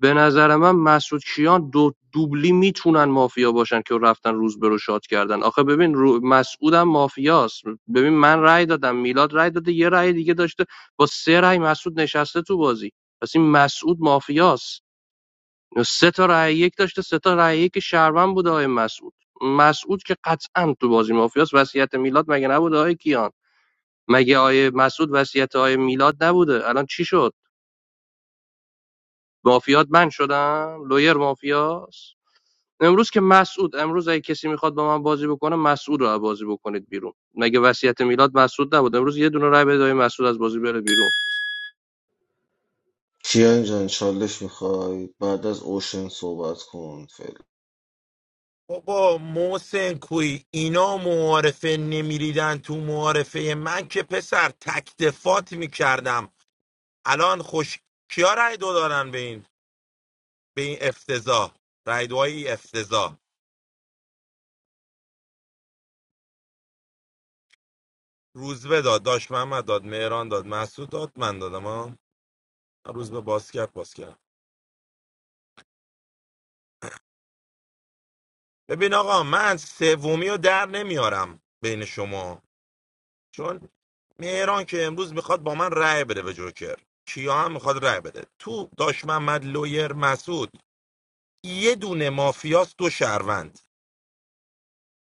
Speaker 16: به نظر من مسعود کیان دو دوبلی میتونن مافیا باشن که رفتن روز رو شاد کردن آخه ببین رو... مسعودم مافیاست ببین من رأی دادم میلاد رأی داده یه رأی دیگه داشته با سه رأی مسعود نشسته تو بازی پس این مسعود مافیاست سه تا رأی یک داشته سه تا رأی یک شهروند بوده آقای مسعود مسعود که قطعا تو بازی مافیاست وصیت میلاد مگه نبوده آقای کیان مگه آقای مسعود وصیت آقای میلاد نبوده الان چی شد مافیات من شدم لویر مافیاست امروز که مسعود امروز اگه کسی میخواد با من بازی بکنه مسعود رو بازی بکنید بیرون مگه وصیت میلاد مسعود نبود امروز یه دونه رای بده مسعود از بازی بره بیرون
Speaker 17: کیان جان چالش میخوای بعد از اوشن صحبت کن فعلا
Speaker 21: بابا محسن کوی اینا معارفه نمیریدن تو معارفه من که پسر تک دفات میکردم الان خوش کیا رای دو دارن به این به این افتضاح رای دعای افتضاح روزبه داد داشت محمد داد مهران داد مسعود داد من دادم ها روزبه باز کرد باز کرد ببین آقا من سومی رو در نمیارم بین شما چون مهران که امروز میخواد با من رای بده به جوکر کیا هم میخواد رأی بده تو داش محمد لویر مسعود یه دونه مافیاس دو شهروند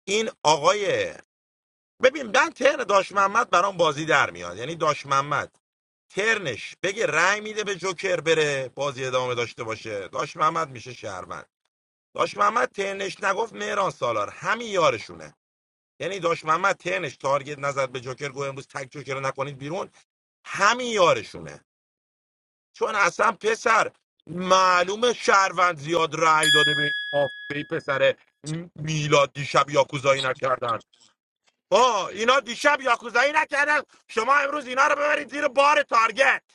Speaker 21: این آقای ببین من تهر داش محمد برام بازی در میاد یعنی داش محمد ترنش بگه رأی میده به جوکر بره بازی ادامه داشته باشه داش محمد میشه شهروند داش محمد ترنش نگفت مهران سالار همین یارشونه یعنی داش محمد ترنش تارگت نزد به جوکر گفت امروز تک جوکر رو نکنید بیرون همین یارشونه چون اصلا پسر معلومه شهروند زیاد رأی داده به این آفه پسر میلاد دیشب یاکوزایی نکردن آه اینا دیشب یاکوزایی نکردن شما امروز اینا رو ببرید زیر بار تارگت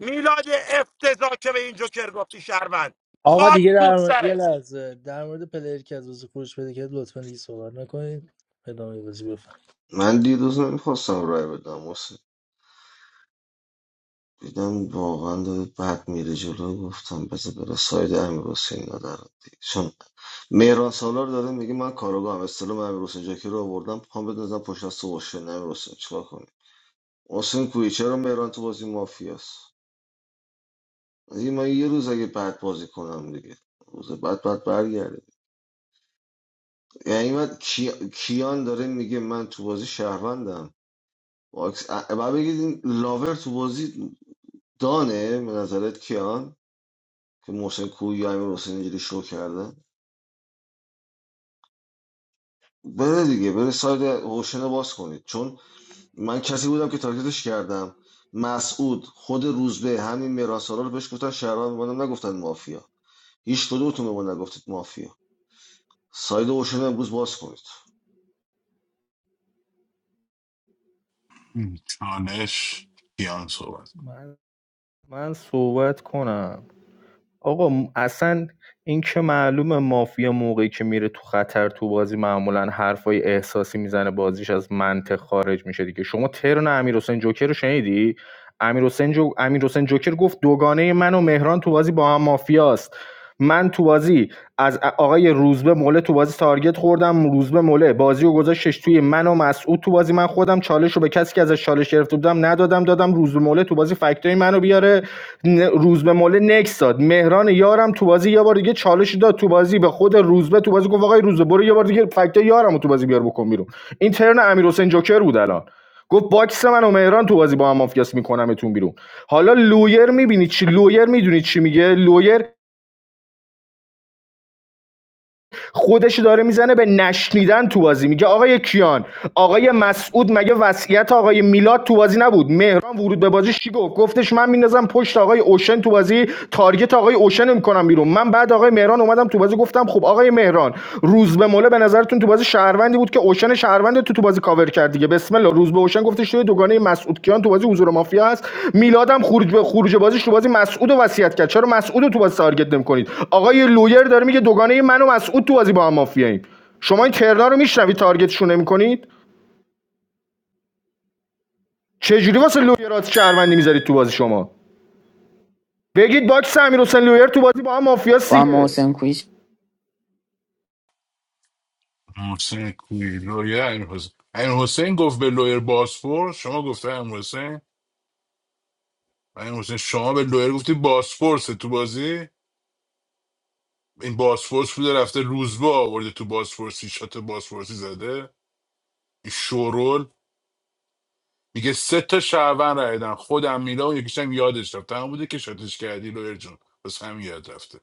Speaker 21: میلاد افتضاح که به این جوکر گفتی شهروند
Speaker 2: آقا
Speaker 21: خاک
Speaker 2: دیگه
Speaker 21: تو
Speaker 2: در مورد- یه
Speaker 21: سرت
Speaker 2: لحظه در مورد پلیر که از بازی خروج پیدا کرد لطفا دیگه صحبت نکنید ادامه بازی بفرمایید
Speaker 17: من دیروز نمیخواستم رای بدم واسه دیدم واقعا داره بد میره جلو گفتم بذار بره ساید امیر حسین ندارم دیگه. چون مهران سالار داره میگه من کاراگاهم استلام امیر حسین جاکی رو آوردم پام بندازم پشت از تو اوشن امیر حسین چیکار کنی حسین کوی چرا مهران تو بازی مافیاست دیگه من یه روز اگه بد بازی کنم دیگه روز بعد بعد برگرده یعنی من کی- کیان داره میگه من تو بازی شهروندم باکس ا- بعد بگید این لاور تو بازی دانه به نظرت کیان که محسن کوی یا امیر حسین اینجوری شو کرده بره دیگه بره ساید روشن رو باز کنید چون من کسی بودم که تارگتش کردم مسعود خود روزبه همین میراسالا رو بهش گفتن شهروند بودم نگفتن مافیا هیچ کدومتون به ما نگفتید مافیا ساید روشن رو امروز باز کنید
Speaker 22: چانش کیان صحبت کنه.
Speaker 23: من من صحبت کنم آقا م- اصلا این که معلومه مافیا موقعی که میره تو خطر تو بازی معمولا حرفای احساسی میزنه بازیش از منطق خارج میشه دیگه شما ترن امیر حسین جوکر رو شنیدی امیر حسین جو... امیر حسین جوکر گفت دوگانه من و مهران تو بازی با هم مافیاست من تو بازی از آقای روزبه مقله تو بازی بازی تارگت خوردم روز به مله بازی رو گذاشتش توی من و مسعود تو بازی من خودم چالش رو به کسی که ازش چالش گرفته بودم ندادم دادم روز به مله تو بازی فکتای منو بیاره ن- روز به مله نکس داد مهران یارم تو بازی یه بار دیگه چالش داد تو بازی به خود روزبه تو بازی گفت آقای روزبه برو یه بار دیگه فکتای یارم تو بازی بیار بکن بیرون این ترن امیرحسین جوکر بود الان گفت باکس من و مهران تو بازی با هم مافیاس میکنمتون بیرون حالا لویر میبینی چی لویر میدونی چی میگه لویر خودشو داره میزنه به نشنیدن تو بازی میگه آقای کیان آقای مسعود مگه وصیت آقای میلاد تو بازی نبود مهران ورود به بازی چی گفت گفتش من میندازم پشت آقای اوشن تو بازی تارگت آقای اوشن رو میکنم بیرون من بعد آقای مهران اومدم تو بازی گفتم خب آقای مهران روز به موله به نظرتون تو بازی شهروندی بود که اوشن شهروند تو تو بازی کاور کرد دیگه بسم الله روز به اوشن گفتش توی دوگانه مسعود کیان تو بازی حضور مافیا هست میلادم خروج به خروج بازیش تو بازی مسعود رو وصیت کرد چرا مسعود تو بازی تارگت نمی‌کنید آقای لویر داره میگه دوگانه من و مسعود تو بازی با هم مافیاییم شما این ترنا رو میشنوید تارگتشون نمی‌کنید چه جوری واسه لویرات شهروندی میذارید تو بازی شما بگید باکس امیر حسین لویر تو بازی با هم مافیاست
Speaker 20: با هم
Speaker 23: دیگه
Speaker 20: محسن کویش
Speaker 22: محسن کوی لویر امیر حسین امیر حسین گفت به لویر باسفورس شما گفته امیر حسین و امیر حسین شما به لویر گفتی باسفورس تو بازی این باسفورس بوده رفته روزبه آورده تو باسفورسی شات باسفورسی زده این شورول میگه سه تا شعبن رایدن خودم میلا و یکیشم یادش رفت تمام بوده که شاتش کردی لویر جون بس هم یاد رفته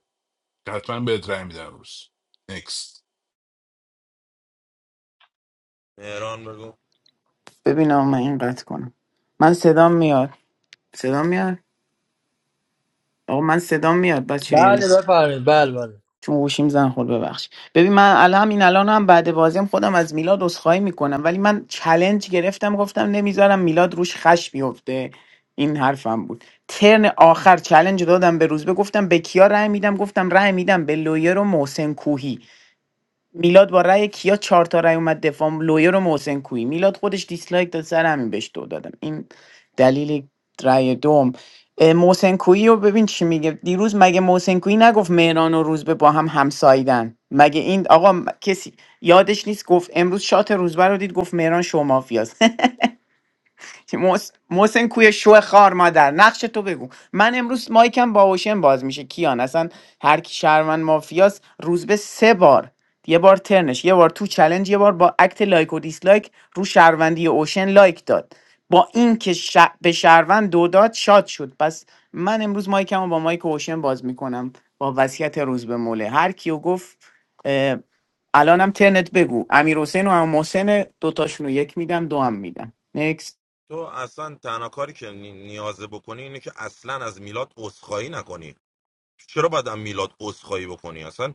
Speaker 22: حتما بهت رای میدم امروز. Next.
Speaker 21: مهران بگو
Speaker 20: ببین آقا من این قطع کنم من صدام میاد صدام میاد آقا من صدام میاد بچه
Speaker 2: بله
Speaker 20: یعنی
Speaker 2: بفرمایید بله بله
Speaker 20: چون گوشیم زن خورد ببخش ببین من الان همین الان هم بعد بازیم خودم از میلاد عذرخواهی میکنم ولی من چلنج گرفتم گفتم نمیذارم میلاد روش خش بیفته این حرفم بود ترن آخر چلنج دادم به روزبه گفتم به کیا رأی میدم گفتم رأی میدم به لویر و محسن کوهی میلاد با رأی کیا چهار تا رأی اومد دفاع لویر و محسن کوی میلاد خودش دیسلایک داد سر همین بهش دو دادم این دلیل رأی دوم اه، محسن کویی رو ببین چی میگه دیروز مگه محسن کویی نگفت مهران و روزبه با هم همسایدن مگه این آقا م- کسی یادش نیست گفت امروز شات روزبه رو دید گفت مهران شما محس- محسن کوی شو خار مادر نقش تو بگو من امروز مایکم با اوشن باز میشه کیان اصلا هر کی شهروند مافیاس روز به سه بار یه بار ترنش یه بار تو چلنج یه بار با اکت لایک و دیسلایک رو شهروندی اوشن لایک داد با این که ش... به شهروند دو داد شاد شد پس من امروز مایکم رو با مایک اوشن باز میکنم با وصیت روز به موله هر کیو گفت اه، الانم ترنت بگو امیر حسین و امام محسن دوتاشون رو یک میدم دو هم میدم
Speaker 21: تو اصلا تنها کاری که نی- نیازه بکنی اینه که اصلا از میلاد عذرخواهی نکنی چرا باید از میلاد عذرخواهی بکنی اصلا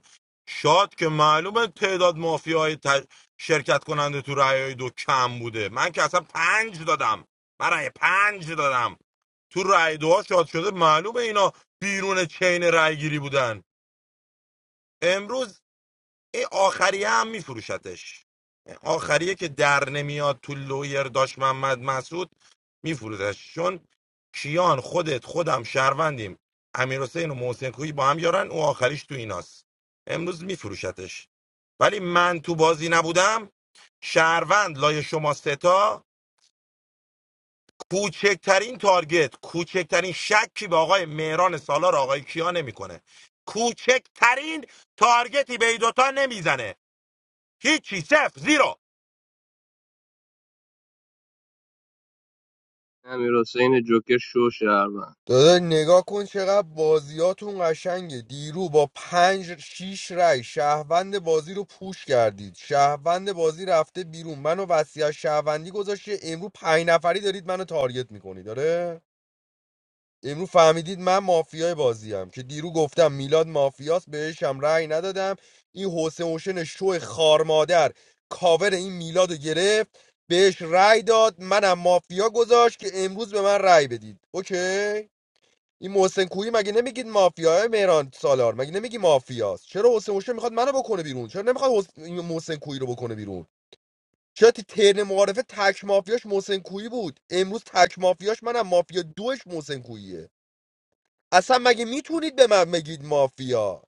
Speaker 21: شاد که معلومه تعداد مافیاهای ت... شرکت کننده تو رأی دو کم بوده من که اصلا پنج دادم من رأی پنج دادم تو رأی دوها شاد شده معلومه اینا بیرون چین رأی گیری بودن امروز این آخریه هم میفروشتش آخریه که در نمیاد تو لویر داشت محمد مسعود میفروشتش چون کیان خودت خودم شهروندیم امیر حسین و محسن کوی با هم یارن او آخریش تو ایناست امروز میفروشتش ولی من تو بازی نبودم شهروند لای شما ستا کوچکترین تارگت کوچکترین شکی به آقای مهران سالار آقای کیا نمیکنه کوچکترین تارگتی به این دوتا نمیزنه Hichi Sep Zero.
Speaker 16: امیر حسین جوکر شو شهروند
Speaker 6: دادا نگاه کن چقدر بازیاتون قشنگه دیرو با پنج شیش رای شهروند بازی رو پوش کردید شهروند بازی رفته بیرون منو وصیت شهروندی گذاشته امرو پنج نفری دارید منو تارگت میکنید داره امرو فهمیدید من مافیای بازیم که دیرو گفتم میلاد مافیاست بهشم رأی ندادم این حسین حسین شو خارمادر کاور این میلاد رو گرفت بهش رأی داد منم مافیا گذاشت که امروز به من رأی بدید اوکی این محسن کویی مگه نمیگید مافیاه مهران سالار مگه نمیگی مافیاست چرا حسین هوشه میخواد منو بکنه بیرون چرا نمیخواد حس... این محسن کویی رو بکنه بیرون چرا تی- ترن معارفه تک مافیاش محسن کویی بود امروز تک مافیاش منم مافیا دوش محسن کوییه اصلا مگه میتونید به من بگید مافیا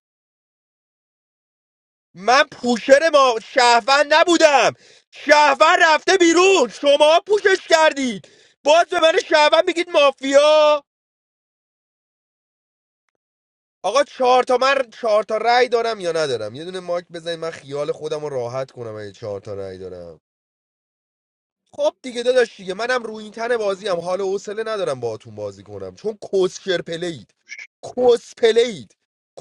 Speaker 6: من پوشر ما شهروند نبودم شهروند رفته بیرون شما پوشش کردید باز به من شهروند میگید مافیا آقا چهار تا من چهار تا رأی دارم یا ندارم یه دونه مایک بزنید من خیال خودم رو راحت کنم اگه چهار تا رأی دارم خب دیگه داداش دیگه منم روی این تن بازی هم حال و حوصله ندارم باهاتون بازی کنم چون کسکر پلید کس پلید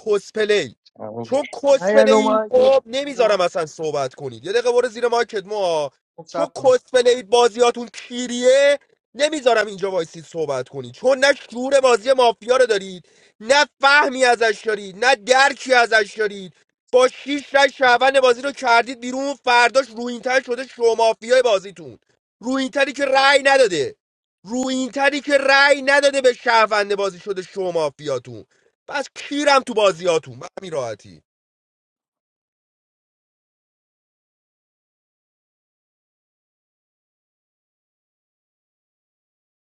Speaker 6: کس پلی چون
Speaker 2: نه
Speaker 6: کس
Speaker 2: یه رو
Speaker 6: پلید
Speaker 2: من
Speaker 6: خب
Speaker 2: رو من.
Speaker 6: نمیذارم اصلا صحبت کنید یه دقیقه برو زیر مایکت ما
Speaker 2: خب،
Speaker 6: چون
Speaker 2: صبر کن.
Speaker 6: کس پلید بازیاتون کیریه نمیذارم اینجا وایسید صحبت کنید چون نه شعور بازی مافیا رو دارید نه فهمی ازش دارید نه درکی ازش دارید با شیش رای شهروند بازی رو کردید بیرون فرداش روینتر شده شو مافیای بازیتون رو این تری که رأی نداده رو این تری که رأی نداده به شهرونده بازی شده شما مافیاتون پس کیرم تو بازیاتون به همین راحتی